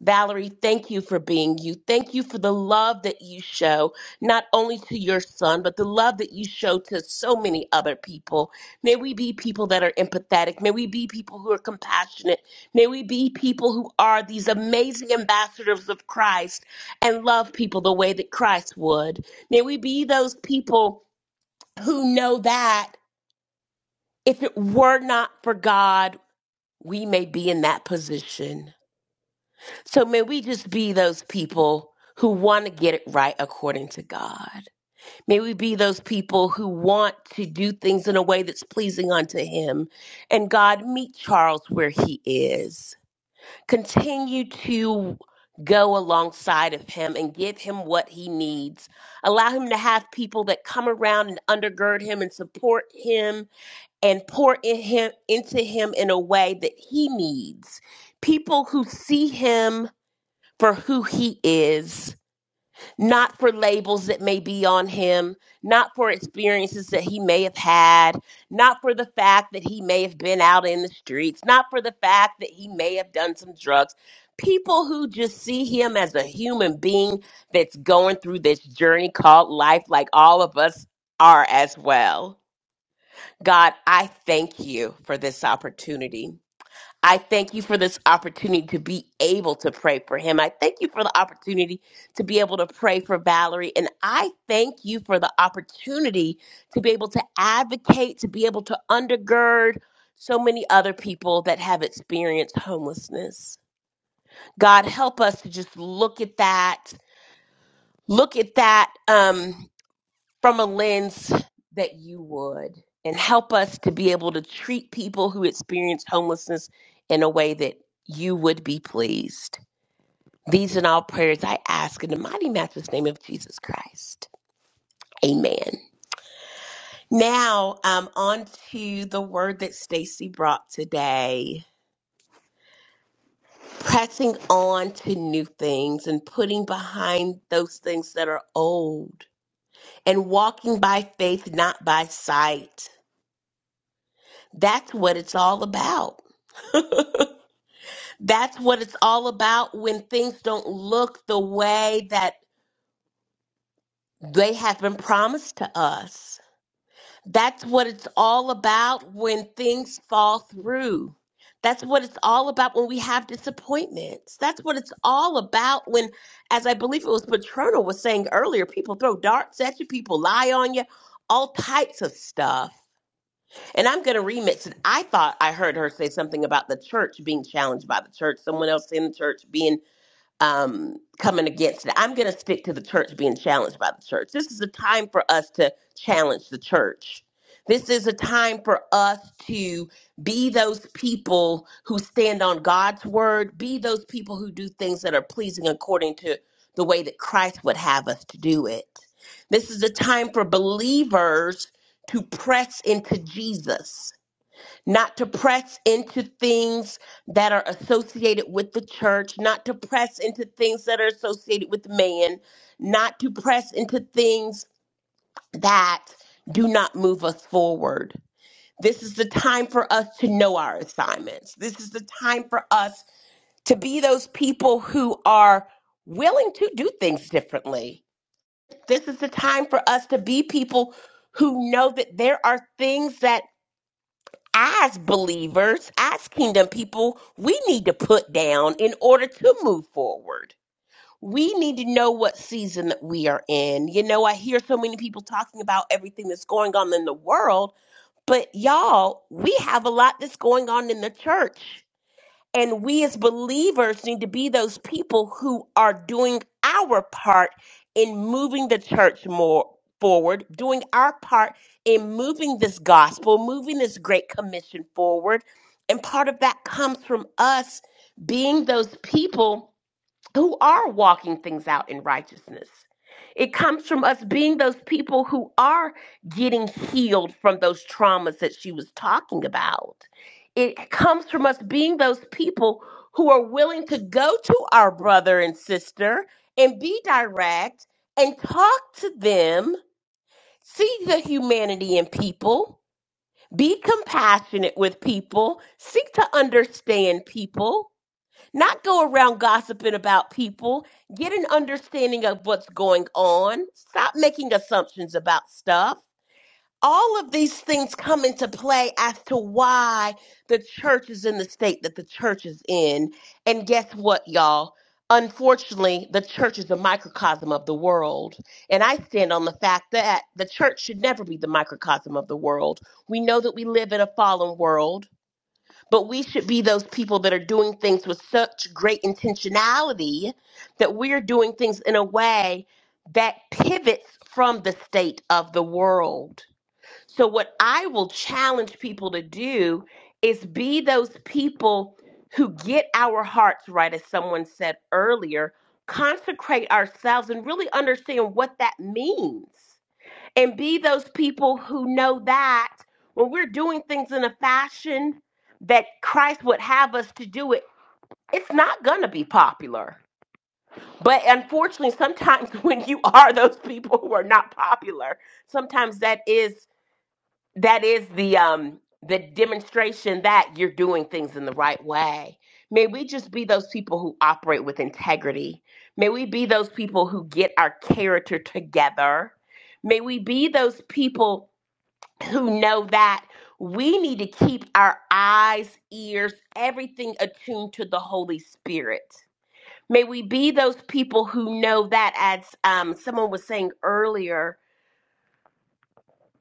[SPEAKER 3] Valerie, thank you for being you. Thank you for the love that you show, not only to your son, but the love that you show to so many other people. May we be people that are empathetic. May we be people who are compassionate. May we be people who are these amazing ambassadors of Christ and love people the way that Christ would. May we be those people who know that if it were not for God, we may be in that position. So may we just be those people who want to get it right according to God. May we be those people who want to do things in a way that's pleasing unto Him. And God, meet Charles where he is. Continue to go alongside of him and give him what he needs. Allow him to have people that come around and undergird him and support him and pour in him into him in a way that he needs. People who see him for who he is, not for labels that may be on him, not for experiences that he may have had, not for the fact that he may have been out in the streets, not for the fact that he may have done some drugs. People who just see him as a human being that's going through this journey called life, like all of us are as well. God, I thank you for this opportunity. I thank you for this opportunity to be able to pray for him. I thank you for the opportunity to be able to pray for Valerie. And I thank you for the opportunity to be able to advocate, to be able to undergird so many other people that have experienced homelessness. God, help us to just look at that, look at that. Um, from a lens that you would and help us to be able to treat people who experience homelessness in a way that you would be pleased. These and all prayers I ask in the mighty matchless name of Jesus Christ. Amen. Now, um, on to the word that Stacy brought today. Pressing on to new things and putting behind those things that are old and walking by faith, not by sight. That's what it's all about That's what it's all about when things don't look the way that they have been promised to us. That's what it's all about when things fall through. That's what it's all about when we have disappointments. That's what it's all about when, as I believe it was Patrono was saying earlier, people throw darts at you, people lie on you, all types of stuff. And I'm going to remix it. I thought I heard her say something about the church being challenged by the church, someone else in the church being um, coming against it. I'm going to stick to the church being challenged by the church. This is a time for us to challenge the church. This is a time for us to be those people who stand on God's word, be those people who do things that are pleasing according to the way that Christ would have us to do it. This is a time for believers to press into Jesus not to press into things that are associated with the church, not to press into things that are associated with man, not to press into things that do not move us forward. This is the time for us to know our assignments. This is the time for us to be those people who are willing to do things differently. This is the time for us to be people who know that there are things that as believers, as kingdom people, we need to put down in order to move forward. We need to know what season that we are in. You know, I hear so many people talking about everything that's going on in the world, but y'all, we have a lot that's going on in the church. And we as believers need to be those people who are doing our part in moving the church more forward, doing our part in moving this gospel, moving this great commission forward. And part of that comes from us being those people who are walking things out in righteousness. It comes from us being those people who are getting healed from those traumas that she was talking about. It comes from us being those people who are willing to go to our brother and sister and be direct and talk to them, see the humanity in people, be compassionate with people, seek to understand people not go around gossiping about people. Get an understanding of what's going on. Stop making assumptions about stuff. All of these things come into play as to why the church is in the state that the church is in. And guess what, y'all? Unfortunately, the church is a microcosm of the world. And I stand on the fact that the church should never be the microcosm of the world. We know that we live in a fallen world. But we should be those people that are doing things with such great intentionality that we're doing things in a way that pivots from the state of the world. So, what I will challenge people to do is be those people who get our hearts right, as someone said earlier, consecrate ourselves and really understand what that means and be those people who know that when we're doing things in a fashion that Christ would have us to do it, it's not going to be popular. But unfortunately, sometimes when you are those people who are not popular, sometimes that is that is the um the demonstration that you're doing things in the right way. May we just be those people who operate with integrity. May we be those people who get our character together. May we be those people who know that we need to keep our eyes, ears, everything attuned to the Holy Spirit. May we be those people who know that, as um, someone was saying earlier,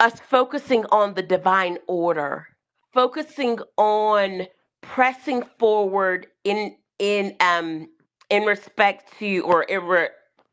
[SPEAKER 3] us focusing on the divine order, focusing on pressing forward in in um in respect to or in re-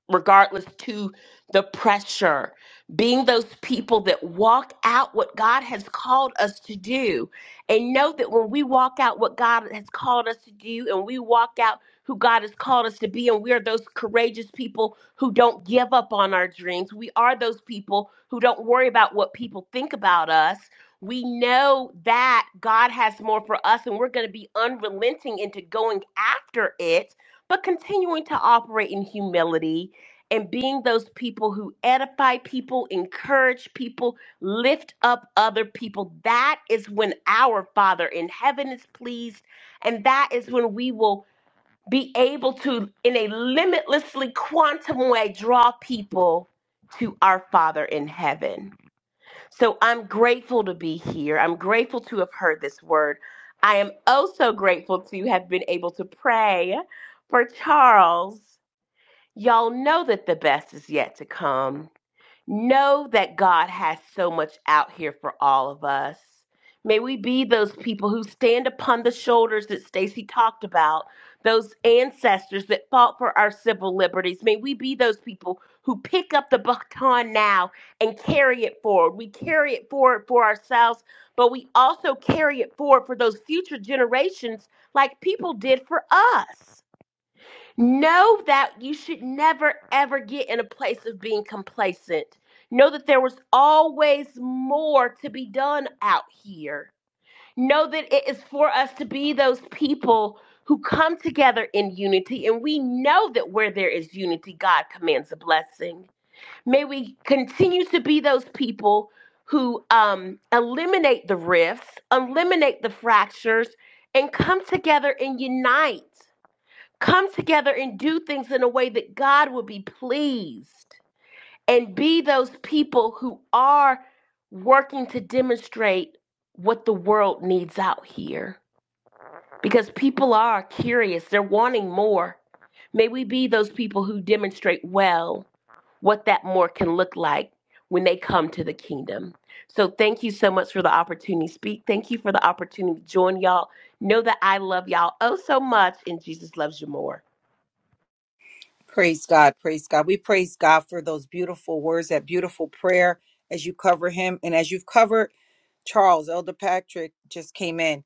[SPEAKER 3] regardless to the pressure, being those people that walk out what God has called us to do, and know that when we walk out what God has called us to do, and we walk out who God has called us to be. And we are those courageous people who don't give up on our dreams. We are those people who don't worry about what people think about us. We know that God has more for us, and we're going to be unrelenting into going after it, but continuing to operate in humility and being those people who edify people, encourage people, lift up other people. That is when our Father in heaven is pleased. And that is when we will be able to, in a limitlessly quantum way, draw people to our Father in heaven. So I'm grateful to be here. I'm grateful to have heard this word. I am also grateful to have been able to pray for Charles. Y'all know that the best is yet to come. Know that God has so much out here for all of us. May we be those people who stand upon the shoulders that Stacy talked about, those ancestors that fought for our civil liberties. May we be those people who pick up the baton now and carry it forward. We carry it forward for ourselves, but we also carry it forward for those future generations like people did for us. Know that you should never ever get in a place of being complacent. Know that there was always more to be done out here. Know that it is for us to be those people who come together in unity, and we know that where there is unity, God commands a blessing. May we continue to be those people who um, eliminate the rifts, eliminate the fractures, and come together and unite come together and do things in a way that God will be pleased and be those people who are working to demonstrate what the world needs out here because people are curious, they're wanting more. May we be those people who demonstrate well what that more can look like when they come to the kingdom. So, thank you so much for the opportunity to speak. Thank you for the opportunity to join y'all. Know that I love y'all oh so much, and Jesus loves you more.
[SPEAKER 1] Praise God. Praise God. We praise God for those beautiful words, that beautiful prayer as you cover him. And as you've covered Charles, Elder Patrick just came in.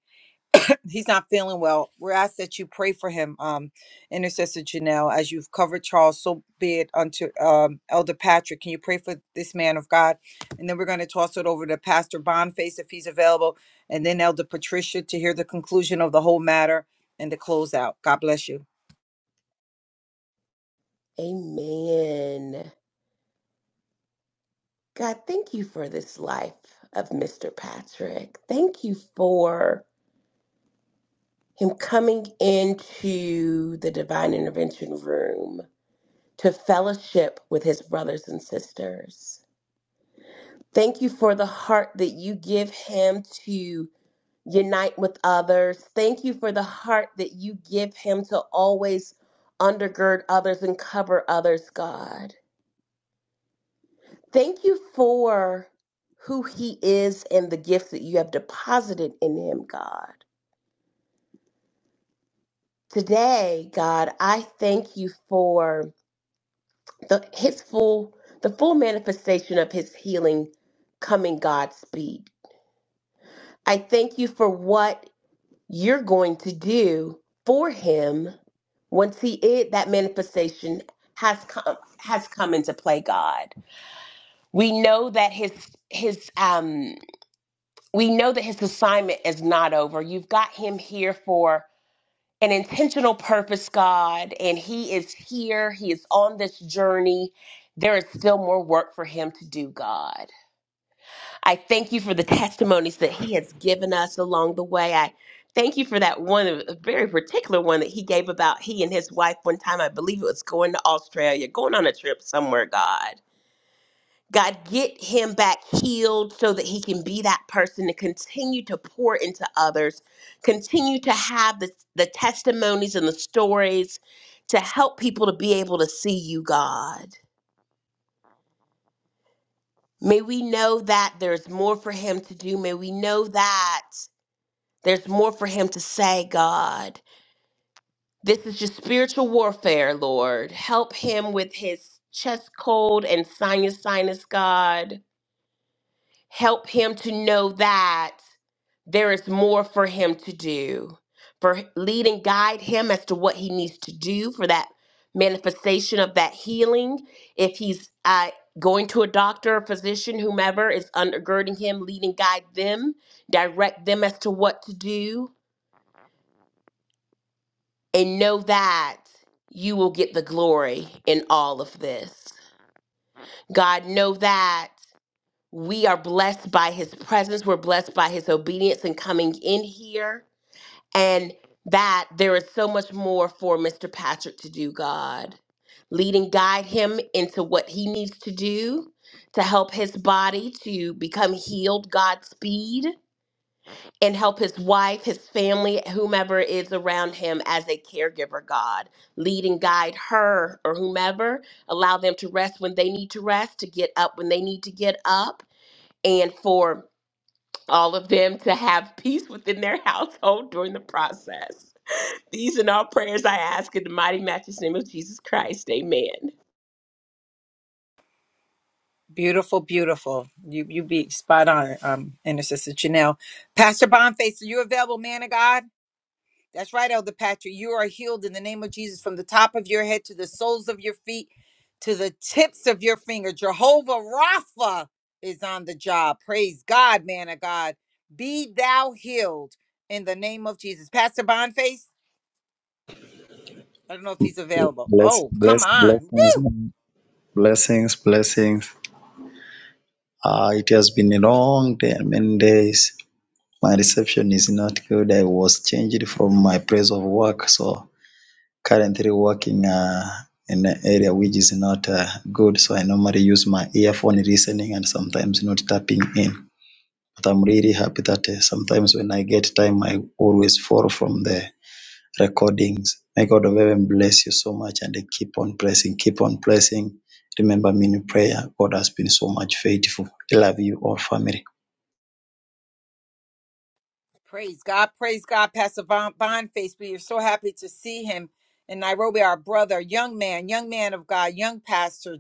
[SPEAKER 1] He's not feeling well. We're asked that you pray for him, um, Intercessor Janelle, as you've covered Charles, so be it unto um, Elder Patrick. Can you pray for this man of God? And then we're going to toss it over to Pastor Bonface if he's available, and then Elder Patricia to hear the conclusion of the whole matter and to close out. God bless you.
[SPEAKER 3] Amen. God, thank you for this life of Mr. Patrick. Thank you for him coming into the divine intervention room to fellowship with his brothers and sisters. Thank you for the heart that you give him to unite with others. Thank you for the heart that you give him to always undergird others and cover others, God. Thank you for who he is and the gift that you have deposited in him, God. Today, God, I thank you for the his full the full manifestation of his healing coming Godspeed. I thank you for what you're going to do for him once he is that manifestation has come has come into play, God. We know that his his um we know that his assignment is not over. You've got him here for an intentional purpose, God, and he is here. He is on this journey. There is still more work for him to do, God. I thank you for the testimonies that he has given us along the way. I thank you for that one, a very particular one that he gave about he and his wife one time. I believe it was going to Australia, going on a trip somewhere, God God, get him back healed so that he can be that person to continue to pour into others, continue to have the, the testimonies and the stories to help people to be able to see you, God. May we know that there's more for him to do. May we know that there's more for him to say, God. This is just spiritual warfare, Lord. Help him with his chest cold and sinus, sinus, God help him to know that. There is more for him to do. For lead and guide him as to what he needs to do for that manifestation of that healing. If he's uh, going to a doctor, a physician, whomever is undergirding him, lead and guide them, direct them as to what to do, and know that you will get the glory in all of this. God, know that we are blessed by his presence. We're blessed by his obedience and coming in here. and that there is so much more for Mr. Patrick to do, God. Lead and guide him into what he needs to do to help his body to become healed, Godspeed, and help his wife, his family, whomever is around him as a caregiver, God. Lead and guide her or whomever. Allow them to rest when they need to rest, to get up when they need to get up, and for all of them to have peace within their household during the process. These and all prayers I ask in the mighty matchless name of Jesus Christ. Amen.
[SPEAKER 1] Beautiful, beautiful. You you be spot on, um, Intercessor Janelle. Pastor Bonface, are you available, man of God? That's right, Elder Patrick. You are healed in the name of Jesus from the top of your head to the soles of your feet to the tips of your finger. Jehovah Rapha is on the job. Praise God, man of God. Be thou healed in the name of Jesus. Pastor Bonface, I don't know if he's available.
[SPEAKER 9] Bless,
[SPEAKER 1] Oh, come
[SPEAKER 9] bless,
[SPEAKER 1] on.
[SPEAKER 9] blessings, man. blessings, blessings. Uh, it has been a long day, many days. My reception is not good. I was changed from my place of work, so currently working uh, in an area which is not uh, good. So I normally use my earphone listening and sometimes not tapping in. But I'm really happy that uh, sometimes when I get time, I always fall from there. recordings. May God of heaven bless you so much and keep on blessing, keep on blessing. Remember me in prayer. God has been so much faithful. I love you all, family.
[SPEAKER 1] Praise God. Praise God, Pastor Von Bonface. We are so happy to see him in Nairobi, our brother, young man, young man of God, young pastor,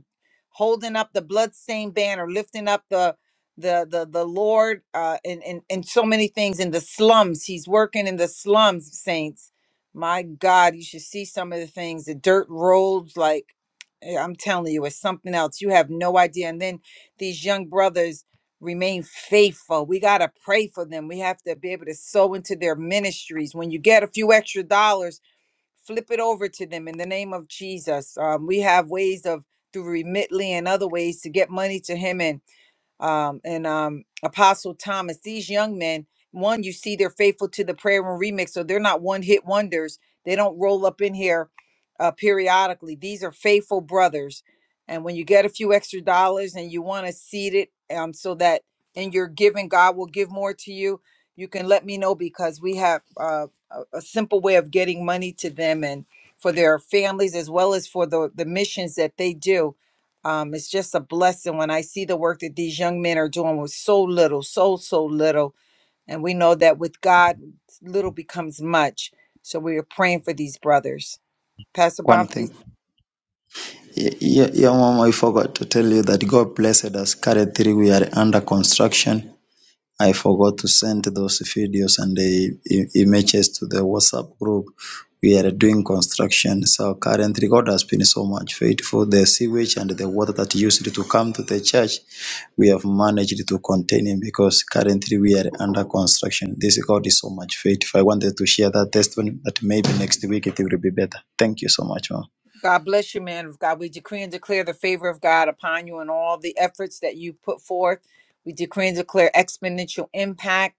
[SPEAKER 1] holding up the bloodstained banner, lifting up the the the the Lord uh and, and, and so many things in the slums. He's working in the slums, saints. My God, you should see some of the things, the dirt roads, like eh, I'm telling you, it's something else. You have no idea. And then these young brothers remain faithful. We got to pray for them. We have to be able to sow into their ministries. When you get a few extra dollars, flip it over to them in the name of Jesus. Um, we have ways of through Remitly and other ways to get money to him and um, and um, Apostle Thomas. These young men, one, you see they're faithful to the prayer room remix, so they're not one hit wonders. They don't roll up in here uh, periodically. These are faithful brothers. And when you get a few extra dollars and you want to seed it um, so that in your giving, God will give more to you, you can let me know because we have uh, a, a simple way of getting money to them and for their families as well as for the, the missions that they do um, it's just a blessing when I see the work that these young men are doing with so little, so, so little. And we know that with God, little becomes much. So we are praying for these brothers. Pastor
[SPEAKER 9] One
[SPEAKER 1] Bonface,
[SPEAKER 9] thing, y- y- your mom, I forgot to tell you that God blessed us. Carry we are under construction. I forgot to send those videos and the i- images to the WhatsApp group. We are doing construction. So currently, God has been so much faithful. The sewage and the water that used to come to the church, we have managed to contain it because currently we are under construction. This God is so much faithful. I wanted to share that testimony, but maybe next week it will be better. Thank you so much, Mom.
[SPEAKER 1] God bless you, man of God. We decree and declare the favor of God upon you and all the efforts that you put forth. We decree and declare exponential impact.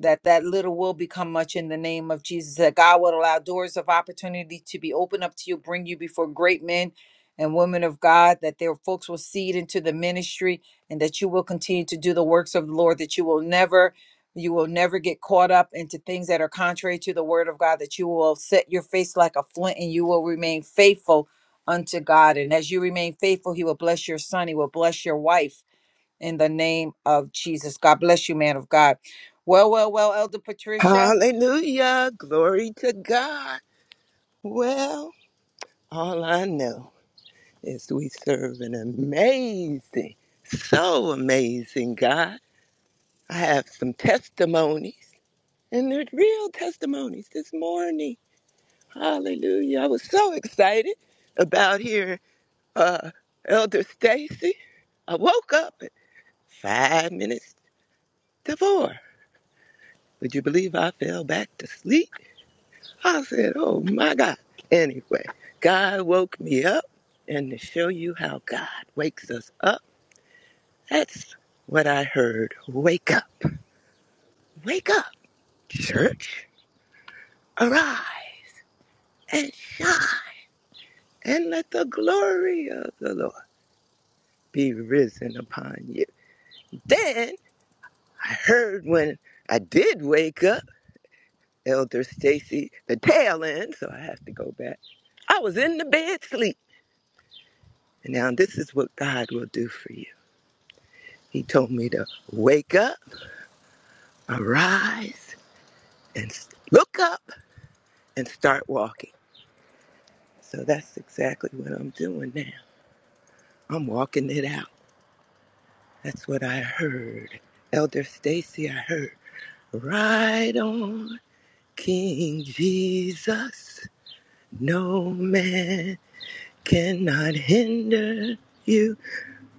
[SPEAKER 1] that that little will become much in the name of Jesus, that God will allow doors of opportunity to be opened up to you, bring you before great men and women of God, that their folks will seed into the ministry and that you will continue to do the works of the Lord, that you will never you will never get caught up into things that are contrary to the word of God, that you will set your face like a flint and you will remain faithful unto God. And as you remain faithful, he will bless your son, he will bless your wife in the name of Jesus. God bless you, man of God. Well, well, well, Elder Patricia.
[SPEAKER 10] Hallelujah. Glory to God. Well, all I know is we serve an amazing, so amazing God. I have some testimonies, and they're real testimonies this morning. Hallelujah. I was so excited about hearing uh, Elder Stacy. I woke up at five minutes to four. Would you believe I fell back to sleep? I said, oh my God. Anyway, God woke me up, and to show you how God wakes us up, that's what I heard. Wake up, wake up, church, arise and shine, and let the glory of the Lord be risen upon you. Then I heard when I did wake up, Elder Stacy, the tail end, so I have to go back. I was in the bed sleep. and Now, this is what God will do for you. He told me to wake up, arise, and look up and start walking. So that's exactly what I'm doing now. I'm walking it out. That's what I heard. Elder Stacy, I heard. ride on, King Jesus. No man cannot hinder you.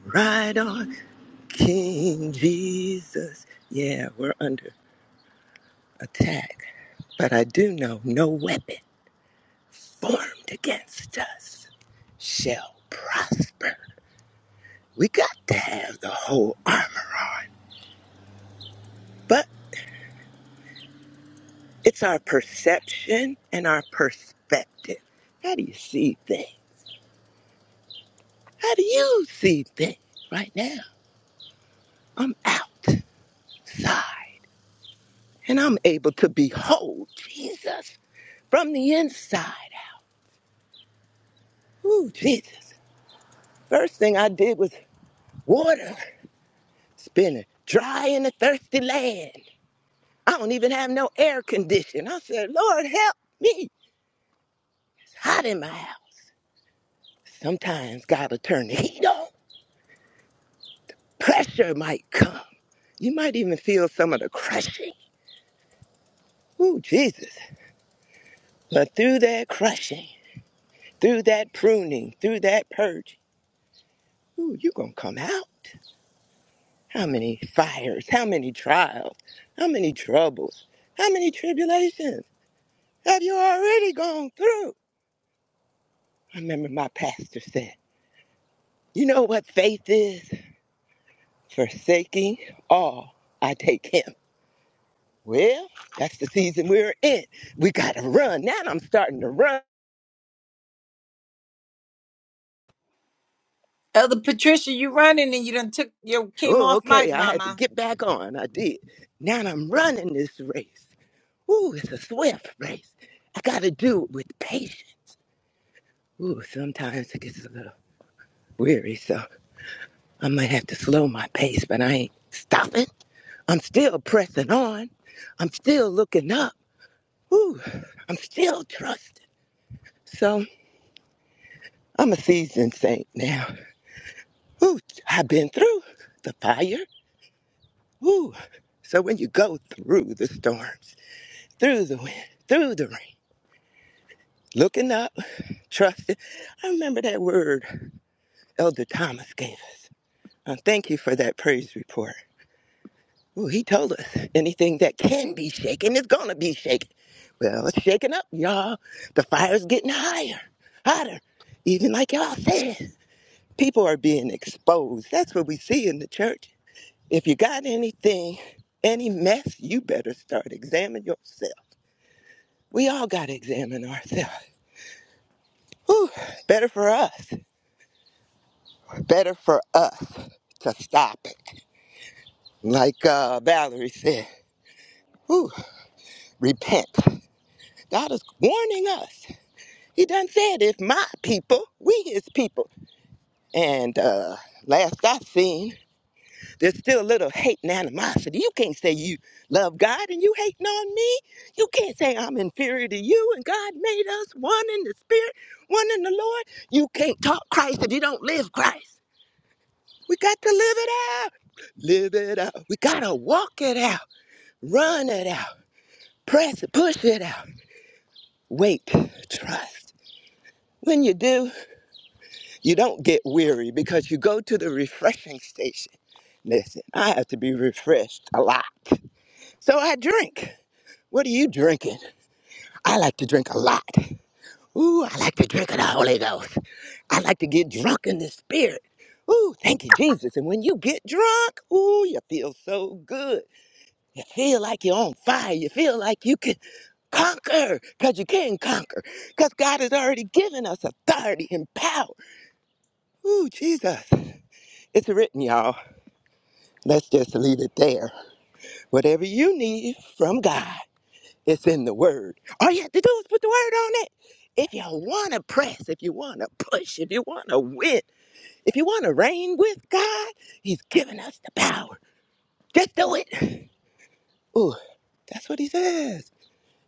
[SPEAKER 10] Ride on, King Jesus. Yeah, we're under attack, but I do know no weapon formed against us shall prosper. We got to have the whole armor on, but it's our perception and our perspective. How do you see things? How do you see things right now? I'm outside and I'm able to behold Jesus from the inside. Ooh, Jesus. First thing I did was water spinning, dry in a thirsty land. I don't even have no air condition. I said, Lord, help me. It's hot in my house. Sometimes God'll turn the heat on. Pressure might come. You might even feel some of the crushing. Ooh, Jesus. But through that crushing, through that pruning, through that purging, ooh, you gonna come out. How many fires, how many trials, how many troubles, how many tribulations have you already gone through? I remember my pastor said, You know what faith is? forsaking all, I take him. Well, that's the season we're in. We got to run. Now I'm starting to run.
[SPEAKER 1] Elder Patricia, you running and you done took you came
[SPEAKER 10] Oh,
[SPEAKER 1] off
[SPEAKER 10] okay.
[SPEAKER 1] mic,
[SPEAKER 10] I had to
[SPEAKER 1] mama.
[SPEAKER 10] get back on. I did. Now I'm running this race. Ooh, it's a swift race. I got to do it with patience. Ooh, sometimes it gets a little weary, so I might have to slow my pace, but I ain't stopping. I'm still pressing on. I'm still looking up. Ooh, I'm still trusting. So I'm a seasoned saint now. Ooh, I've been through the fire. Ooh. So when you go through the storms, through the wind, through the rain, looking up, trusting. I remember that word Elder Thomas gave us. Uh, thank you for that praise report. Ooh, he told us anything that can be shaken is gonna be shaken. Well, it's shaking up, y'all. The fire's getting higher, hotter. Even like y'all said, people are being exposed. That's what we see in the church. If you got anything, any mess, you better start examining yourself. We all got to examine ourselves. Whew, better for us. Better for us to stop it. Like uh, Valerie said, whew, repent. God is warning us. He done said, if my people, we his people. And uh, last I seen, There's still a little hate and animosity. You can't say you love God and you hating on me. You can't say I'm inferior to you and God made us one in the spirit, one in the Lord. You can't talk Christ if you don't live Christ. We got to live it out. Live it out. We got to walk it out, run it out, press it, push it out. Wait, trust. When you do, you don't get weary because you go to the refreshing station. Listen, I have to be refreshed a lot. So I drink. What are you drinking? I like to drink a lot. Ooh, I like to drink of the Holy Ghost. I like to get drunk in the Spirit. Ooh, thank you, Jesus. And when you get drunk, ooh, you feel so good. You feel like you're on fire. You feel like you can conquer because you can conquer because God has already given us authority and power. Ooh, Jesus. It's written, y'all. Let's just leave it there. Whatever you need from God. It's in the word. All you have to do is put the word on it. If you want to press, if you want to push, if you want to win, if you want to reign with God, He's given us the power. Just do it. Ooh, that's what He says.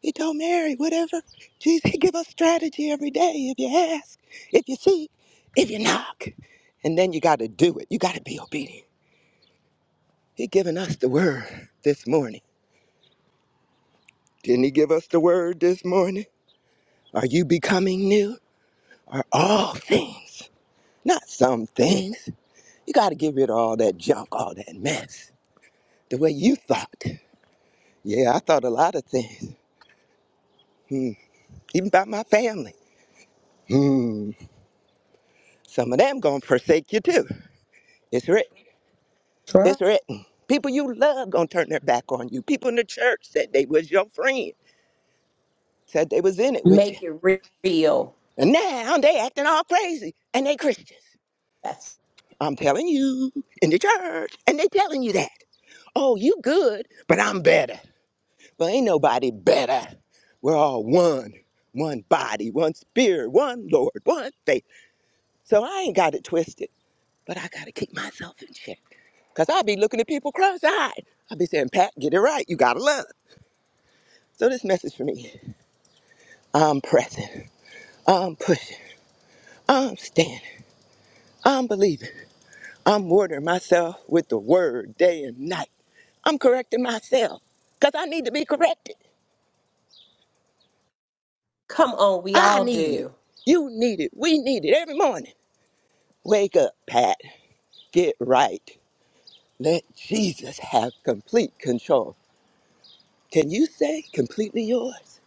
[SPEAKER 10] He told Mary, whatever. Jesus, He give us strategy every day. If you ask, if you seek, if you knock, and then you got to do it. You got to be obedient. He given us the word this morning. Didn't He give us the word this morning? Are you becoming new? Are all things? Not some things. You got to get rid of all that junk, all that mess. The way you thought. Yeah, I thought a lot of things. Hmm. Even about my family. Hmm. Some of them gonna forsake you too. It's written.
[SPEAKER 3] Try.
[SPEAKER 10] It's written. People you love gonna turn their back on you. People in the church said they was your friend, said they was in it with you,
[SPEAKER 3] Make it re- real.
[SPEAKER 10] and now they acting all crazy and they Christians.
[SPEAKER 3] That's
[SPEAKER 10] I'm telling you, in the church, and they telling you that. Oh, you good, but I'm better. But ain't nobody better. We're all one, one body, one spirit, one Lord, one faith. So I ain't got it twisted, but I gotta keep myself in check. Cause I be looking at people cross-eyed. I be saying, Pat, get it right. You gotta love. So this message for me. I'm pressing. I'm pushing. I'm standing. I'm believing. I'm ordering myself with the word day and night. I'm correcting myself. Cause I need to be corrected.
[SPEAKER 3] come on, we
[SPEAKER 10] I
[SPEAKER 3] all
[SPEAKER 10] need it.
[SPEAKER 3] do.
[SPEAKER 10] You need it. We need it every morning. Wake up, Pat. Get right. Let Jesus have complete control. Can you say completely yours?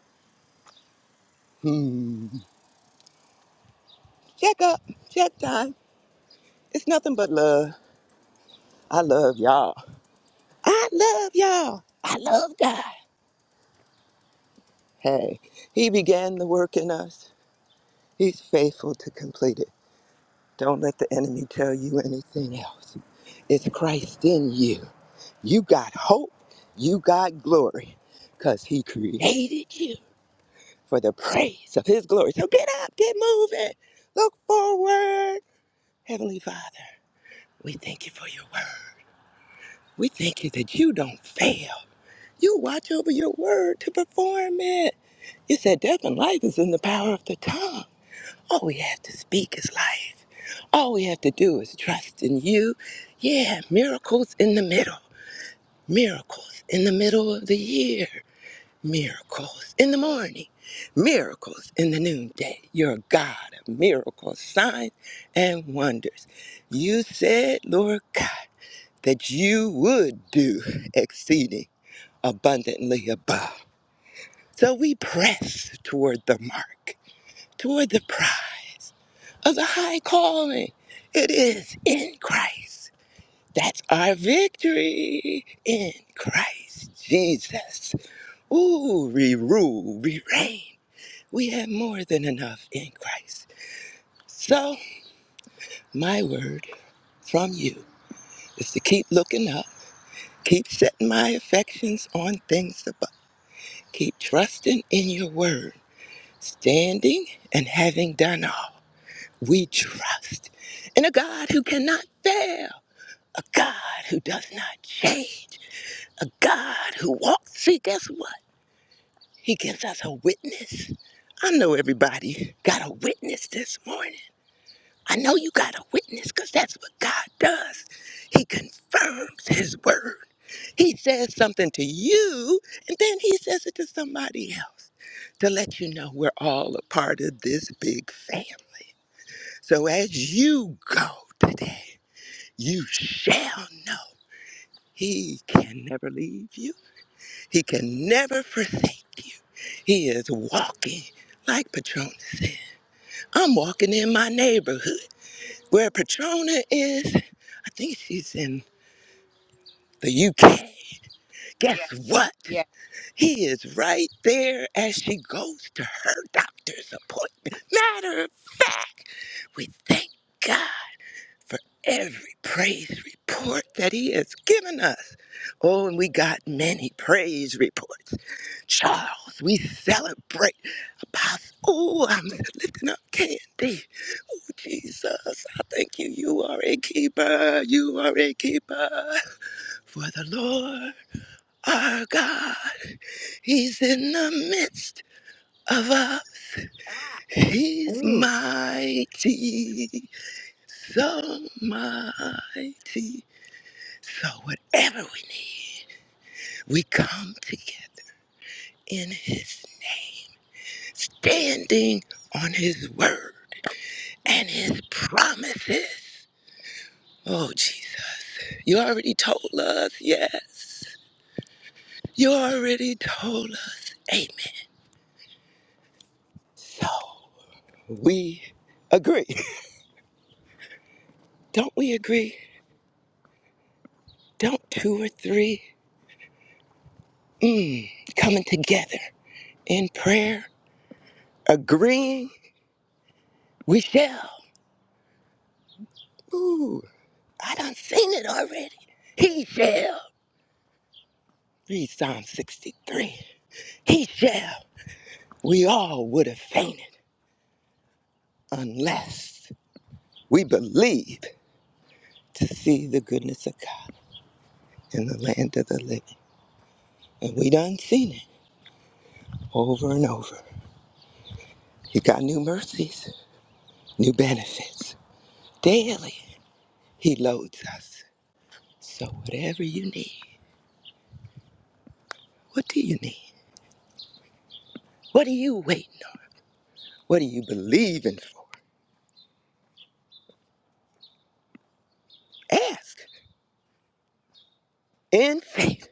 [SPEAKER 10] Check up, check time. It's nothing but love. I love y'all. I love y'all. I love God. Hey, He began the work in us. He's faithful to complete it. Don't let the enemy tell you anything else. It's Christ in you. You got hope. You got glory because He created you. for the praise of his glory. So get up, get moving, look forward. Heavenly Father, we thank you for your word. We thank you that you don't fail. You watch over your word to perform it. You said death and life is in the power of the tongue. All we have to speak is life. All we have to do is trust in you. Yeah, miracles in the middle. Miracles in the middle of the year. miracles in the morning, miracles in the noonday. You're a God of miracles, signs, and wonders. You said, Lord God, that you would do exceeding abundantly above. So we press toward the mark, toward the prize of the high calling. It is in Christ. That's our victory in Christ Jesus. Ooh, we rule, we reign We have more than enough in Christ. So, my word from you is to keep looking up, keep setting my affections on things above, keep trusting in your word, standing and having done all. We trust in a God who cannot fail, a God who does not change, a God who walks. See, guess what? He gives us a witness. I know everybody got a witness this morning. I know you got a witness because that's what God does. He confirms His word. He says something to you, and then He says it to somebody else to let you know we're all a part of this big family. So as you go today, you shall know He can never leave you, He can never forsake you. He is walking, like Patron said, I'm walking in my neighborhood. Where Petrona is, I think she's in the UK. Guess what?
[SPEAKER 1] Yeah.
[SPEAKER 10] He is right there as she goes to her doctor's appointment. Matter of fact, we thank God for every praise report that he has given us. Oh, and we got many praise reports. Charles, we celebrate. Apostle, oh, I'm lifting up Candy. Oh, Jesus, I thank you. You are a keeper. You are a keeper. For the Lord our God, He's in the midst of us. He's
[SPEAKER 3] Ooh,
[SPEAKER 10] mighty, so mighty. So, whatever we need, we come together in His standing on His word and His promises. Oh, Jesus, you already told us yes. You already told us amen. So, we agree. Don't we agree? Don't two or three mm, coming together in prayer, agreeing, we shall. Ooh, I done seen it already. He shall. Read Psalm 63. He shall. We all would have fainted unless we believe to see the goodness of God in the land of the living. And we done seen it over and over. He got new mercies, new benefits. Daily, He loads us. So whatever you need. What do you need? What are you waiting on? What are you believing for? Ask in faith.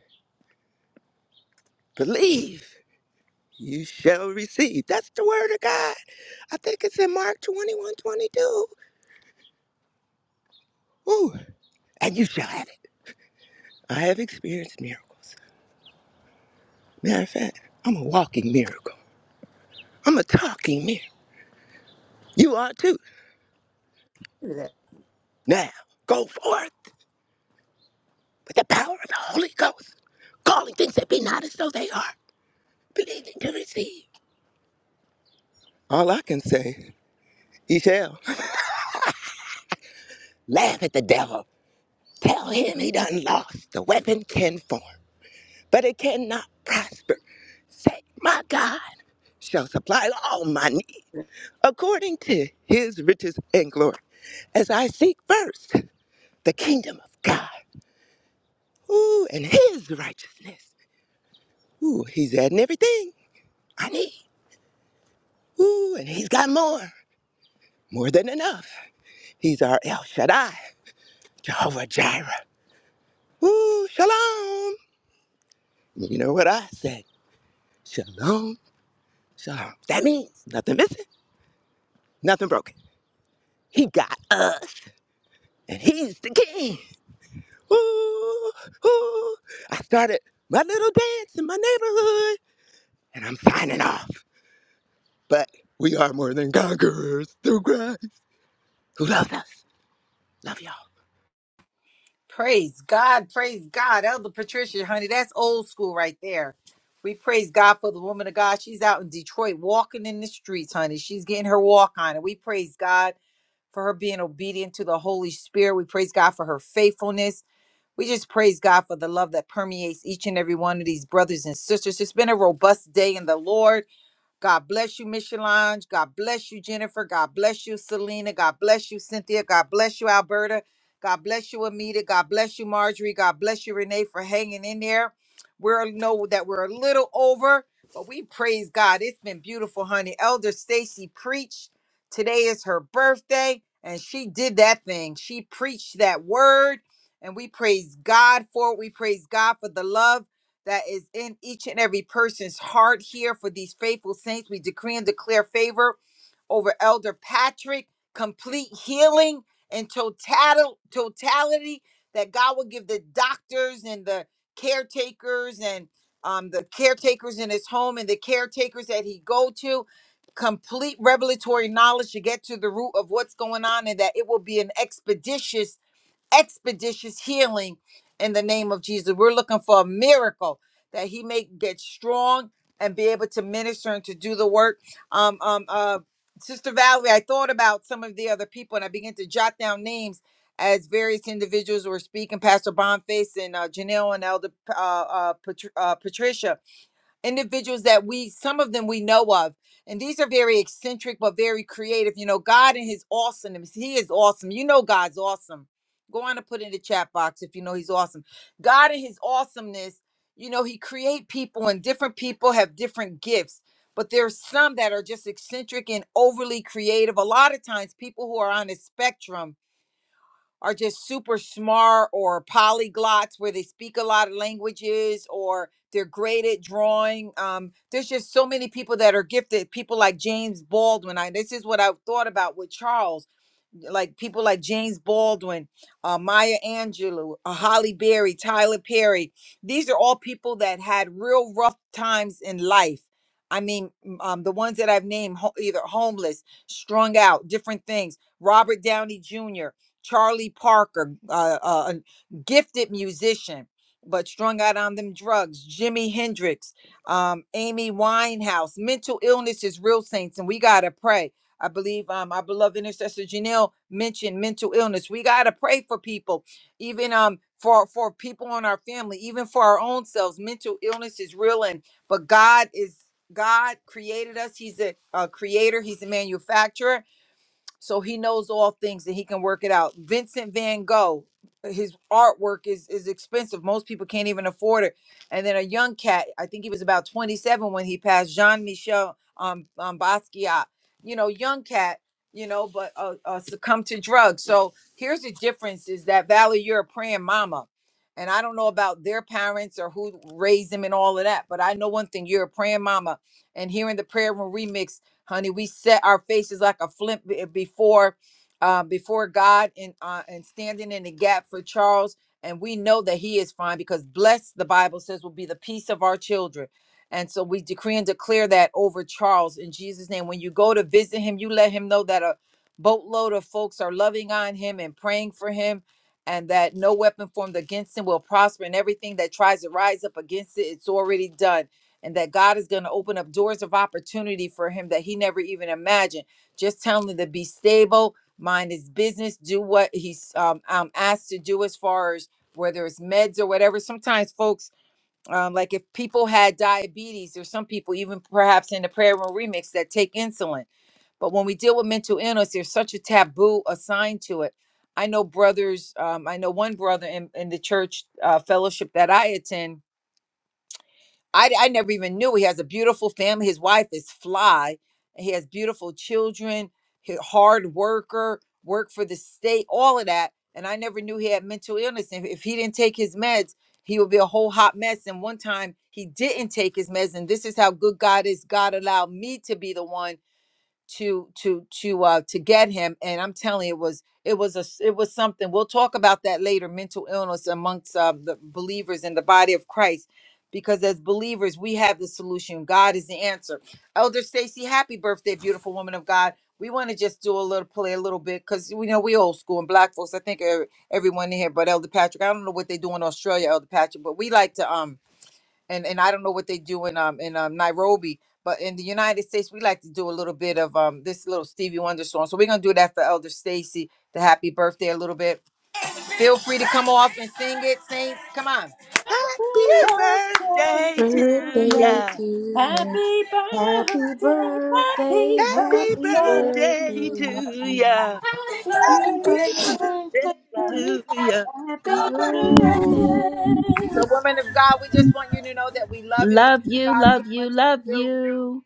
[SPEAKER 10] Believe you shall receive. That's the word of God. I think it's in Mark 21:22. Ooh, and you shall have it. I have experienced miracles. Matter of fact, I'm a walking miracle, I'm a talking miracle. You are too.
[SPEAKER 3] look at
[SPEAKER 10] Now, go forth with the power of the Holy Ghost, calling things that be not as though they are, believing to receive. All I can say, He shall. Laugh at the devil. Tell him he done lost. The weapon can form, but it cannot prosper. Say, my God shall supply all my need
[SPEAKER 3] that.
[SPEAKER 10] according to his riches and glory. As I seek first the kingdom of God, ooh, and his righteousness. Ooh, he's adding everything I need. Ooh, and he's got more, more than enough. He's our El Shaddai, Jehovah Jireh. Ooh, shalom. You know what I say? Shalom So that means nothing missing, nothing broken. He got us, and he's the king. Ooh, ooh. I started my little dance in my neighborhood, and I'm signing off. But we are more than conquerors through Christ who loves us. Love y'all.
[SPEAKER 1] Praise God. Praise God. Elder Patricia, honey, that's old school right there. We praise God for the woman of God. She's out in Detroit walking in the streets, honey. She's getting her walk on. And we praise God for her being obedient to the Holy Spirit. We praise God for her faithfulness. We just praise God for the love that permeates each and every one of these brothers and sisters. It's been a robust day in the Lord. God bless you, Miss Solange. God bless you, Jennifer. God bless you, Selena. God bless you, Cynthia. God bless you, Alberta. God bless you, Amita. God bless you, Marjorie. God bless you, Renee, for hanging in there. We are know that we're a little over, but we praise God. It's been beautiful, honey. Elder Stacy preached. Today is her birthday, and she did that thing. She preached that word, and we praise God for it. We praise God for the love that is in each and every person's heart here for these faithful saints. We decree and declare favor over Elder Patrick, complete healing and total totality that God will give the doctors and the caretakers and um, the caretakers in his home and the caretakers that he go to complete revelatory knowledge to get to the root of what's going on and that it will be an expeditious expeditious healing in the name of Jesus. We're looking for a miracle that he may get strong and be able to minister and to do the work. Um, um, uh, Sister Valerie, I thought about some of the other people and I began to jot down names as various individuals were speaking. Pastor Bonface and uh, Janelle and Elder uh, uh, Patr- uh, Patricia individuals that we some of them we know of and these are very eccentric but very creative you know god and his awesomeness he is awesome you know god's awesome go on and put in the chat box if you know he's awesome god and his awesomeness you know he create people and different people have different gifts but there's some that are just eccentric and overly creative a lot of times people who are on the spectrum are just super smart or polyglots where they speak a lot of languages or they're great at drawing. Um, there's just so many people that are gifted, people like James Baldwin. I, this is what I thought about with Charles like people like James Baldwin, uh, Maya Angelou, uh, Holly Berry, Tyler Perry. These are all people that had real rough times in life. I mean, m- um, the ones that I've named, ho- either homeless, strung out, different things. Robert Downey Jr., Charlie Parker, uh, uh, a gifted musician, but strung out on them drugs. Jimi Hendrix, um, Amy Winehouse. Mental illness is real, saints, and we gotta pray I believe um, our beloved intercessor Janelle mentioned mental illness. We gotta pray for people, even um for for people on our family, even for our own selves. Mental illness is real, and but God is God created us. He's a, a creator. He's a manufacturer so he knows all things and he can work it out. Vincent Van Gogh, his artwork is is expensive. Most people can't even afford it. And then a young cat, I think he was about 27 when he passed, Jean Michel um, um Basquiat. You know, young cat, you know, but uh, uh, succumbed to drugs. So here's the difference: is that Valerie, you're a praying mama. And I don't know about their parents or who raised them and all of that, but I know one thing: you're a praying mama. And here in the prayer room remix, honey. We set our faces like a flint be- before uh, before God and uh, and standing in the gap for Charles. And we know that he is fine because blessed, the Bible says, will be the peace of our children. And so we decree and declare that over Charles in Jesus' name. When you go to visit him, you let him know that a boatload of folks are loving on him and praying for him, and that no weapon formed against him will prosper, and everything that tries to rise up against it, it's already done and that God is going to open up doors of opportunity for him that he never even imagined. Just telling him to be stable, mind his business, do what he's um, um, asked to do as far as whether it's meds or whatever. Sometimes folks, um, like if people had diabetes, there's some people even perhaps in the prayer room remix that take insulin. But when we deal with mental illness, there's such a taboo assigned to it. I know brothers, um, I know one brother in, in the church uh, fellowship that I attend I, I never even knew he has a beautiful family. His wife is fly. He has beautiful children, he- hard worker, work for the state, all of that. And I never knew he had mental illness. And if he didn't take his meds, he would be a whole hot mess. And one time he didn't take his meds. And this is how good God is. God allowed me to be the one to to to uh to get him and i'm telling you, it was it was a s- it was something we'll talk about that later mental illness amongst uh, the believers in the body of christ because as believers we have the solution god is the answer elder stacy happy birthday beautiful woman of god we want to just do a little play a little bit because we know we old school and black folks i think er- everyone in here but elder patrick i don't know what they do in australia elder patrick but we like to um and and I don't know what they do in um in um Nairobi, but in the United States we like to do a little bit of um this little Stevie Wonder song. So we're gonna do that for Elder Stacy, the happy birthday a little bit. Feel free to come off and sing it, Saints. Come on.
[SPEAKER 5] Happy
[SPEAKER 10] Happy
[SPEAKER 5] birthday
[SPEAKER 10] birthday
[SPEAKER 5] to
[SPEAKER 10] to
[SPEAKER 3] Birthday
[SPEAKER 5] you.
[SPEAKER 10] ya.
[SPEAKER 3] to you.
[SPEAKER 5] Happy
[SPEAKER 3] Happy
[SPEAKER 5] birthday, happy
[SPEAKER 3] birthday,
[SPEAKER 10] Happy
[SPEAKER 3] happy
[SPEAKER 5] birthday
[SPEAKER 10] birthday.
[SPEAKER 5] to ya.
[SPEAKER 3] birthday to you.
[SPEAKER 5] Happy
[SPEAKER 6] Happy
[SPEAKER 5] birthday to ya.
[SPEAKER 6] birthday.
[SPEAKER 3] Happy
[SPEAKER 5] Happy
[SPEAKER 3] birthday.
[SPEAKER 5] birthday.
[SPEAKER 1] So women of God, we just want you to know that we love you. We love
[SPEAKER 5] Love you,
[SPEAKER 1] God so
[SPEAKER 5] love
[SPEAKER 1] much
[SPEAKER 5] you, love
[SPEAKER 1] for you.
[SPEAKER 5] you.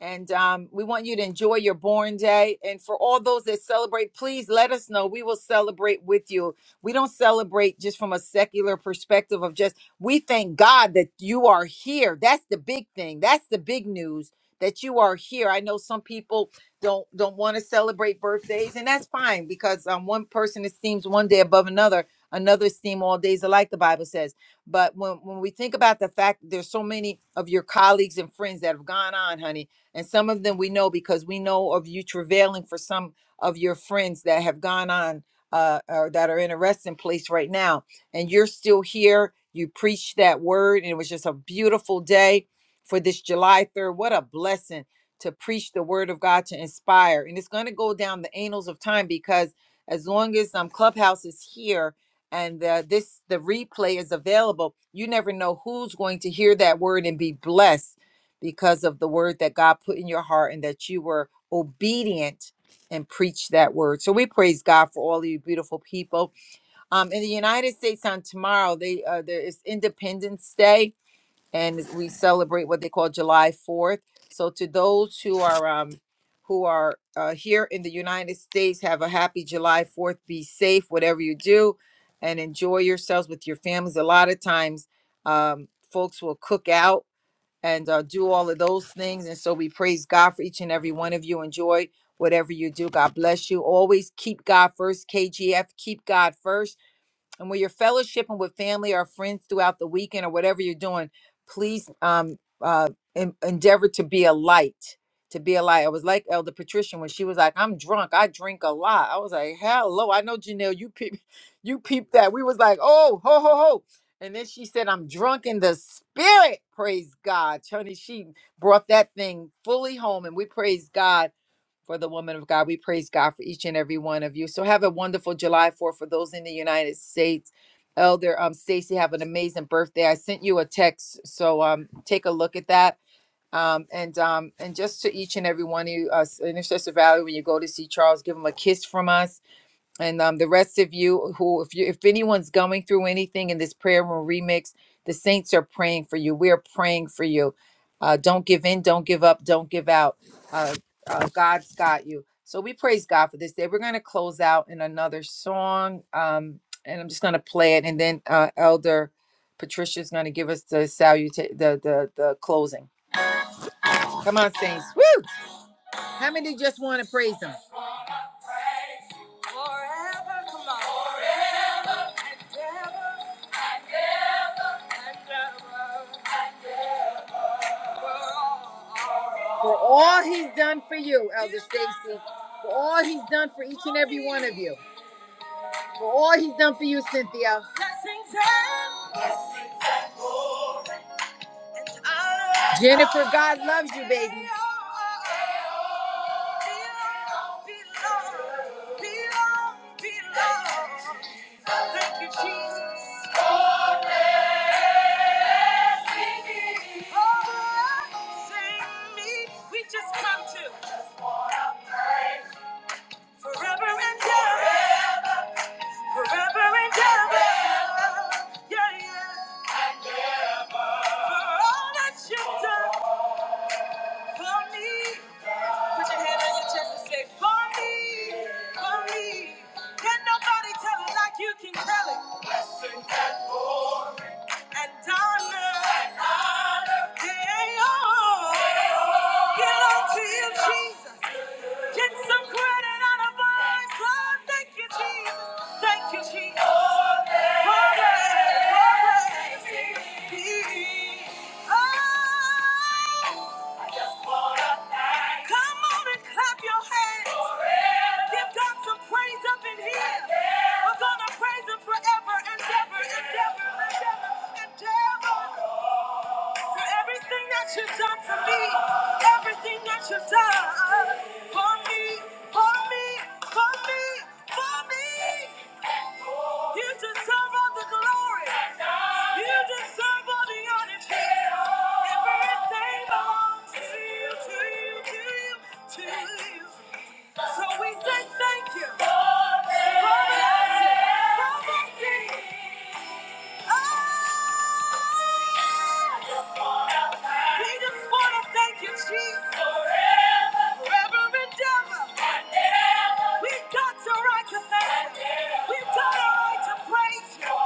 [SPEAKER 1] And um, we want you to enjoy your born day. And for all those that celebrate, please let us know. We will celebrate with you. We don't celebrate just from a secular perspective of just, we thank God that you are here. That's the big thing. That's the big news that you are here. I know some people don't don't want to celebrate birthdays, and that's fine because um, one person esteems one day above another. Another esteem all days alike, the Bible says. But when, when we think about the fact that there's so many of your colleagues and friends that have gone on, honey, and some of them we know because we know of you travailing for some of your friends that have gone on uh, or that are in a resting place right now. And you're still here. You preached that word, and it was just a beautiful day for this July 3rd. What a blessing to preach the word of God to inspire. And it's going to go down the annals of time because as long as um, Clubhouse is here, and uh, this the replay is available you never know who's going to hear that word and be blessed because of the word that God put in your heart and that you were obedient and preached that word. So we praise God for all you beautiful people. Um, in the United States on tomorrow, they uh, there is Independence Day, and we celebrate what they call July Fourth. So to those who are um, who are uh, here in the United States, have a happy July Fourth. Be safe, whatever you do, and enjoy yourselves with your families. A lot of times, um, folks will cook out and uh, do all of those things. And so we praise God for each and every one of you. Enjoy whatever you do. God bless you. Always keep God first. KGF, keep God first and when you're fellowshipping with family or friends throughout the weekend or whatever you're doing, please um uh en- endeavor to be a light. To be a light. I was like Elder Patricia when she was like, I'm drunk. I drink a lot. I was like, hello. I know Janelle, you peep you peep that. We was like, oh, ho, ho, ho. And then she said, I'm drunk in the spirit. Praise God. Tony, she brought that thing fully home. And we praise God for the woman of God. We praise God for each and every one of you. So have a wonderful July 4th for those in the United States. Elder um Stacy, have an amazing birthday. I sent you a text, so um take a look at that. Um and um and just to each and every one of you, uh, Intercessor Valley, when you go to see Charles, give him a kiss from us and um, the rest of you who if you if anyone's going through anything in this prayer room remix the saints are praying for you we're praying for you uh, don't give in don't give up don't give out uh, uh, god's got you so we praise god for this day we're going to close out in another song um, and i'm just going to play it and then uh, elder patricia is going to give us the salutation the, the the closing come on saints Woo! how many just want to praise him for all he's done for you, Elder Stacy. For all he's done for each and every one of you. For all he's done for you, Cynthia. Jennifer, God loves you, baby. Thank you, Jesus. Oh, save me. We just come to. Forever and ever. Forever and ever. Yeah, yeah. For all that you've done for me. Put your hand on your chest and say, For me, for me. Can nobody tell it like you can tell it? And Donna, hey, oh, belong to you, Jesus. Get some credit out of mine. Oh, thank you, Jesus. Thank you, Jesus. Come on and clap your hands. Give God some praise up in here. We're gonna praise Him forever and ever and ever and ever and ever for everything that you've done for me, everything that you've done for me, for me, for me, for me. You deserve all the glory. You deserve all the honor, Jesus. Everything belongs to you, to you, to you, to you. So we say thank you for blessing, for blessing us. We just want to thank you, Jesus, forever and ever. We've got the right to thank you. We've got a right to praise you.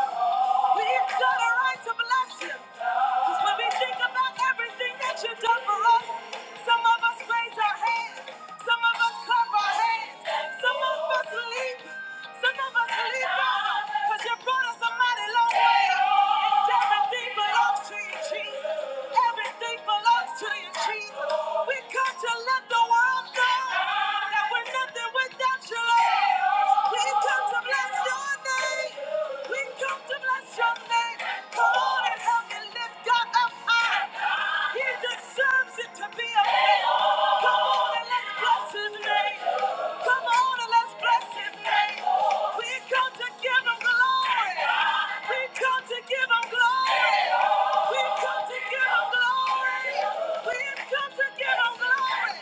[SPEAKER 1] We've got a right to bless you. 'Cause when we think about everything that you've done for us, some of us raise our hands, some of us clap our hands, some of us leap, some of us leap out, 'cause you brought us a mighty long way. And everything belongs to you, Jesus. Everything belongs to you, Jesus. We come to let the world know that we're nothing without you, Lord. We come to bless your name. We come to bless your name. Come on and help me lift God up high. He deserves it to be a man. Come on and let's bless his name. Come on and let's bless his name. We come to give him glory. We come to give him glory. We come to give him glory. We come to give him glory.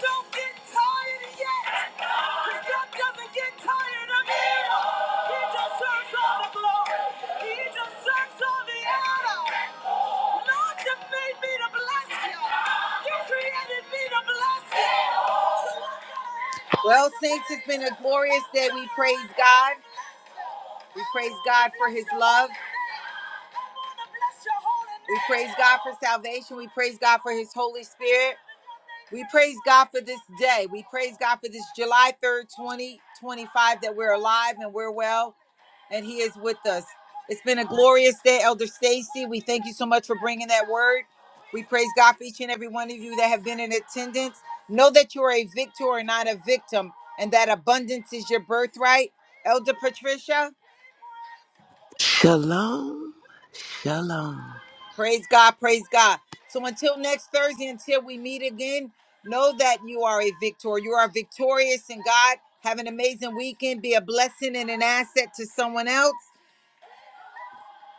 [SPEAKER 1] Don't get tired yet. Because God doesn't get tired of you. He deserves all the glory. He deserves all the honor. Lord, you made me to bless you. You created me to bless you. Well, Saints, it's been a glorious day. We praise God. We praise God for His love. We praise God for salvation. We praise God for His Holy Spirit. We praise God for this day. We praise God for this July 3rd, 2025, that we're alive and we're well and he is with us. It's been a glorious day, Elder Stacy. We thank you so much for bringing that word. We praise God for each and every one of you that have been in attendance. Know that you are a victor and not a victim, and that abundance is your birthright. Elder Patricia,
[SPEAKER 10] Shalom, shalom,
[SPEAKER 1] praise God, praise God. So until next Thursday, until we meet again, know that you are a victor. You are victorious in God. Have an amazing weekend. Be a blessing and an asset to someone else.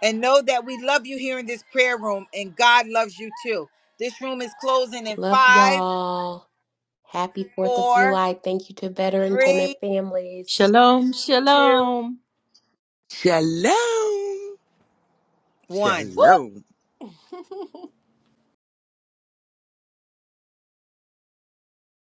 [SPEAKER 1] and know that we love you here in this prayer room and God loves you too. This room is closing in
[SPEAKER 3] Love
[SPEAKER 1] five,
[SPEAKER 3] y'all. Happy 4th of
[SPEAKER 1] four,
[SPEAKER 3] July. Thank you to veterans and their
[SPEAKER 1] three,
[SPEAKER 3] families.
[SPEAKER 5] Shalom,
[SPEAKER 1] two,
[SPEAKER 5] shalom.
[SPEAKER 10] shalom,
[SPEAKER 1] one.
[SPEAKER 10] shalom.